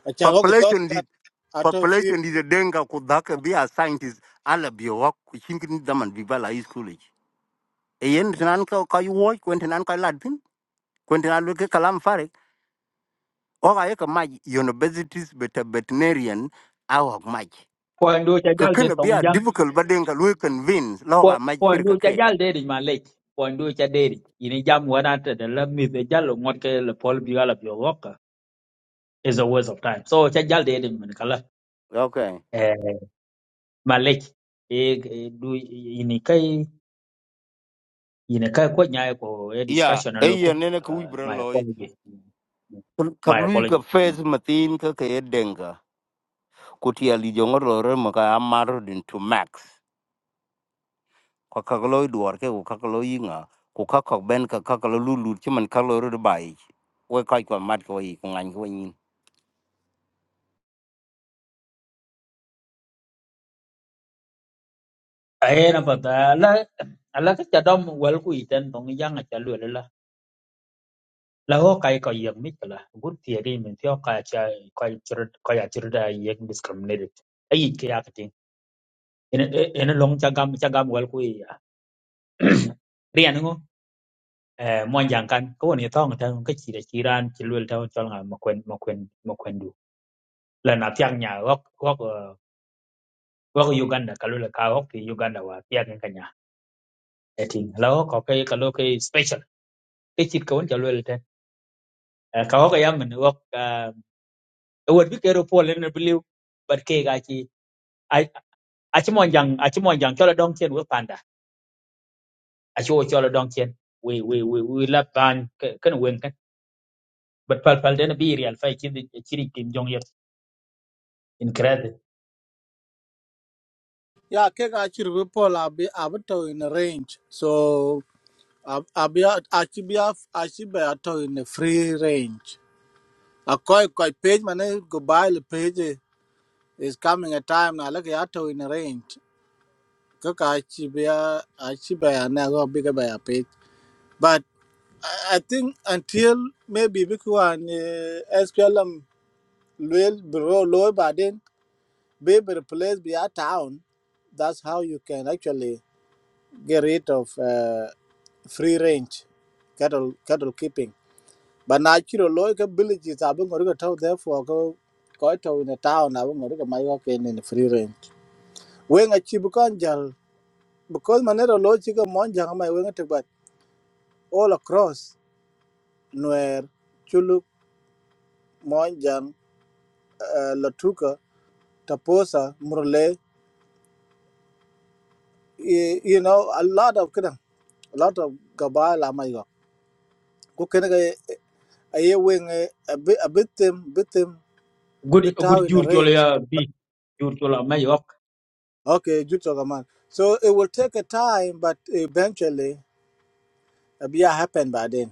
[SPEAKER 13] A chango is also
[SPEAKER 14] population
[SPEAKER 13] that
[SPEAKER 14] did
[SPEAKER 13] out of free.
[SPEAKER 14] population did the denga ku dhaka bi a scientist ala bi wa chinkin daman bi bala high school ich e yen nan ka ka yu wo kwenten nan ka ladin kwenten alu ke kalam farek o ga ye ka yeka maj universities bet veterinarian awak maj
[SPEAKER 12] po ndo cha
[SPEAKER 14] ka
[SPEAKER 12] jal de
[SPEAKER 14] kana bi
[SPEAKER 12] tong
[SPEAKER 14] a
[SPEAKER 12] jang
[SPEAKER 14] difficult but denga lu convince lo
[SPEAKER 12] po
[SPEAKER 14] ga maj
[SPEAKER 12] po ndo
[SPEAKER 14] chirka
[SPEAKER 12] cha
[SPEAKER 14] cake
[SPEAKER 12] jal de di ma le po ndo cha de ini jam wana ta da la mi de jal ngot ke le pol bi ala bi wok eh, is a waste of time so cha jal de di man kala
[SPEAKER 14] okay
[SPEAKER 12] malech e e- du ini kai ini kai ko nyai ko e
[SPEAKER 14] Yeah.
[SPEAKER 12] discussion
[SPEAKER 14] e
[SPEAKER 12] aloku
[SPEAKER 14] yen ne ka wi
[SPEAKER 12] uh,
[SPEAKER 14] bra
[SPEAKER 12] my
[SPEAKER 14] loy
[SPEAKER 12] apology Mm.
[SPEAKER 14] ka
[SPEAKER 12] my
[SPEAKER 14] lu ka
[SPEAKER 12] apology
[SPEAKER 14] face matin ka ke denga ku ti ali jongor lore ma to max ko ka lo duor ke ko ka lo yinga ko ka ko ben ka ka lo lu lu chi man ka lo ru bai we ka ko mat ko yi ko ngan ko yin
[SPEAKER 12] aena pata la ala ka chadom wel ku iten tong yang a chalu la la ho kai ko yeng mi kala gur tie ri men tio ka cha ko chur ko ya chur da yeng discriminated ai ke ya kati ene eh, ene long cha gam cha gam wel ku ya ri an ngo eh mo yang kan ko ni tong ta ko chi da chi ran chi lu ta chol nga mo kwen mo kwen la na tiak nya wak wak uh, wak Uganda kalu la ka wak ki Uganda wa tiak nya kanya eting la wak ko kai kalu kai special ke chit ko won jalu te Eh, ka wak ya men wak ah, e wot bi kero pol ne bliu but ke ga chi a a chi mon jang a chi mon jang chola dong chen wo panda a chi wo chola dong chen we we we we la ban kan wen kan but pal pal den bi real fai chi chi ri kim jong yet in krede
[SPEAKER 13] Yeah, ke ga chir be pol abi abato in range. So ab abi achi be af achi be out in free range. A koi koi page mane go buy the page eh, is coming a time na like ato in a range. Kaka achibia achibia na go bigger by a page. But I I think until maybe because an SPLM will bro low by then be be replaced by a town. That's how you can actually get rid of uh, free range cattle cattle keeping. but now, chiro loy ka villages abin ngori ka tau therefore go go tau in a town abin ngori ka mai ka ken in free range when a chibu kan because manera loy chika monjang mai when a but all across nuer chuluk monjang uh, latuka taposa murle y- you know a lot of kidang a lot of gabala mai ko ken ga aye when a bit a bit them bit them
[SPEAKER 12] good
[SPEAKER 13] bit
[SPEAKER 12] good
[SPEAKER 13] out in a
[SPEAKER 12] jur chola
[SPEAKER 13] range
[SPEAKER 12] ya bi jur chola mai wak
[SPEAKER 13] Okay, good to man. So it will take a time, but eventually it will happen by then.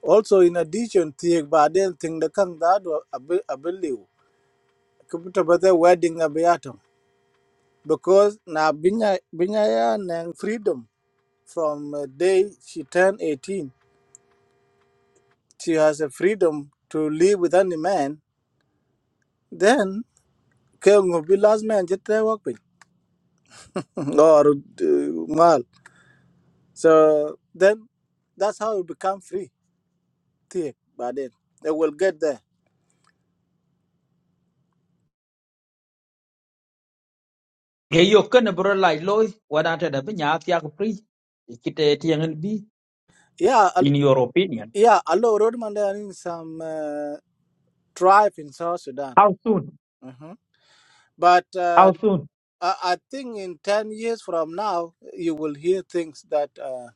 [SPEAKER 13] Also, in addition, think by then thing the kang that I believe. Kubuta bata wedding a beatum because na binya binya ya nang freedom from uh, day she turned 18. She has a freedom to live with any man. Then kung be last man jete wakpin or uh, mal. So then that's how you become free thick, but then they will get there.
[SPEAKER 12] ye yo ken bro like loy wadata da binya tiak pri kite tiangen bi
[SPEAKER 13] Yeah,
[SPEAKER 12] in
[SPEAKER 13] a-
[SPEAKER 12] your opinion
[SPEAKER 13] yeah, a lot of roadman there in some uh, tribe in South Sudan.
[SPEAKER 12] how soon
[SPEAKER 13] Mhm. But
[SPEAKER 12] how
[SPEAKER 13] uh,
[SPEAKER 12] soon
[SPEAKER 13] I, I think in 10 years from now, you will hear things that uh,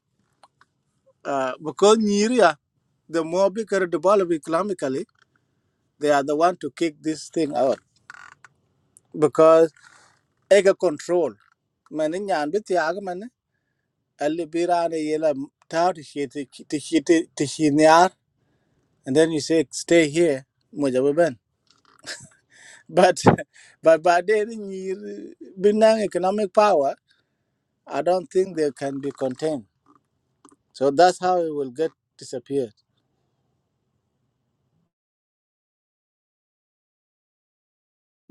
[SPEAKER 13] uh, because Nigeria, the more bigger developed economically, they are the one to kick this thing out because ego control. Mani nyan bi tiag mani ali bi rana yela tau ti shi ti shi ti shi niar and then you say stay here moja But but by then Binang economic power, I don't think they can be contained. So that's how it will get disappeared.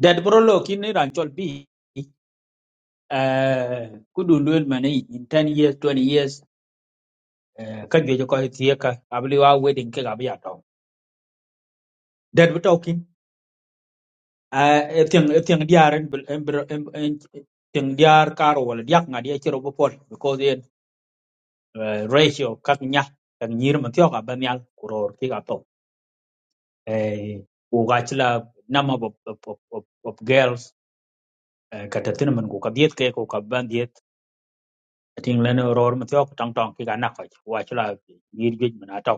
[SPEAKER 12] that bro lo kin ni ran chol bi eh kudu luen mane in ten years twenty years eh ka je ko tie ka abli wa wedding ke ga biya to that we talking eh e tiang e tiang diaren bel tiang diar karo wala diak ngadi e chiro bo pol because the ratio kak nya kan nyir ma tiok abanyal kuror ki eh, wugachila number of, of, of, of, of girls eh, ka tatina man ku ka diet ke ku ka ban diet ting lene ror ma tyo tong tong ki ga na ko wachila yir jej man ato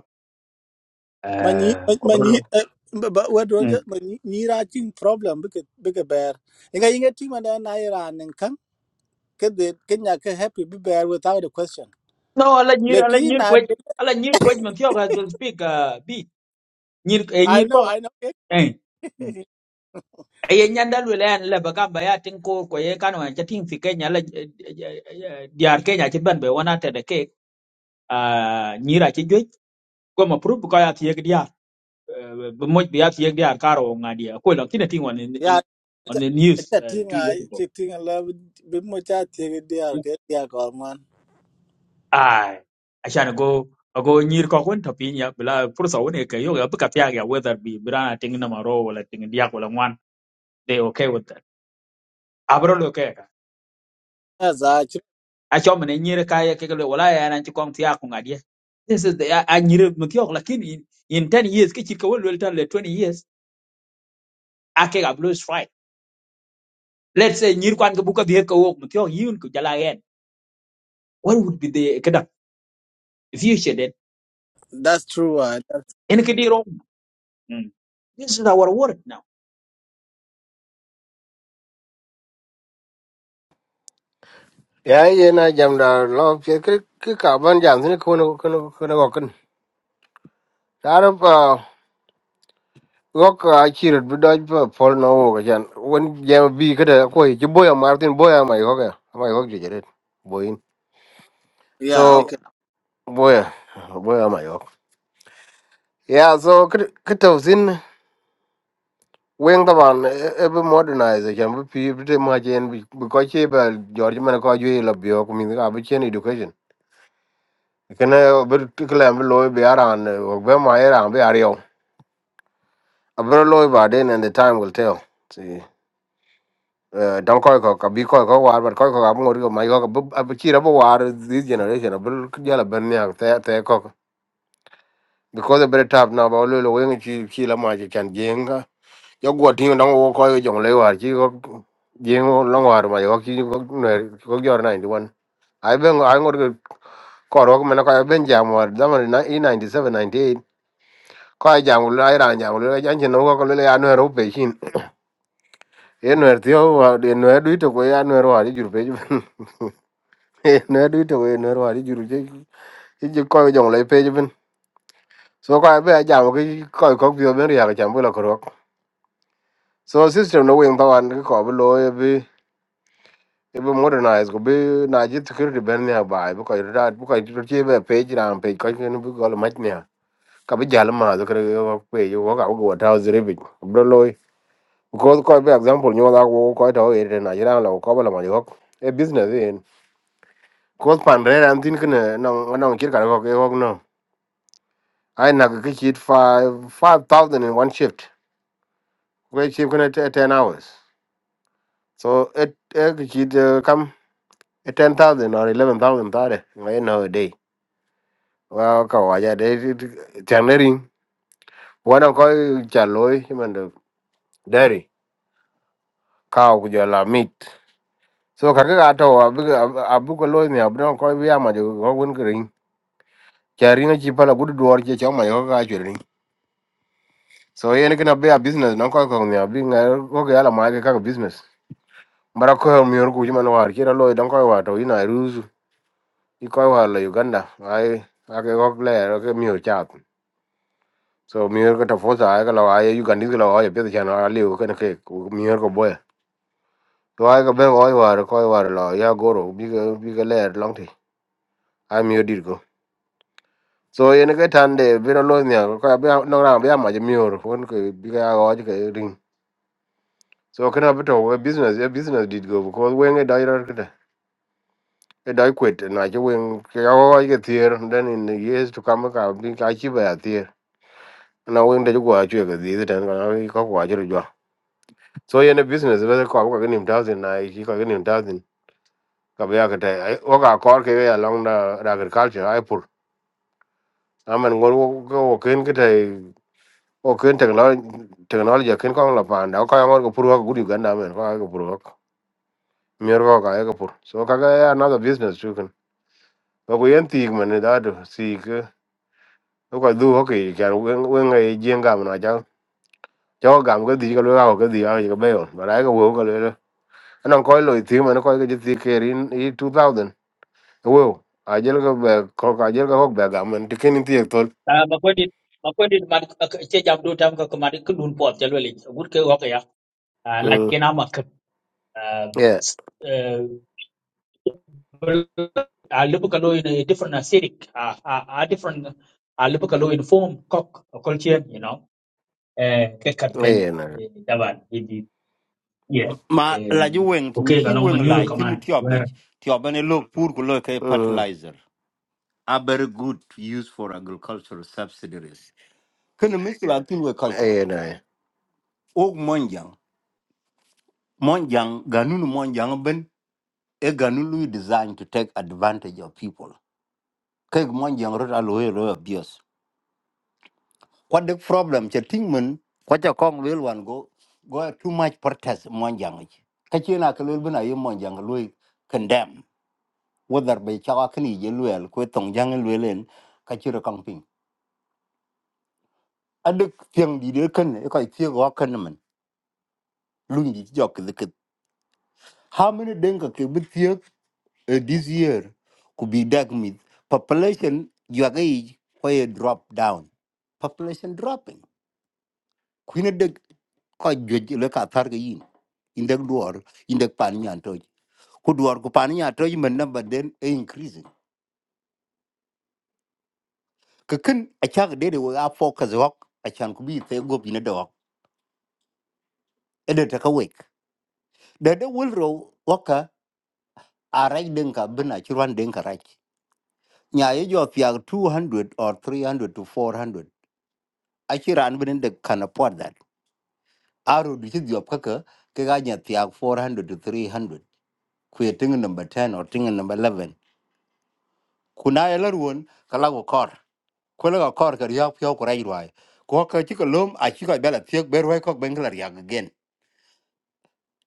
[SPEAKER 13] Many
[SPEAKER 12] eh ko brolo
[SPEAKER 13] many but what do
[SPEAKER 12] mm.
[SPEAKER 13] you writing problem because big bear. Inga inga team and then Iran and Kang get the Kenya can happy be bear without a question.
[SPEAKER 12] no ala nyir ala
[SPEAKER 13] Leki
[SPEAKER 12] nyir ko
[SPEAKER 13] na de-
[SPEAKER 12] ala nyir ko man tyo ga don speak uh, bi nyir eh,
[SPEAKER 13] I
[SPEAKER 12] nyir ko
[SPEAKER 13] know I know
[SPEAKER 12] eh Mm. ay nyanda lwe len le baga ba ya tin ko ko ye kanwa cha ting fi kenya la eh, eh, eh, diar kenya ci ban be wona te de ke ah, nyira ci joj ko ma prup ko ya ti bi moj bi yak yek diar karo ngadi ko la kina ting on
[SPEAKER 13] yeah
[SPEAKER 12] in- on the
[SPEAKER 13] it's
[SPEAKER 12] news
[SPEAKER 13] a
[SPEAKER 12] uh,
[SPEAKER 13] thing
[SPEAKER 12] two years
[SPEAKER 13] I
[SPEAKER 12] ago
[SPEAKER 13] it's a thing I love bit much I think they are get yeah come on.
[SPEAKER 12] ai ashan go ago nyir ko kon to pinya bla pursa woni ke yo ga buka pya ga whether be brana ting na maro wala ting diak wala ngwan they okay with that abro lo ke ka
[SPEAKER 13] That's actually
[SPEAKER 12] a cho mene nyir ka ye ke lo wala ya nan ti kon tiak ngadi this is the a a nyir mutiok lakini in in ten years ke chika wol wel tan le twenty years ake ga blue strike let's say nyir kwan ke buka bi ke wok mutiok yun ku jala yen what would be the future that
[SPEAKER 13] that's true. Uh, that's,
[SPEAKER 12] en ke diro Mm. this is our world now
[SPEAKER 9] ya ye na jam da lo che ke ke ka ban jam ne ko no ko no ko no ko ta ro pa go ka chi ro bu do pa pol no wo ga jan won jam bi ke da ko ji boya martin boya mai ho ga mai ho ji jere boyin
[SPEAKER 13] yeah, okay.
[SPEAKER 9] so boya boya mai ho ya so ke ke to sin wen da ban e bu modernize jam bu pi bu te ma jen bu ko che ba george man ko ju la bi ho ko min ga bu chen education kene bir tikilem bi loy bi aran wok be ma era bi ario abro loy ba den and the time will tell see uh, don koy ko ka bi koy ko war but koy ko ab ngor ko mai ko ab chira bo war this generation abro jala ben ya te te ko because the better tap now ba lo lo wen chi chi la ma chi chan jenga yo go tin don wo koy jong le war chi ko jengo long war ma yo chi ko ne ko gyor 91 ai ben ai ngor ko korok mena ko ben jam war zaman na 97 ko jam lu ai ran jam lu ai jan chen no ko lu ya no ro pe shin e no er tio de no du to ko ya no ro ari jur pe ben e no du to ko no ro ari jur je e je ko jong le pe ben so ko be jam ko ko ko bi ben ya jam bu la ko so system no wing tawan ko bu lo e bi e bu modernize ko bi na ji security ben ya ba bu ko ra bu ko ti be pe ran pe ko ni bu ko ma ni ka bi jal ma zo ko pe yo ko ga go ta zire bi bu lo because ko be example nyo da ko ko to e na jira la ko bala ma yo e business in ko pan re ran tin kne no no kir ka ko ke ko no ai na ke chit 5 5000 in one shift ko chit kne 10 hours so it e ke chit eh, kam eh, 10000 or 11000 tare ngai no a day wa ka wa ja de chanering wana ko cha loy man de dairy cow ku ja la meat so ka ke ga to abu abu ko loy ni abu no ko bi ama jo ko gun chari na chi pala gudu duwar che chong mai ko ka chiri so yen kina be a business non ko ko mi abi nga ko ga la ma ga ka business bara ko mi ru ku man war kira lo don ko wa to ina ruzu i ko wa la uganda ai a ke ko le ke mi cha so mi yor ko ta fosa ai ka la ai uganda ki la ai pe cha na ali ko ne ke ku mi yor ko boy to ai ka be ko wa ko wa la ya goro bi ga bi ga le long ti ai mi yor dir ko so yen ke tan de bi lo nya ko be no ra be ma je mi ru ko ke bi ga ga So kana bito a business a business did go because when a director a die quit and I when I get here and then in the years to come okay, I think I keep a here. Na when the go achu ga di da na ko ko achu jo. So yeah, in a business ba ko ko ni thousand na ki ko ni thousand ka ba ka tai o ga kor ke ya long da agriculture ai pur. Amen go go ken ke tai o ken technology technology ken ko la pa na ko ya mor ko pur ko gudi ga na men ko ga pur ko. Mier ko ka ga pur. So ka ga another business too ba ku yen ti man da do si ke ko ka du ho ke kan wen wen ngai jien gam na cha cho gam ke di ka gì ga ke di a ke be cái ba ra ka wo ka le anan ko lo ti cái ko ke ti ke rin i 2000 wo a jel ka be ko ka jel cái ho be gam man ti ken ti to
[SPEAKER 12] Ah, Makwendit, Makwendit, man, ce jam do tam ka kamari ka dun pot jalo le. Gut ke waka ya. Ah, like
[SPEAKER 9] mm
[SPEAKER 12] kena mak. Ah,
[SPEAKER 9] yeah
[SPEAKER 12] s- eh, ah, lebu ka lo in a different aesthetic. Ah, ah, ah, different. Ah, lebu ka lo in form, cock, a culture, you know. Eh, ke kat ken.
[SPEAKER 9] eh na
[SPEAKER 12] eh, Daban, ibi, yeah.
[SPEAKER 14] ma la ju
[SPEAKER 12] Eh,
[SPEAKER 14] wen tin
[SPEAKER 12] Okay,
[SPEAKER 14] chi
[SPEAKER 12] kalong
[SPEAKER 14] wen
[SPEAKER 12] manure
[SPEAKER 14] la chi ni tyo be
[SPEAKER 12] kaman.
[SPEAKER 14] tyo be ne lo pur ko lo ke
[SPEAKER 9] mm
[SPEAKER 14] fertilizer a very good to use for agricultural subsidies kana mi sura tin we ka ko
[SPEAKER 9] eh
[SPEAKER 14] o monjang monjang ganun monjang ben e ganun lu design to take advantage of people ke monjang ro alo ro abuse What the problem che tingmen kwa cha kong lwel wan go go too much protest mon jang ich. Ka chi na klul bina yim mon jang lui condemn whether be cha ka ni je lwel ko tong jang lwelen ka chi ro kang ping. Adik tiang di de kan e ka ti go kan men lung di jok de ket. How many denga ke bi tiek eh, this year could be dag with population you are age why drop down population dropping kwina dek ko jwej le ka tar ga yin indek duor indek pan nyan toj ku duor ku pan nyan toj men na baden e increasing ka kin a chak de de wa focus wak a chan ku bi te gobi na dawak e de ta ka wek de de wil ro waka a rai den ka bin a chirwan den ka rai nya ye jo fiag 200 or 300 to 400 a chiran bin de kana pot that aro di chi diop ka ka ke ga nya fiag 400 to 300 ku ye tinga number 10 or tinga number 11 kuna ya larwon kala go kor kwela go kor ka riak pyo ko rai rwai ko ka chi ko lom a chi ko bela thiek ber wai ko bengla riak again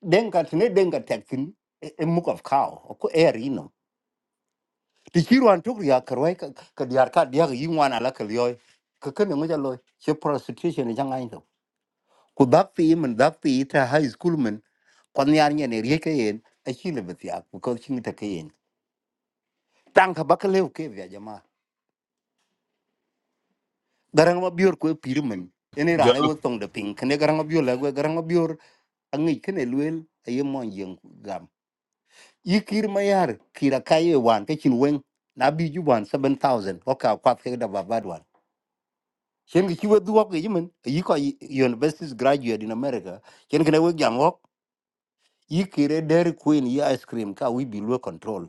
[SPEAKER 14] den ka tne den ka tek tin e e muk of cow ko air ino ti chi rwan tok riak ka rwai ka k diar ka diak yi w a n ala ka lyoy ka ka ne ngoja loy che prostitution e jangai to ku dak pi men dak pi ta high school men kon yar nyane riek e yen a chi le betiak ko chi n g t a ka yen tang ka bakalew ke ya jama garang ma bior ko pirmen ene rane
[SPEAKER 10] Jolo.
[SPEAKER 14] wo tong de ping kene garang ma bior la gwe garang ma bior angi kene luel aye mon yeng gam yikir mayar kira kaye wan ke chin wen na bi ju wan 7000 ko ka kwat ke da babad wan chen ki wo duok ge yimen yi ko university graduate in america chen kene wo jam wok yikire dairy queen yi ice cream ka we below control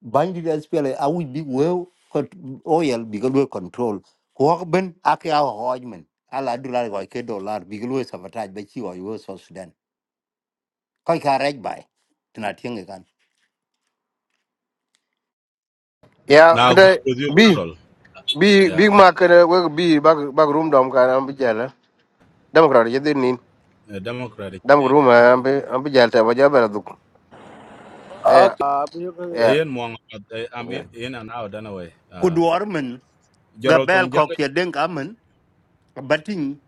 [SPEAKER 14] bandi da SPLA a wuj bi wew ko oyel bi galwe control ko ko ben ak ya hoj men ala dollar ko ke dollar bi galwe sabotage be ci wo yo so sudan ko ka rej bay tina tienge kan
[SPEAKER 9] yeah,
[SPEAKER 10] Now,
[SPEAKER 9] cái
[SPEAKER 10] agree
[SPEAKER 9] đấy
[SPEAKER 10] with you,
[SPEAKER 9] bi
[SPEAKER 10] Carol.
[SPEAKER 9] bi
[SPEAKER 10] Yeah,
[SPEAKER 9] big
[SPEAKER 10] uh,
[SPEAKER 9] mark kada we bi bag bag room đom cái anh kana am bi jala dam kra je din nin
[SPEAKER 10] uh, Democrat.
[SPEAKER 9] dam room mà anh bây anh bi am bi jala ta ba jaba duk yeah
[SPEAKER 13] Okay. Uh,
[SPEAKER 9] yeah
[SPEAKER 10] Ian Mwang, uh, I'm in, in and out anyway.
[SPEAKER 14] ku
[SPEAKER 10] Uh,
[SPEAKER 14] duwar men ga
[SPEAKER 10] Gerald
[SPEAKER 14] bel
[SPEAKER 10] Tongjang,
[SPEAKER 14] ko ke den ka men batin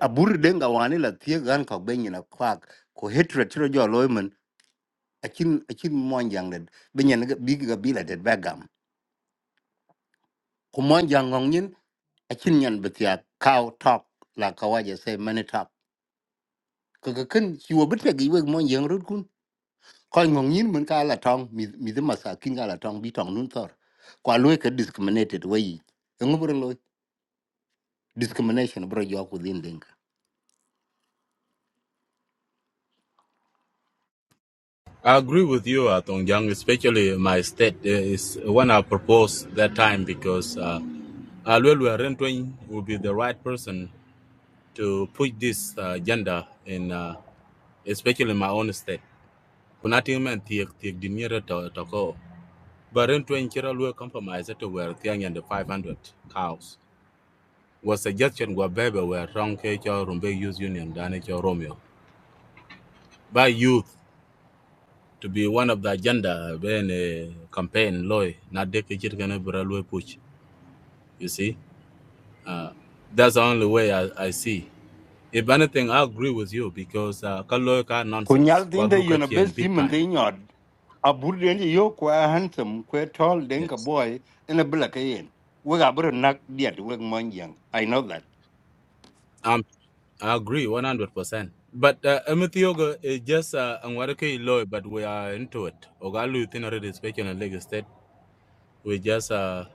[SPEAKER 14] abur den ga wani la tie gan ko ben na kwak ko hatred tro jo loy men akin akin mon jang den be nyen ga bi ga bi la det ba gam ku mon jang ngong nyin akin nyen betia cow talk la kawaje say many talk ka ka ken chi wo bit ka gi we mon yeng rut kun ko ngong yin mun ka la tong mi mi de masakin ka la tong bi tong nun tor kwa lo ka discriminated we yi ngu bro lo discrimination bro yo ku din ding
[SPEAKER 10] I agree with you, uh, Tongjang, especially my state uh, is when I proposed that time because uh, Alwelu Arentwing will be the right person to push this uh, agenda in, uh, especially in my own state. Kunating men tiek tiek dinero to toko. But Arentwing Chira Lue compromise to where Tiang and the 500 cows. Was suggestion were baby were wrong ke cho Youth Union, Dane cho Romeo. By youth to be one of the agenda when a campaign loy not de kichir going push you see uh, that's the only way I, I see if anything I agree with you because kaloika uh, ka
[SPEAKER 14] ku nyal
[SPEAKER 10] nonsense
[SPEAKER 14] din
[SPEAKER 10] kwa
[SPEAKER 14] de
[SPEAKER 10] du
[SPEAKER 14] yo
[SPEAKER 10] ka
[SPEAKER 14] na
[SPEAKER 10] chien
[SPEAKER 14] best sim
[SPEAKER 10] big
[SPEAKER 14] mun
[SPEAKER 10] time
[SPEAKER 14] de nyod a bur den yo kwa handsome kwa tall den ka
[SPEAKER 10] yes
[SPEAKER 14] boy in a black yen we ga bro nak diet we mon yeng i know that
[SPEAKER 10] um I agree 100%. But Amithioga uh, is just angwareke uh, Anwarake but we are into it. Ogalu Thin already speaking in Lagos State. We just, uh,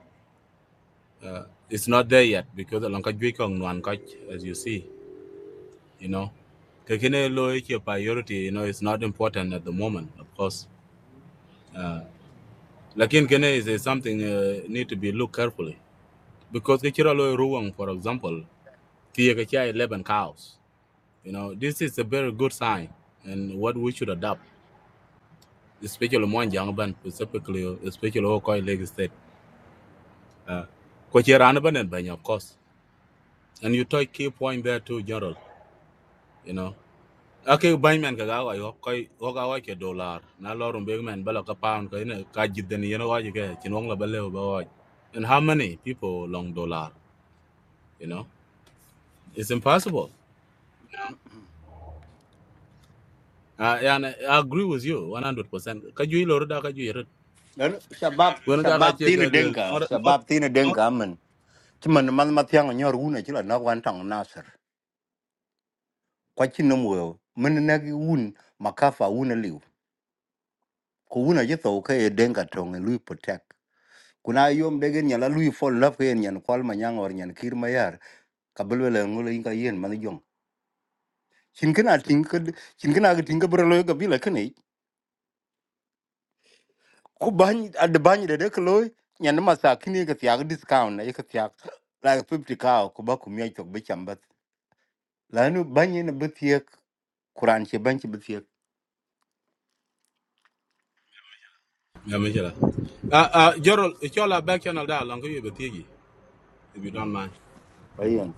[SPEAKER 10] uh, it's not there yet because Alankajwika Nwankaj, as you see. you know kakene lo yake priority you know it's not important at the moment of course uh, lakin kene is, is something uh, need to be looked carefully because kachira lo ruang, for example tiye kachia 11 cows you know this is a very good sign and what we should adopt especially mon jangban specifically especially okoi lake state uh, kachira and banya of course and you touch key point there too general you know ake bany men ka ga wa yo koy wo ke dollar na lo rum big men bala ka pound ka ne ka jid den yen wa ji ke chin la bale ba and how many people long dollar you know it's impossible uh, and i agree with you 100% ka ju lo da ka ju yer
[SPEAKER 14] dan shabab
[SPEAKER 10] ga ga
[SPEAKER 14] shabab
[SPEAKER 10] che
[SPEAKER 14] tin
[SPEAKER 10] ke lwel
[SPEAKER 14] denka
[SPEAKER 10] lor lor
[SPEAKER 14] shabab tin denka man Chứ mình mà mà theo người nhau rú này chứ là nó quan trọng nó sợ. kwa chi no mo men na gi un makafa un liu ku un a jeto ke e denga tong lui protect kuna yom de gen yala lui fall love ke nyan kwal ma nyang or nyan kir ma yar ka bulwele ngul inga yen man jong chin kana tin ka chin kana ga tin ka bro lo ga bila kane ku ban ad ban de de klo nyan ma sa kini ka tiag discount na ye ka tiag like 50 ka ku ba ku mi tok be chambat lanu ban yen be tiek kuran che ban che be
[SPEAKER 10] ya me jela ah ah jorol chola back channel da long ko yebe if you don't mind
[SPEAKER 14] tiek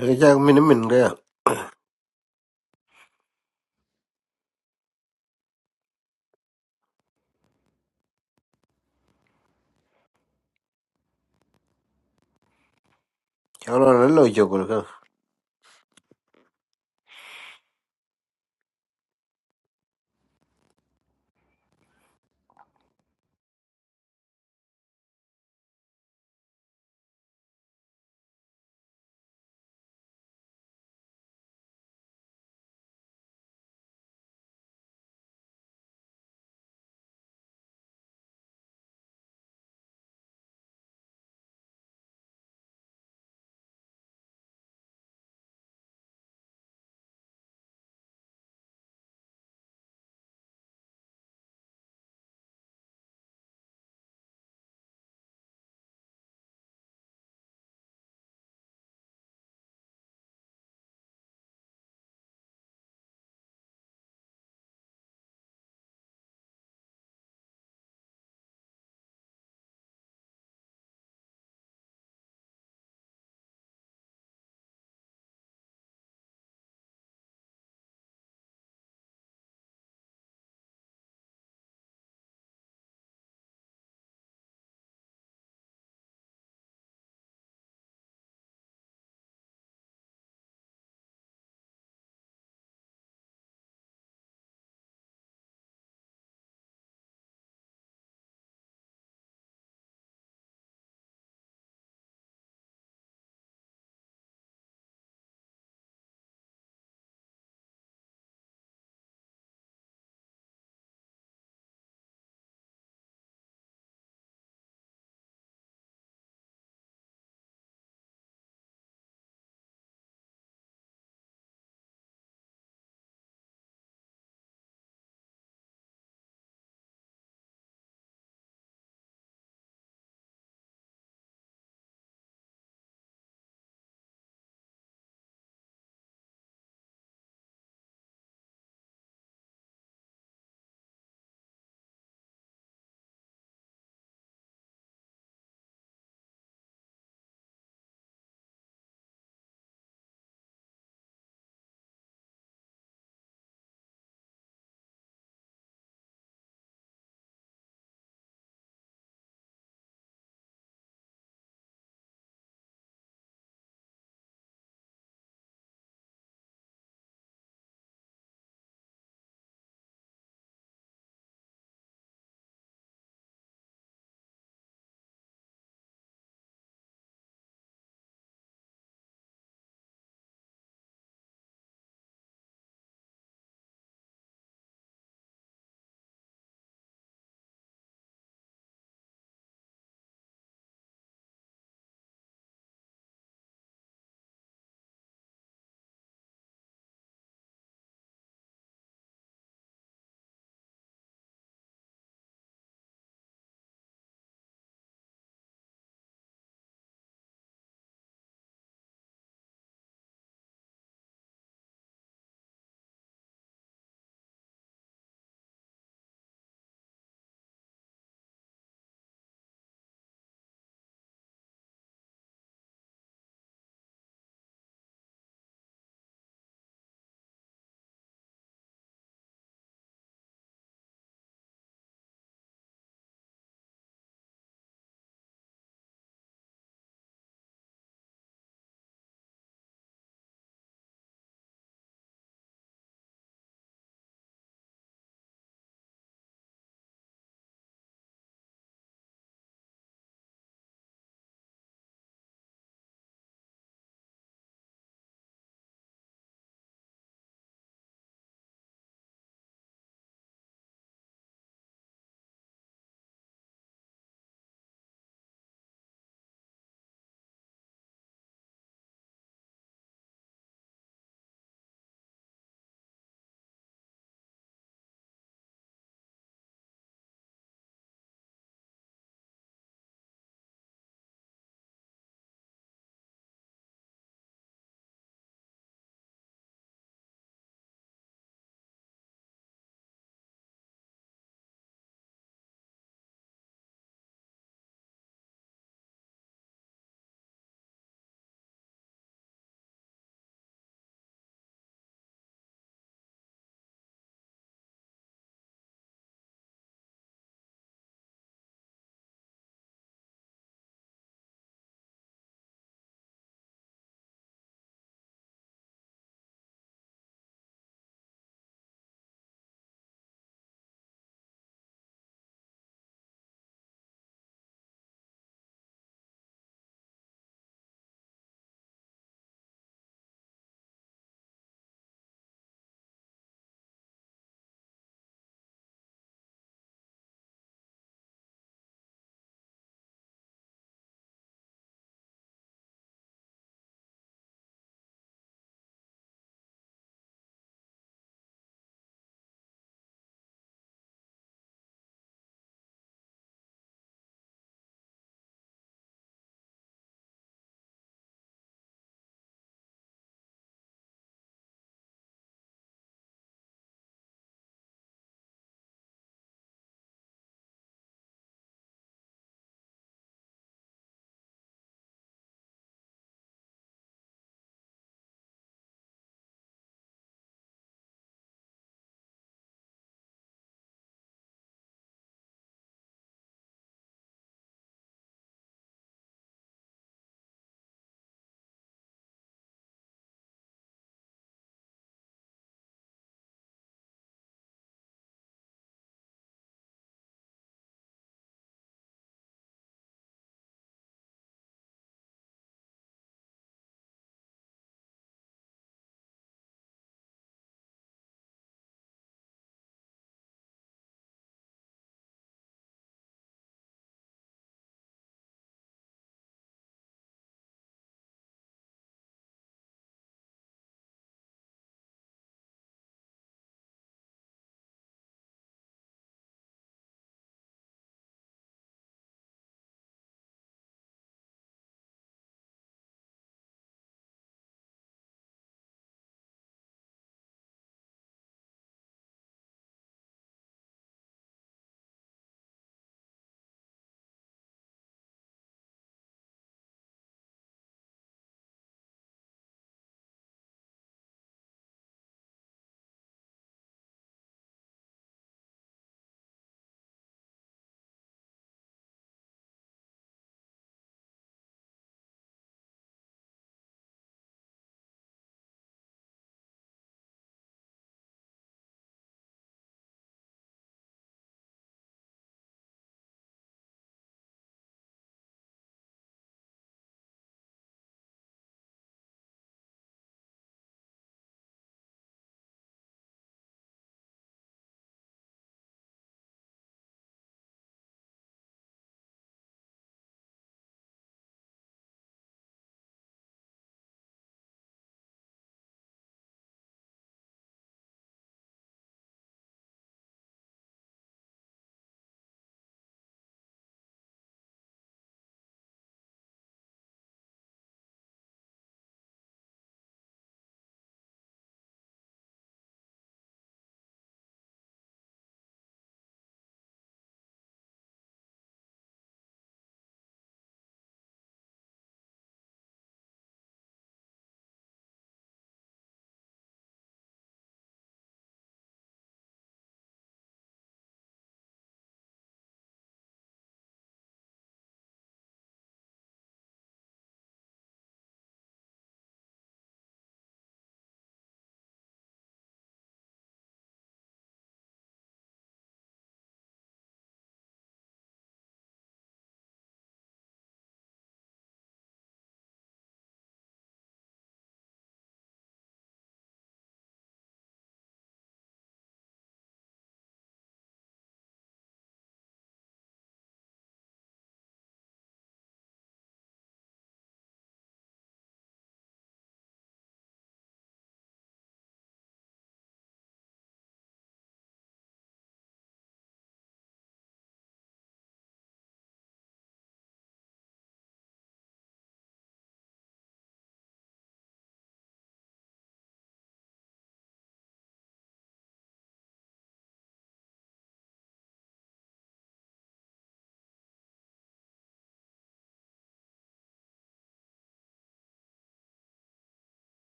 [SPEAKER 9] Cái cha mình mình cái, cháu nó nó lo cho con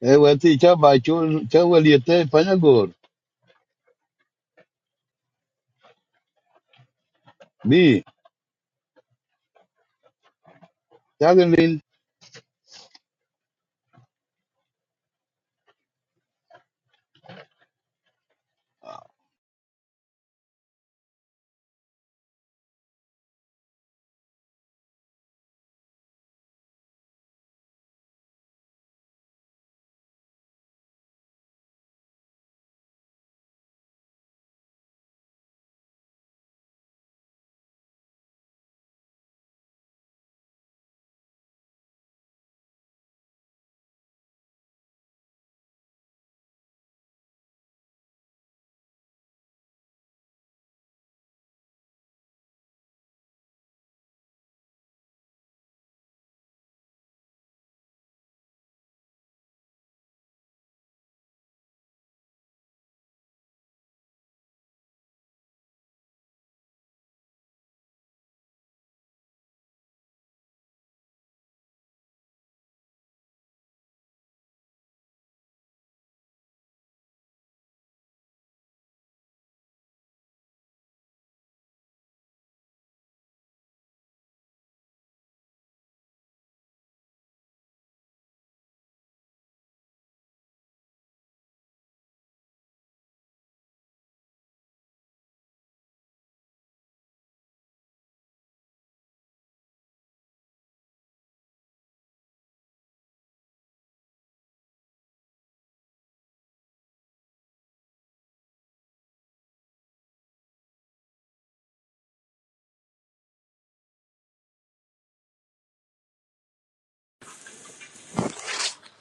[SPEAKER 5] E wati chaba chul chawalie te panyagor. Bi chagin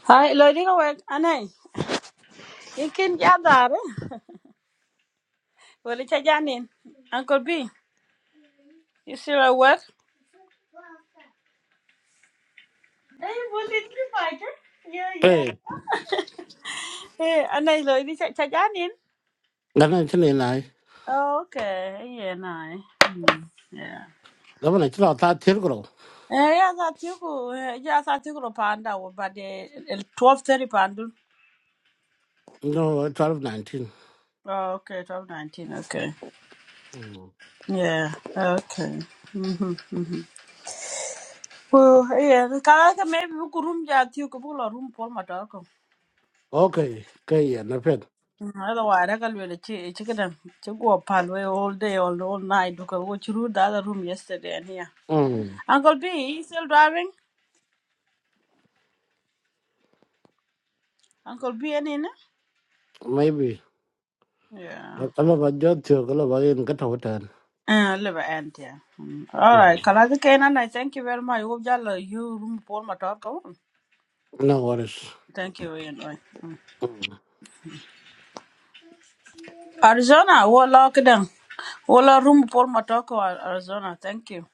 [SPEAKER 1] Hi, lo di ko wet anay. You can gather. Well, it's a Janin. Uncle B, you still at work? Yeah, yeah.
[SPEAKER 3] ê
[SPEAKER 1] Yeah, anh này lời đi chạy chạy giá nín.
[SPEAKER 3] lần này cái này này
[SPEAKER 1] Okay, yeah, này. Mm, yeah.
[SPEAKER 3] lần này cái nào ta thiếu cái nào
[SPEAKER 1] Eh, ya sa tiku, ya sa tiku lo panda wo but eh, el 12:30 pandu.
[SPEAKER 3] no twelve nineteen
[SPEAKER 1] Oh, okay, 12:19. Okay.
[SPEAKER 3] Mm.
[SPEAKER 1] Yeah. Okay. Mhm. Mhm. Well, yeah, kala ka maybe ku room ja tiku bu lo room pol ma
[SPEAKER 3] okay cái gì à, nó phết
[SPEAKER 1] Mm, Otherwise, I can really chi chicken to go up all way all day all all night because we through the other room yesterday and here.
[SPEAKER 3] um
[SPEAKER 1] Uncle B you still driving? Uncle B and in?
[SPEAKER 3] maybe
[SPEAKER 1] Yeah.
[SPEAKER 3] cái là bao nhiêu thiếu cái là bao nhiêu cái thầu trần
[SPEAKER 1] Uh, live and yeah. Mm. All right.
[SPEAKER 3] um
[SPEAKER 1] Kalazi Kenan, I thank you very much. Hope y'all uh, you room for my talk. Come on.
[SPEAKER 3] no worries
[SPEAKER 1] Thank you. Ian. Right. Mm.
[SPEAKER 3] Ừ.
[SPEAKER 1] Arizona, we'll lock it down. We'll room for my talk. uh, Arizona. Thank you.